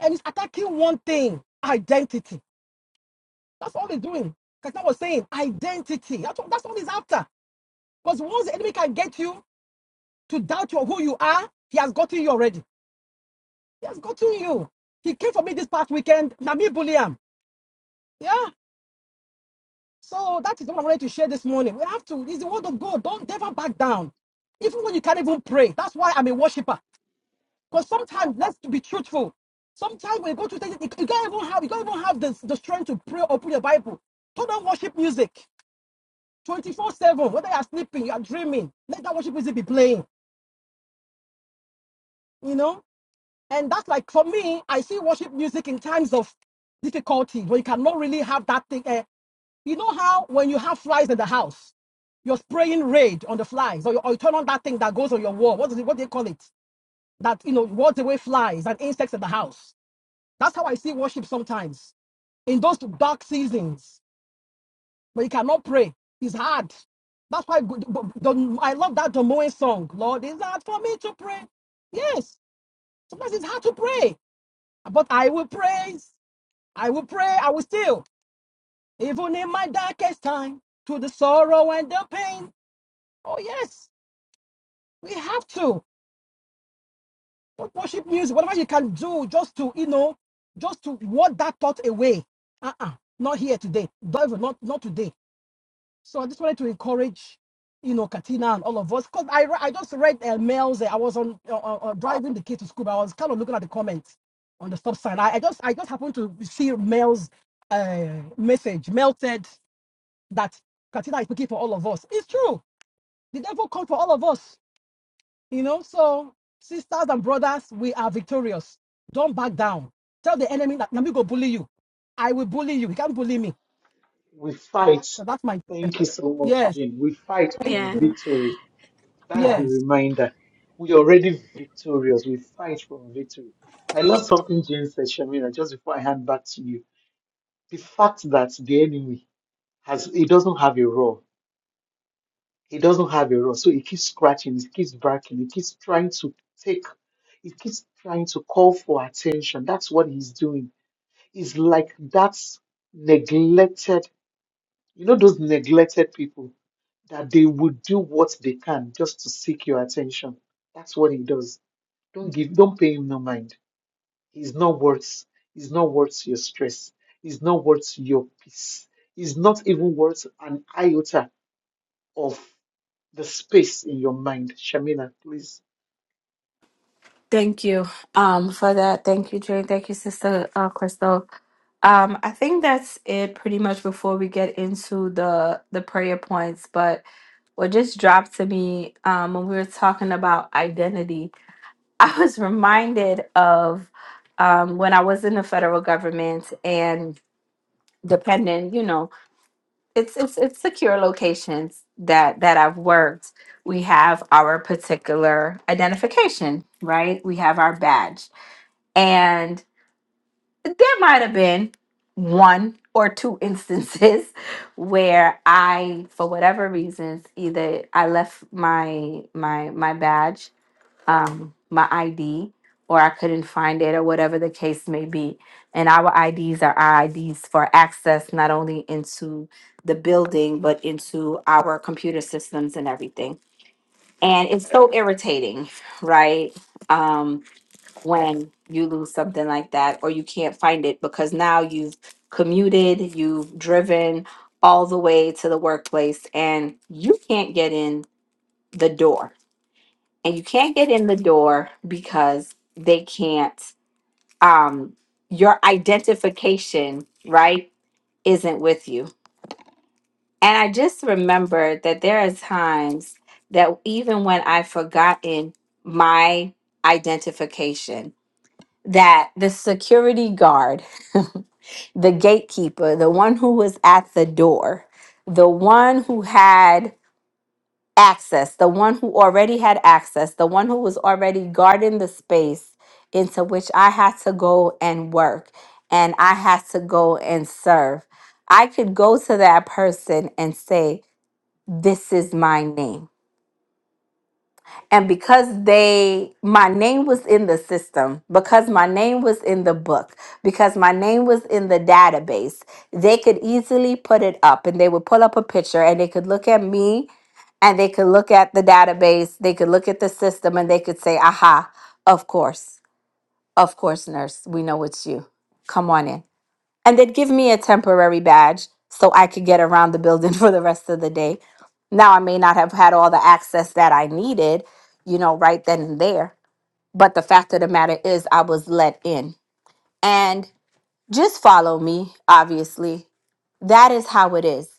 and he's attacking one thing: identity. That's all he's doing. Like I was saying identity. That's all, that's all he's after. Because once the enemy can get you to doubt your, who you are, he has gotten you already. He has gotten you. He came for me this past weekend, Nami Bulliam. Yeah. So that is what I wanted to share this morning. We have to, it's the word of God. Don't never back down. Even when you can't even pray. That's why I'm a worshiper. Because sometimes, let's be truthful. Sometimes when you go to things, you can't even have, you can't even have the, the strength to pray or put your Bible. Turn on worship music 24 7. Whether you're sleeping, you're dreaming, let that worship music be playing, you know? And that's like, for me, I see worship music in times of difficulty where you cannot really have that thing. uh, You know how when you have flies in the house, you're spraying raid on the flies, or you, or you turn on that thing that goes on your wall. What is it? What do you call it? That you know wards away flies and insects in the house. That's how I see worship sometimes in those dark seasons when you cannot pray. It's hard. That's why good- but the- I love that Domoen song. Lord, it's hard for me to pray. Yes, sometimes it's hard to pray, but I will praise. I will pray. I will still, even in my darkest time, to the sorrow and the pain. Oh yes, we have to. But worship music, whatever you can do, just to you know, just to ward that thought away. Uh-uh, not here today. Don't even- not not today. So I just wanted to encourage, you know, Katina and all of us. Cause I re- I just read uh, mails. uh, I was on uh, uh, uh, driving the kids to school. But I was kind of looking at the comments on the stop sign. I, I just I just happened to see mails, uh, message melted that Katina is looking for all of us. It's true. The devil comes for all of us You know, so sisters and brothers, we are victorious. Don't back down. Tell the enemy that let me go bully you. I will bully you. He can't bully me.
We fight.
So that's my
Thank you so much,
yes.
Jane. We fight
Thank
for
Yeah.
you.
victory. That's the
Yes.
reminder. We are already victorious. We fight from victory. I love something Jane said, Shamira, just before I hand back to you. The fact that the enemy has he doesn't have a raw. He doesn't have a raw. So he keeps scratching, he keeps barking, he keeps trying to take, he keeps trying to call for attention. That's what he's doing. It's like that's neglected, you know, those neglected people that they would do what they can just to seek your attention. That's what he does Don't give, don't pay him no mind. He's not worth, he's not worth your stress. He's not worth your peace. He's not even worth an iota of the space in your mind. Shamina, please.
Thank you um, for that. Thank you, Jane. Thank you, Sister uh, Crystal. Um, I think that's it pretty much before we get into the the prayer points. but. what just dropped to me um, when we were talking about identity. I was reminded of um, when I was in the federal government and depending, you know, it's it's it's secure locations that that I've worked. We have our particular identification, right? We have our badge. And there might have been one or two instances where I, for whatever reasons, either I left my my my badge, um, my ID, or I couldn't find it, or whatever the case may be. And our IDs are our IDs for access not only into the building but into our computer systems and everything. And it's so irritating, right? Um, when you lose something like that or you can't find it because now you've commuted, you've driven all the way to the workplace and you can't get in the door. And you can't get in the door because they can't um your identification, right, isn't with you. And I just remember that there are times that even when I've forgotten my identification, that the security guard, the gatekeeper, the one who was at the door, the one who had access, the one who already had access, the one who was already guarding the space into which I had to go and work and I had to go and serve, I could go to that person and say, This is my name And because they, my name was in the system, because my name was in the book, because my name was in the database, they could easily put it up and they would pull up a picture and they could look at me and they could look at the database, they could look at the system and they could say, aha, of course, of course, nurse, we know it's you. Come on in and they'd give me a temporary badge so I could get around the building for the rest of the day. Now, I may not have had all the access that I needed, you know, right then and there, but the fact of the matter is, I was let in. And just follow me, obviously. That is how it is.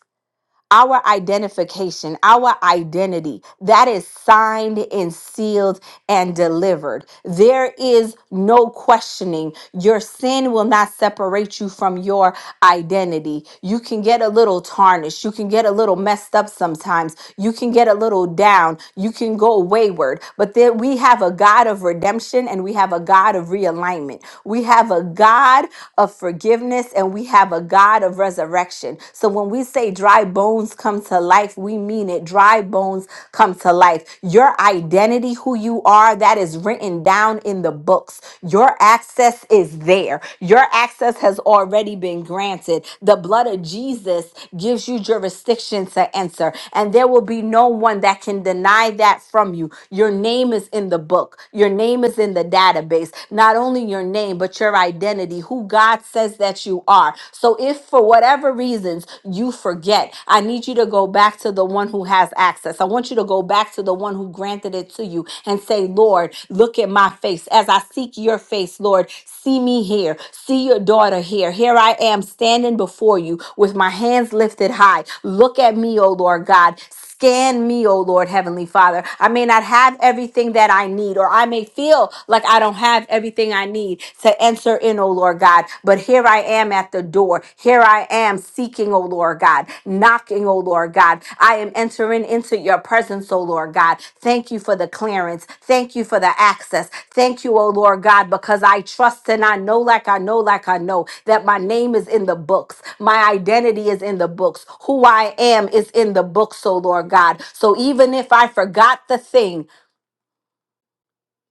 Our identification, our identity, that is signed and sealed and delivered. There is no questioning. Your sin will not separate you from your identity. You can get a little tarnished. You can get a little messed up sometimes. You can get a little down. You can go wayward. But then we have a God of redemption and we have a God of realignment. We have a God of forgiveness and we have a God of resurrection. So when we say dry bones come to life, we mean it. Dry bones come to life. Your identity, who you are, that is written down in the books. Your access is there. Your access has already been granted. The blood of Jesus gives you jurisdiction to enter, and there will be no one that can deny that from you. Your name is in the book, your name is in the database. Not only only your name, but your identity, who God says that you are. So if for whatever reasons you forget, I need you to go back to the one who has access. I want you to go back to the one who granted it to you and say, Lord, look at my face. As I seek your face, Lord, see me here. See your daughter here. Here I am standing before you with my hands lifted high. Look at me, O Lord God. Scan me, O Lord, Heavenly Father. I may not have everything that I need, or I may feel like I don't have everything I need to enter in, O Lord God. But here I am at the door. Here I am seeking, O Lord God, knocking, O Lord God. I am entering into your presence, O oh Lord God. Thank you for the clearance. Thank you for the access. Thank you, oh Lord God, because I trust and I know, like I know, like I know, that my name is in the books. My identity is in the books. Who I am is in the books, oh Lord God. So even if I forgot the thing,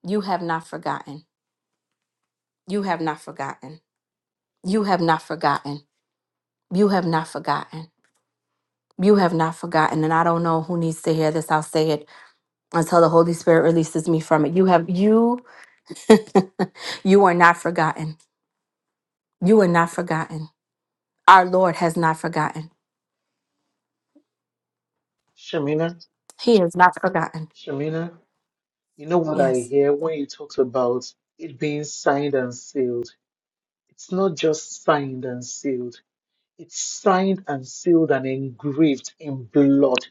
you have not forgotten. You have not forgotten. You have not forgotten. You have not forgotten. You have not forgotten. And I don't know who needs to hear this. I'll say it until the Holy Spirit releases me from it. You have you you are not forgotten. You are not forgotten. Our Lord has not forgotten.
Shamina,
He is not forgotten.
Shamina, you know what I
Yes.
hear when you talked about it being signed and sealed? It's not just signed and sealed. It's signed and sealed and engraved in blood.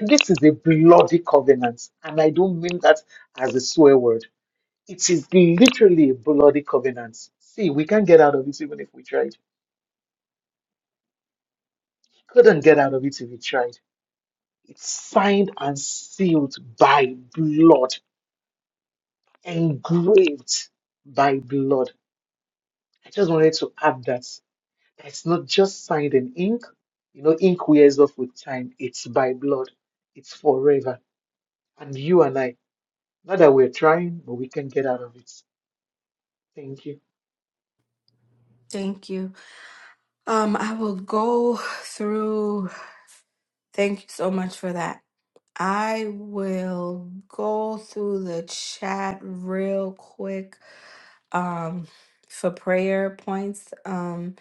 This is a bloody covenant, and I don't mean that as a swear word. It is literally a bloody covenant. See, we can't get out of it even if we tried. Couldn't get out of it if we tried. It's signed and sealed by blood, engraved by blood. I just wanted to add that. It's not just signed in ink. You know, ink wears off with time. It's by blood. It's forever. And you and I, not that we're trying, but we can get out of it. Thank you.
Thank you. Um, I will go through. Thank you so much for that. I will go through the chat real quick um, for prayer points. Um,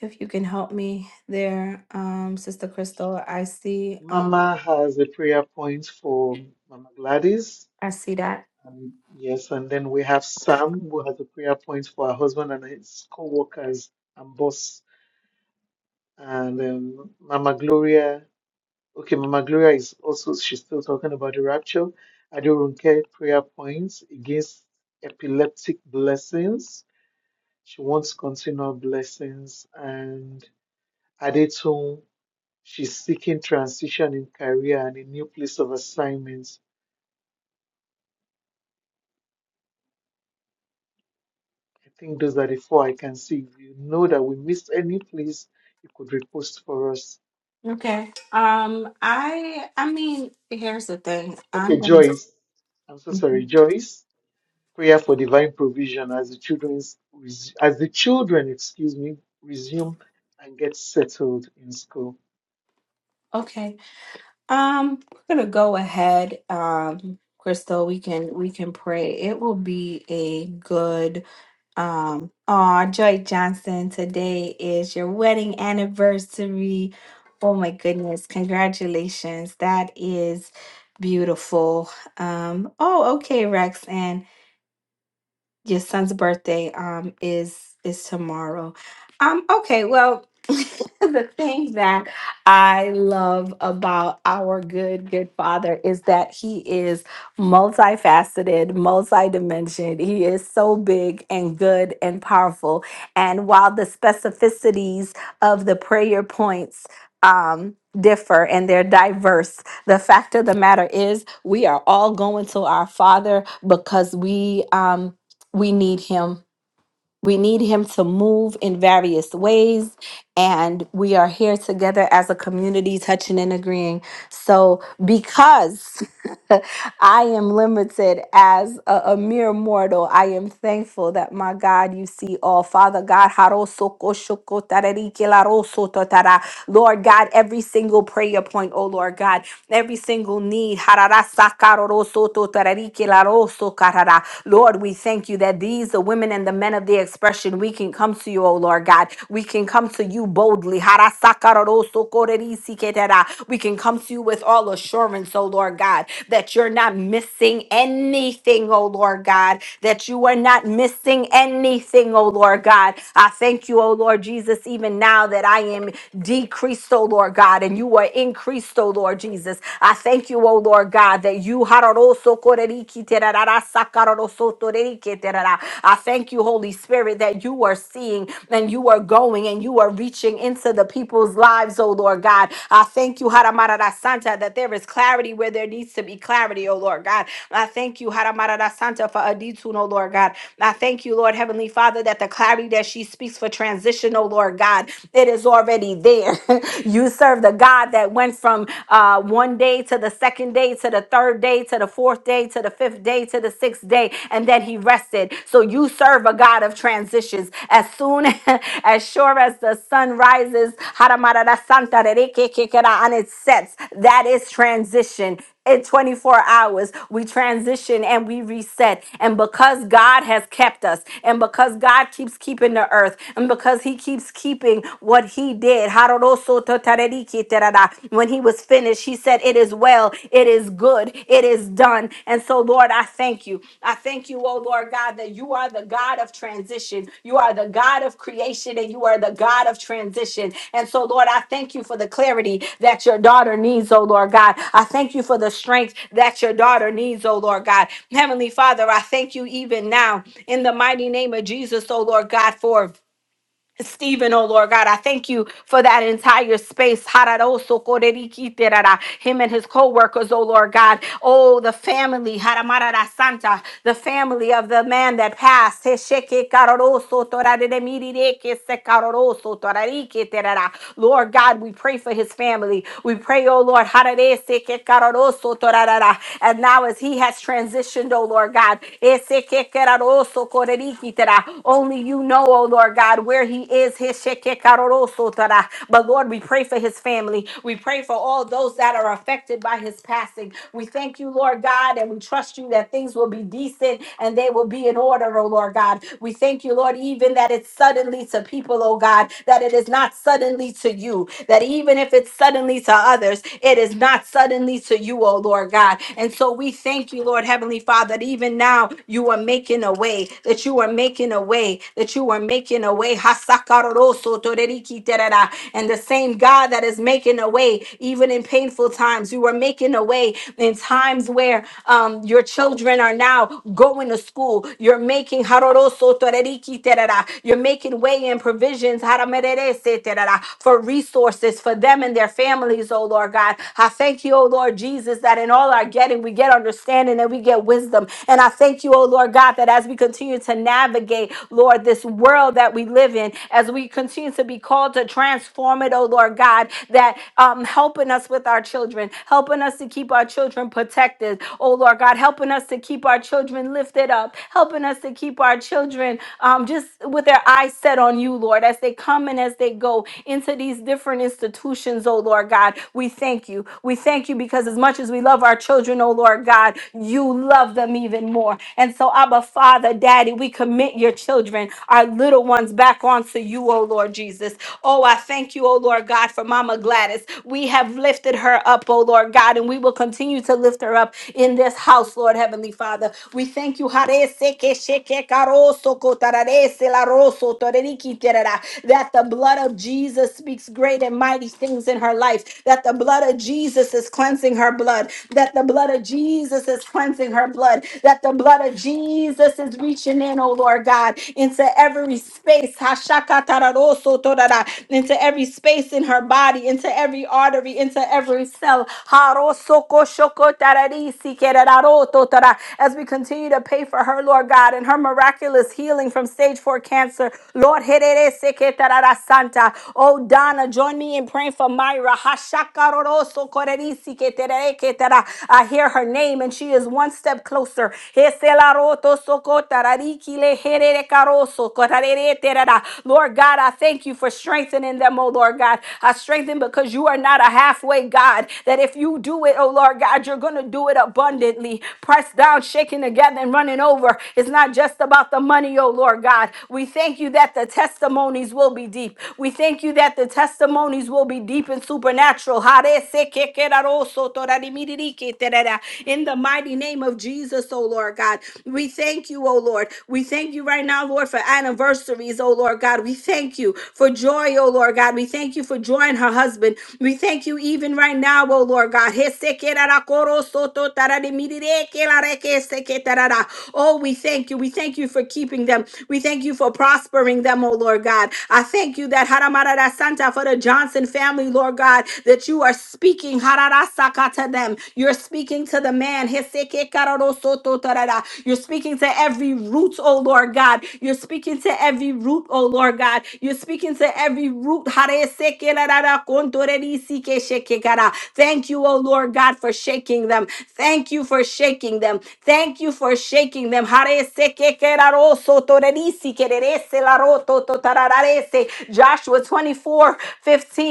if you can help me there, um, Sister Crystal, I see. Um,
Mama has a prayer point for Mama Gladys.
I see that.
And yes, and then we have Sam, who has a prayer point for her husband and his co-workers and boss. And um, Mama Gloria, okay, Mama Gloria is also, she's still talking about the rapture. Adorunke, prayer points against epileptic blessings. She wants continual blessings. And Adetun, she's seeking transition in career and a new place of assignment. I think those are the four I can see. If you know that we missed any, please, you could repost for us.
Okay. Um, I I mean, here's the thing. I'm
Okay,
gonna
Joyce. I'm so sorry,
Mhm.
Joyce. Prayer for divine provision as the children's as the children, excuse me, resume and get settled in school.
okay. Um, we're gonna go ahead. Um, Crystal, we can we can pray. It will be a good um oh Joy Johnson, today is your wedding anniversary. Oh my goodness, congratulations. That is beautiful. Um, oh okay, Rex Your son's birthday um is is tomorrow. Um okay, well, the thing that I love about our good good father is that he is multifaceted, multidimensioned. He is so big and good and powerful. And while the specificities of the prayer points um differ and they're diverse the fact of the matter is we are all going to our father because we um we need him. We need him to move in various ways. And we are here together as a community, touching and agreeing. So, because I am limited as a, a mere mortal, I am thankful that my God, you see all. Father God, Lord God, every single prayer point, oh Lord God, every single need. Lord, we thank you that these, the women and the men of the expression, we can come to you, O Lord God. We can come to you boldly. Harasakarosokorerisiketera. We can come to you with all assurance, O Lord God, that you're not missing anything, O Lord God, that you are not missing anything, O Lord God. I thank you, O Lord Jesus, even now that I am decreased, O Lord God, and you are increased, O Lord Jesus. I thank you, O Lord God, that you you hararoso koreriki terarara sakararoso toreriki terara. I thank you, Holy Spirit, that you are seeing and you are going and you are reaching into the people's lives, oh Lord God. I thank you, Haramarada Santa, that there is clarity where there needs to be clarity, oh Lord God. I thank you, Haramarada Santa, for Aditun, oh Lord God. I thank you, Lord Heavenly Father, that the clarity that she speaks for transition, oh Lord God, it is already there. you serve the God that went from from uh, one day to the second day to the third day to the fourth day to the fifth day to the sixth day, and then he rested. So you serve a God of transitions. As soon as sure as the sun rises, and it sets, that is transition in 24 hours we transition and we reset and because god has kept us and because god keeps keeping the earth and because he keeps keeping what he did when he was finished he said it is well it is good it is done and so lord i thank you i thank you thank you, oh Lord God, that you are the God of transition. You are the God of creation and you are the God of transition. And so, Lord, I thank you for the clarity that your daughter needs, oh Lord God. I thank you for the strength that your daughter needs, oh Lord God. Heavenly Father, I thank you even now in the mighty name of Jesus, oh Lord God, for Stephen, oh Lord God, I thank you for that entire space. Hararoso korerikiterara. Him and his co workers, oh Lord God. Oh, the family, Haramarara Santa, the family of the man that passed. Hesheke kararoso torareremirike sekararoso torarikiterara. Lord God, we pray for his family. We pray, oh Lord, hararese ke torarara. and now as he has transitioned, oh Lord God, ese ke korerikitera. only you know, oh Lord God, where he he is his shekekarorosotara. But Lord, we pray for his family. We pray for all those that are affected by his passing. We thank you, Lord God, and we trust you that things will be decent and they will be in order, oh Lord God. We thank you, Lord, even that it's suddenly to people, oh God, that it is not suddenly to you, that even if it's suddenly to others, it is not suddenly to you, oh Lord God. And so we thank you, Lord Heavenly Father, that even now you are making a way, that you are making a way, that you are making a way. Sakaroso toreriki terera. And the same God that is making a way, even in painful times, you are making a way in times where um, your children are now going to school. You're making haroroso toreriki terera. You're making way and provisions haramererese terera, for resources for them and their families, oh Lord God. I thank you, oh Lord Jesus, that in all our getting, we get understanding and we get wisdom. And I thank you, oh Lord God, that as we continue to navigate, Lord, this world that we live in, as we continue to be called to transform it, oh Lord God, that um, helping us with our children, helping us to keep our children protected, oh Lord God, helping us to keep our children lifted up, helping us to keep our children um, just with their eyes set on you, Lord, as they come and as they go into these different institutions, oh Lord God. We thank you. We thank you because as much as we love our children, oh Lord God, you love them even more. And so, Abba Father, Daddy, we commit your children, our little ones, back onto unto you, O Lord Jesus. Oh, I thank you, O Lord God, for Mama Gladys. We have lifted her up, O Lord God, and we will continue to lift her up in this house, Lord Heavenly Father. We thank you Harese ke sheke karoso kotararese la roso toreriki terera, that the blood of Jesus speaks great and mighty things in her life, that the blood of Jesus is cleansing her blood, that the blood of Jesus is cleansing her blood, that the blood of Jesus is reaching in, oh Lord God, into every space into every space in her body, into every artery, into every cell. As we continue to pay for her, Lord God, and her miraculous healing from stage four cancer, Lord. Oh, Donna, join me in praying for Myra. I hear her name, and she is one step closer. Lord God, I thank you for strengthening them, oh Lord God. I strengthen because you are not a halfway God, that if you do it, oh Lord God, you're going to do it abundantly. Pressed down, shaken together, and running over. It's not just about the money, oh Lord God. We thank you that the testimonies will be deep. We thank you that the testimonies will be deep and supernatural. In the mighty name of Jesus, oh Lord God. We thank you, oh Lord. We thank you right now, Lord, for anniversaries, oh Lord God. Lord God. We thank you for joy, oh Lord God. We thank you for joy and her husband. We thank you even right now, oh Lord God. Oh, we thank you. We thank you for keeping them. We thank you for prospering them, oh Lord God. I thank you that Haramarada Santa for the Johnson family, Lord God, that you are speaking Hararasaka to them. You're speaking to the man. Heseke Kararosoto Tarara. You're speaking to every root, oh Lord God. You're speaking to every root, oh Lord oh Lord God. You're speaking to every root. Thank you, oh Lord God, for shaking them. Thank you for shaking them. Thank you for shaking them. Joshua 24:15.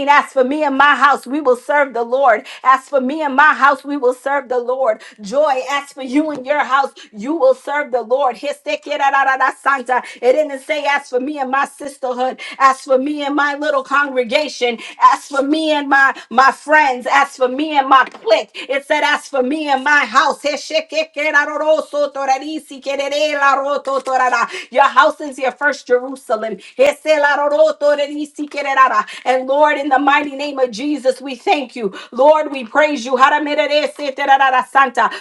As for me and my house, we will serve the Lord. As for me and my house, we will serve the Lord. Joy, as for you and your house, you will serve the Lord. It didn't say, As for me and my sisterhood, as for me and my little congregation, as for me and my, my friends, as for me and my clique. It said, as for me and my house. Your house is your first Jerusalem. And Lord, in the mighty name of Jesus, we thank you. Lord, we praise you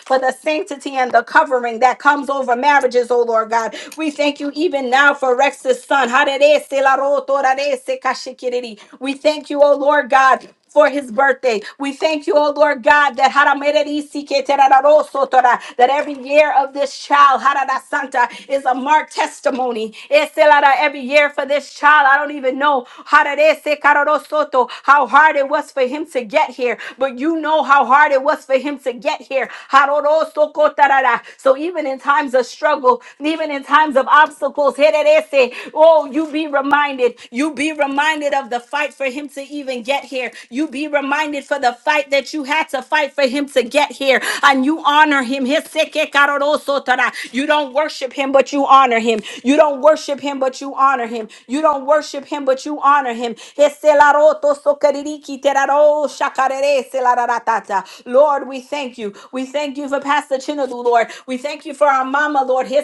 for the sanctity and the covering that comes over marriages, oh Lord God. We thank you even now for Rex's son. Arerese la rotorarese kashikiriri. We thank you, O Lord God. For his birthday, we thank you, O Lord God, that haramererisi keterararosotora, that every year of this child, Harada Santa, is a marked testimony. Eselara, Every year for this child, I don't even know hararese kararosoto, how hard it was for him to get here, but you know how hard it was for him to get here. Harorosokotarara. So even in times of struggle, even in times of obstacles, hererese, oh, you you be reminded. You be reminded of the fight for him to even get here. You be reminded for the fight that you had to fight for him to get here. And you honor him. You don't worship him, but you honor him. You don't worship him, but you honor him. You don't worship him, but you honor him. Lord, we thank you. We thank you for Pastor Chinadu, Lord. We thank you for our mama, Lord. We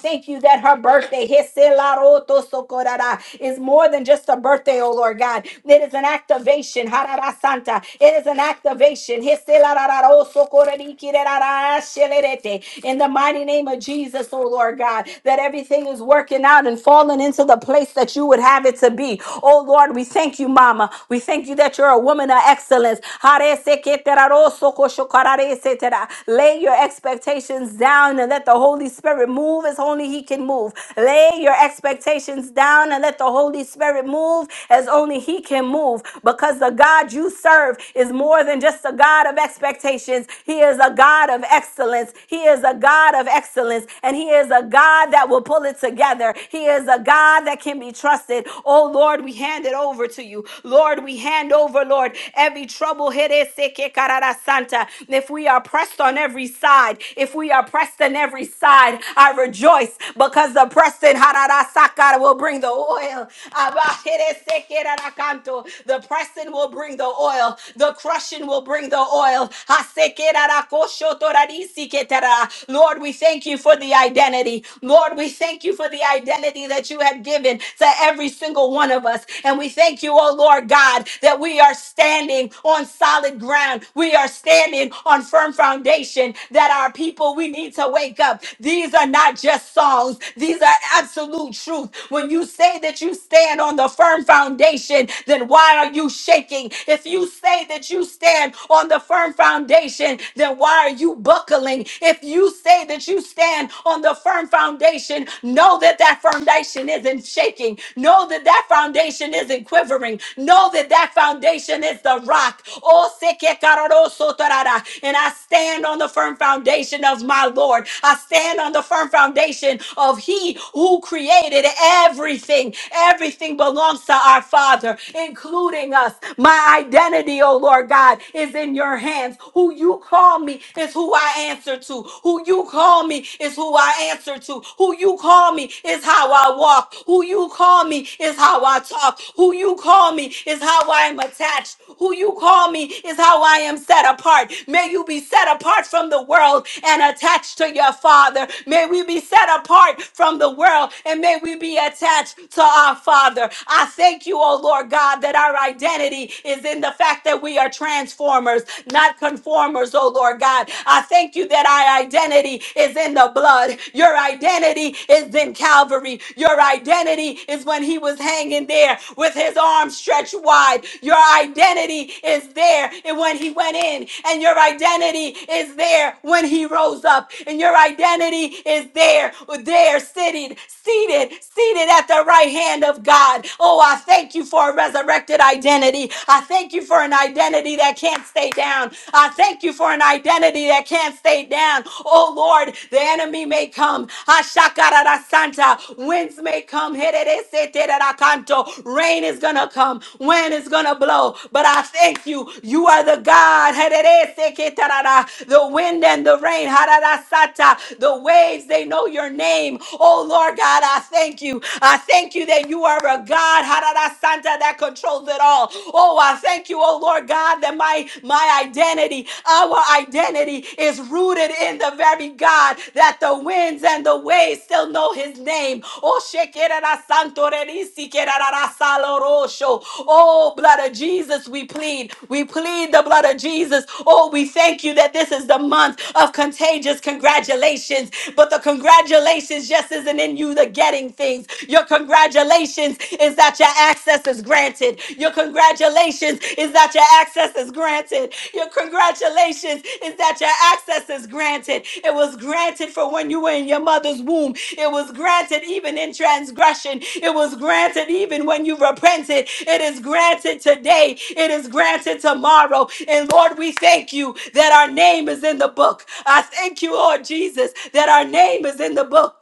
thank you that that her birthday Hesilarotosokorara, is more than just a birthday, oh Lord God. It is an activation. Harara Santa. It is an activation. Hesilarararosokoririkirararashelerete. In the mighty name of Jesus, oh Lord God, that everything is working out and falling into the place that you would have it to be. Oh Lord, we thank you, Mama. We thank you that you're a woman of excellence. Hareseketerarosokoshokararesetera. Lay your expectations down and let the Holy Spirit move as only He can can move. Lay your expectations down and let the Holy Spirit move as only He can move because the God you serve is more than just a God of expectations. He is a God of excellence. He is a God of excellence and He is a God that will pull it together. He is a God that can be trusted. Oh Lord, we hand it over to you. Lord, we hand over, Lord, every trouble. Santa. If we are pressed on every side, if we are pressed on every side, I rejoice because the pressing hararasakara, will bring the oil. Abajeresekerakanto. The pressing will bring the oil. The crushing will bring the oil. Hasekerarakoshotorarisiketara. Lord, we thank you for the identity. Lord, we thank you for the identity that you have given to every single one of us. And we thank you, oh Lord God, that we are standing on solid ground. We are standing on firm foundation that our people, we need to wake up. These are not just songs truths. These are absolute truth. When you say that you stand on the firm foundation, then why are you shaking? If you say that you stand on the firm foundation, then why are you buckling? If you say that you stand on the firm foundation, know that that foundation isn't shaking. Know that that foundation isn't quivering. Know that that foundation is the rock. Oh, seke kararo sotarara. And I stand on the firm foundation of my Lord. I stand on the firm foundation of of He who created everything. Everything belongs to our Father, including us. My identity, oh Lord God, is in your hands. Who you call me is who I answer to. Who you call me is who I answer to. Who you call me is how I walk. Who you call me is how I talk. Who you call me is how I am attached. Who you call me is how I am set apart. May you be set apart from the world and attached to your Father. May we be set apart apart from the world, and may we be attached to our Father. I thank you, oh Lord God, that our identity is in the fact that we are transformers, not conformers, oh Lord God. I thank you that our identity is in the blood. Your identity is in Calvary. Your identity is when he was hanging there with his arms stretched wide. Your identity is there and when he went in, and your identity is there when he rose up, and your identity is there there seated, seated, seated at the right hand of God. Oh, I thank you for a resurrected identity. I thank you for an identity that can't stay down. I thank you for an identity that can't stay down. Oh Lord, the enemy may come. Ashakarara Santa. Winds may come. Herereseterarakanto. Rain is gonna come. Wind is gonna blow. But I thank you. You are the God. Herereseketarara. The wind and the rain. Hararasata. The waves, they know your name name. Oh Lord God, I thank you. I thank you that you are a God, Harada Santa, that controls it all. Oh, I thank you, oh Lord God, that my my identity, our identity is rooted in the very God that the winds and the waves still know his name. Oh, Shekerara Santo Renisi Kerara Salorosho. Oh, blood of Jesus, we plead. We plead the blood of Jesus. Oh, we thank you that this is the month of contagious congratulations. But the congratulations congratulations just isn't in you the getting things. Your congratulations is that your access is granted. Your congratulations is that your access is granted. Your congratulations is that your access is granted. It was granted for when you were in your mother's womb. It was granted even in transgression. It was granted even when you repented. It is granted today. It is granted tomorrow. And Lord, we thank you that our name is in the book. I thank you, Lord Jesus, that our name is in the book.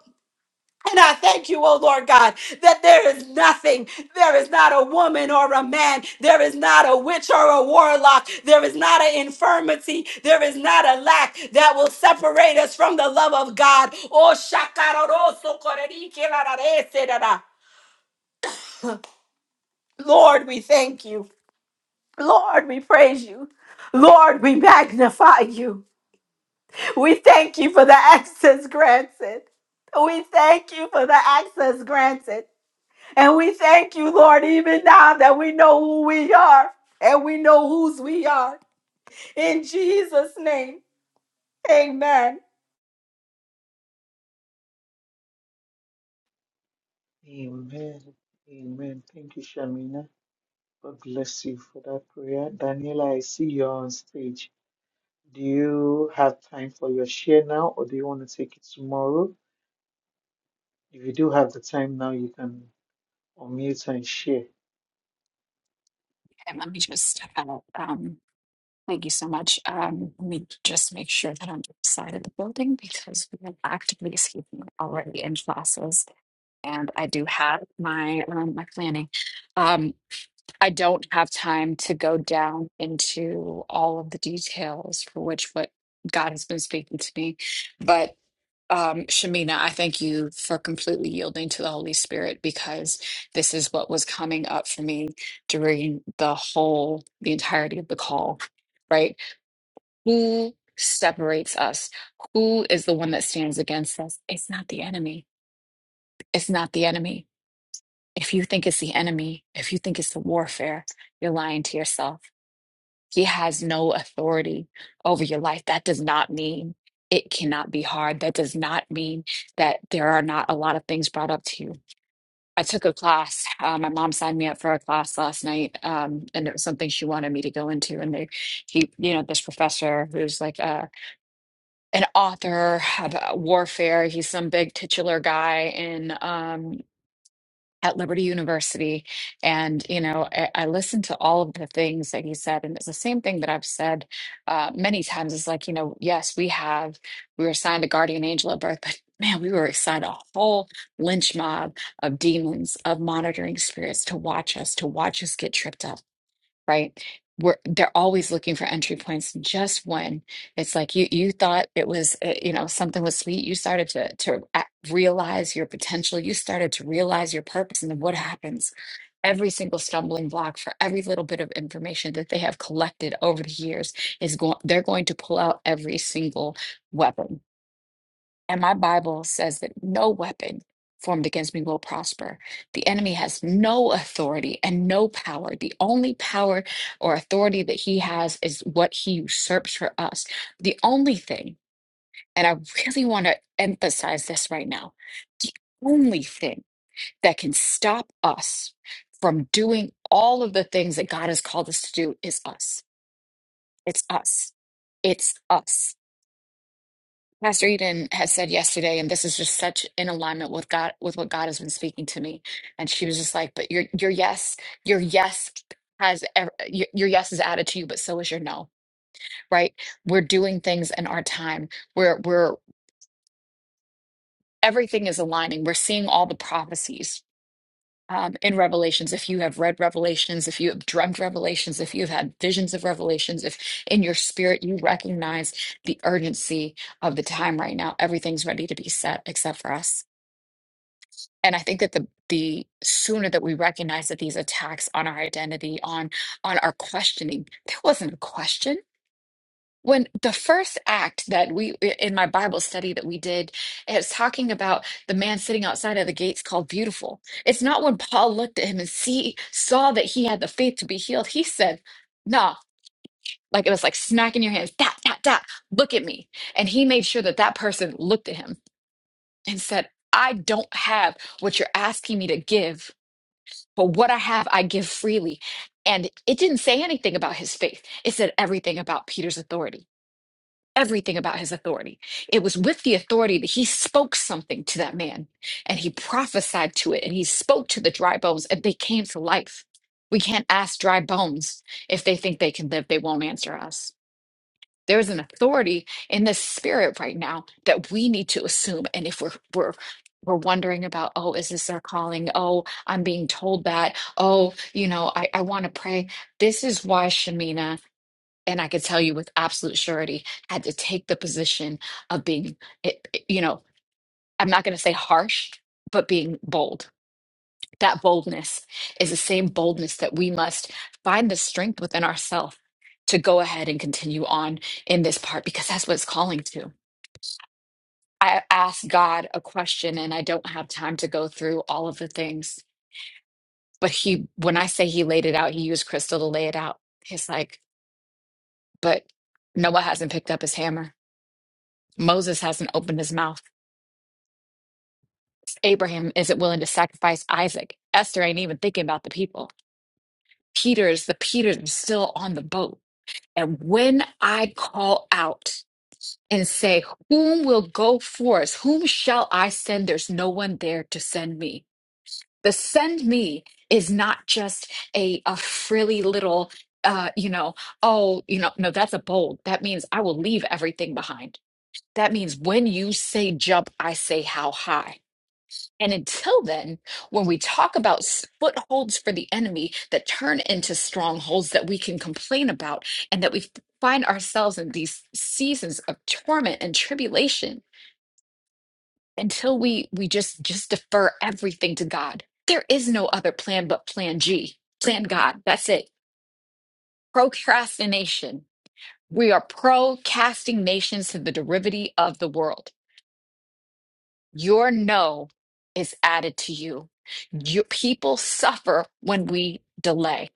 And I thank you, oh Lord God, that there is nothing, there is not a woman or a man, there is not a witch or a warlock, there is not an infirmity, there is not a lack that will separate us from the love of God. Oh, shakaroroso korerikirarareserara. Lord, we thank you. Lord, we praise you. Lord, we magnify you. We thank you for the access granted. We thank you for the access granted. And we thank you, Lord, even now that we know who we are and we know whose we are. In Jesus' name, amen.
Amen. Amen. Thank you, Shamina. God bless you for that prayer. Daniela, I see you're on stage. Do you have time for your share now, or do you want to take it tomorrow? If you do have the time now, you can unmute and share.
And let me just step out. Um, thank you so much. Um, let me just make sure that I'm outside of the building because we are actively escaping already in classes. And I do have my um, my planning. Um, I don't have time to go down into all of the details for which what God has been speaking to me. But um, Shamina, I thank you for completely yielding to the Holy Spirit because this is what was coming up for me during the whole, the entirety of the call, right? Who separates us? Who is the one that stands against us? It's not the enemy. It's not the enemy. If you think it's the enemy, if you think it's the warfare, you're lying to yourself he has no authority over your life. That does not mean it cannot be hard. That does not mean that there are not a lot of things brought up to you. I took a class. Uh, my mom signed me up for a class last night, um, and it was something she wanted me to go into. And they, he, you know, this professor who's like a an author about warfare. He's some big titular guy in um, at Liberty University. And, you know, I, I listened to all of the things that he said. And it's the same thing that I've said uh, many times. It's like, you know, yes, we have, we were assigned a guardian angel at birth, but man, we were assigned a whole lynch mob of demons, of monitoring spirits to watch us, to watch us get tripped up right? We're, they're always looking for entry points. Just when it's like you you thought it was uh, you know something was sweet, you started to to a- realize your potential. You started to realize your purpose, and then what happens? Every single stumbling block for every little bit of information that they have collected over the years is going. They're going to pull out every single weapon and my Bible says that no weapon formed against me will prosper. The enemy has no authority and no power. The only power or authority that he has is what he usurps for us. The only thing, and I really want to emphasize this right now, the only thing that can stop us from doing all of the things that God has called us to do is us. It's us. It's us. Pastor Eden had said yesterday, and this is just such in alignment with God, with what God has been speaking to me. And she was just like, "But your your yes, your yes has ev- your, your yes is added to you, but so is your no." Right? We're doing things in our time. We're we're everything is aligning. We're seeing all the prophecies. Um, in Revelations, if you have read Revelations, if you have dreamt Revelations, if you've had visions of Revelations, if in your spirit you recognize the urgency of the time right now, everything's ready to be set except for us and i think that the the sooner that we recognize that these attacks on our identity on on our questioning there wasn't a question when the first act that we in my bible study that we did it's talking about the man sitting outside of the gates called beautiful it's not when paul looked at him and see saw that he had the faith to be healed he said nah like it was like smacking your hands that that that look at me and he made sure that that person looked at him and said i don't have what you're asking me to give but what I have, I give freely. And it didn't say anything about his faith. It said everything about Peter's authority, everything about his authority. It was with the authority that he spoke something to that man and he prophesied to it and he spoke to the dry bones and they came to life. We can't ask dry bones if they think they can live, they won't answer us. There's an authority in the spirit right now that we need to assume. And if we're we're we're wondering about, oh, is this our calling? Oh, I'm being told that. Oh, you know, I, I want to pray. This is why Shamina, and I could tell you with absolute surety, had to take the position of being, it- it- you know, I'm not going to say harsh, but being bold that boldness is the same boldness that we must find the strength within ourselves to go ahead and continue on in this part because that's what it's calling to. I asked God a question and I don't have time to go through all of the things, but he, when I say he laid it out, he used crystal to lay it out. He's like, but Noah hasn't picked up his hammer. Moses hasn't opened his mouth. Abraham isn't willing to sacrifice Isaac. Esther ain't even thinking about the people. Peter's the Peter's still on the boat And when I call out and say, Whom will go for us? Whom shall I send? There's no one there to send me. The send me is not just a, a frilly little, uh, you know, oh, you know, no, that's a bold. That means I will leave everything behind. That means when you say jump, I say how high. And until then, when we talk about s- footholds for the enemy that turn into strongholds that we can complain about and that we f- find ourselves in these seasons of torment and tribulation until we we just just defer everything to God. There is no other plan but plan G. Plan God. That's it. Procrastination. We are pro casting nations to the derivative of the world. Your no is added to you. You people suffer when we delay.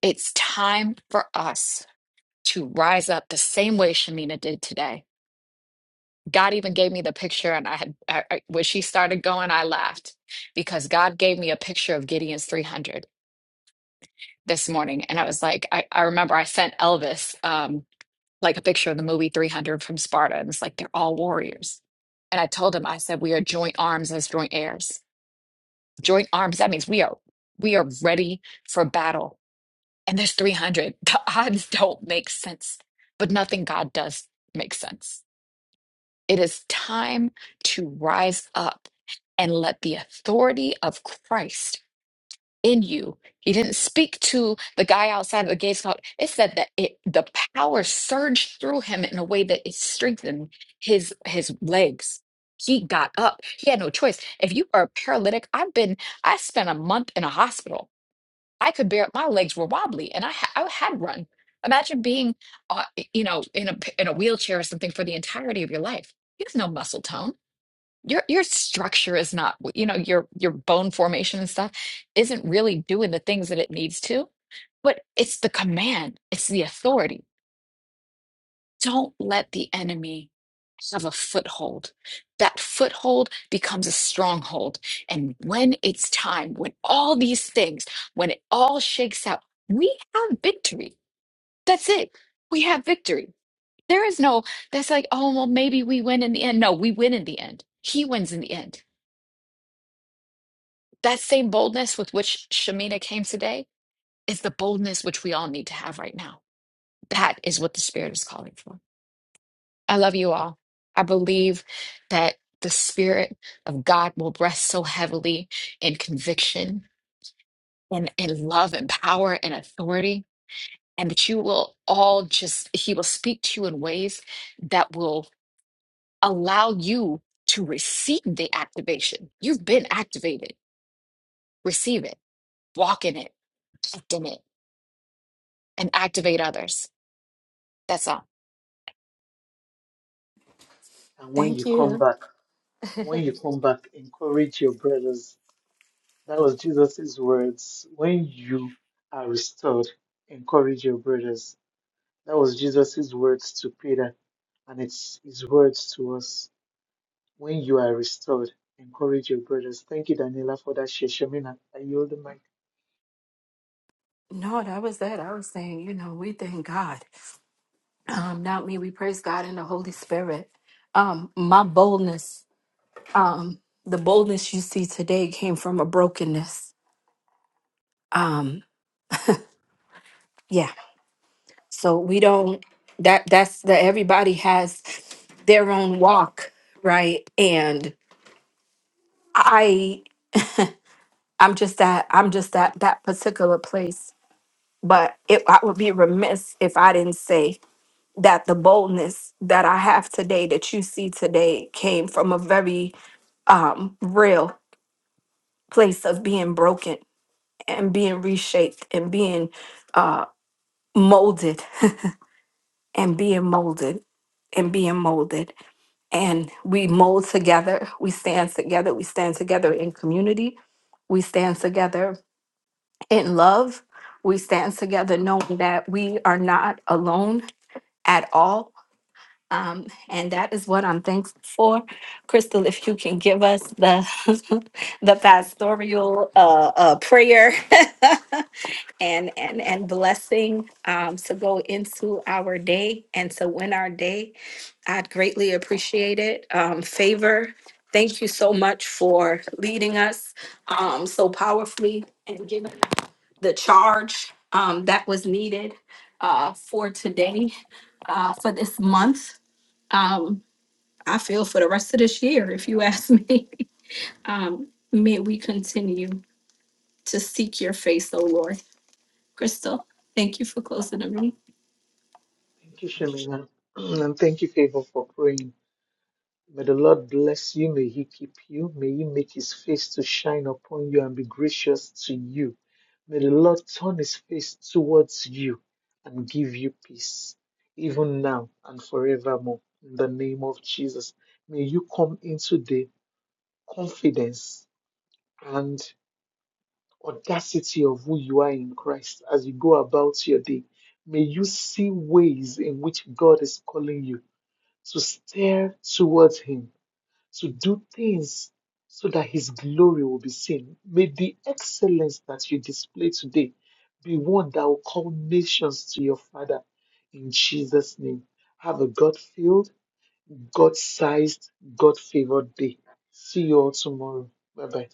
It's time for us to rise up the same way Shamina did today. God even gave me the picture, and I had I, I- when she started going, I laughed because God gave me a picture of Gideon's 300 this morning, and I was like, I, I remember I sent Elvis um, like a picture of the movie 300 from Sparta, and it's like they're all warriors. And I told him, I said, we are joint arms as joint heirs joint arms that means we are we are ready for battle and there's 300 the odds don't make sense but nothing god does make sense it is time to rise up and let the authority of christ in you. He didn't speak to the guy outside of the gates. Called. It said that it, the power surged through him in a way that it strengthened his his legs. He got up. He had no choice. If you are a paralytic, I've been. I spent a month in a hospital. I could bear. My legs were wobbly, and I ha- I had run. Imagine being, uh, you know, in a in a wheelchair or something for the entirety of your life. You have no muscle tone your your structure is not you know your your bone formation and stuff isn't really doing the things that it needs to but it's the command it's the authority don't let the enemy have a foothold that foothold becomes a stronghold and when it's time when all these things when it all shakes out we have victory that's it we have victory there is no that's like oh well maybe we win in the end no we win in the end he wins in the end That same boldness with which Shamina came today is the boldness which we all need to have right now. That is what the Spirit is calling for. I love you all. I believe that the Spirit of God will rest so heavily in conviction and in love and power and authority, and that you will all just, He will speak to you in ways that will allow you to receive the activation. You've been activated, receive it, walk in it, act in it and activate others. That's all.
And when you
Thank
come
you.
back, when you come back, encourage your brothers. That was Jesus' words. When you are restored, encourage your brothers. That was Jesus' words to Peter, and it's his words to us. When you are restored, encourage your brothers. Thank you, Daniela, for that share. Shamina, I yield the mic.
No, that was that. I was saying, you know, we thank God. Um, not me, we praise God and the Holy Spirit. Um, my boldness, um, the boldness you see today came from a brokenness. Um, yeah. So we don't that that's that everybody has their own walk, right? And I. I'm just at I'm just at that particular place. But it, I would be remiss if I didn't say that the boldness that I have today, that you see today, came from a very um, real place of being broken and being reshaped and being uh, molded and being molded and being molded. And we mold together. We stand together. We stand together in community. We stand together in love. We stand together knowing that we are not alone at all. Um, and that is what I'm thankful for. Crystal, if you can give us the the pastoral uh, uh, prayer and, and and blessing um, to go into our day and to win our day, I'd greatly appreciate it. Um, favor, thank you so much for leading us um, so powerfully and giving the charge um, that was needed uh, for today, uh, for this month. Um, I feel for the rest of this year, if you ask me. um, may we continue to seek your face, O Lord. Crystal, thank you for closing the meeting.
Thank you, Shamina. and thank you, Favor, for praying. May the Lord bless you. May He keep you. May He make His face to shine upon you and be gracious to you. May the Lord turn His face towards you and give you peace, even now and forevermore. In the name of Jesus, may you come into the confidence and audacity of who you are in Christ as you go about your day. May you see ways in which God is calling you to stare towards Him to do things so that His glory will be seen. May the excellence that you display today be one that will call nations to your Father in Jesus' name. Have a God filled, God sized, God favored day. See you all tomorrow. Bye bye.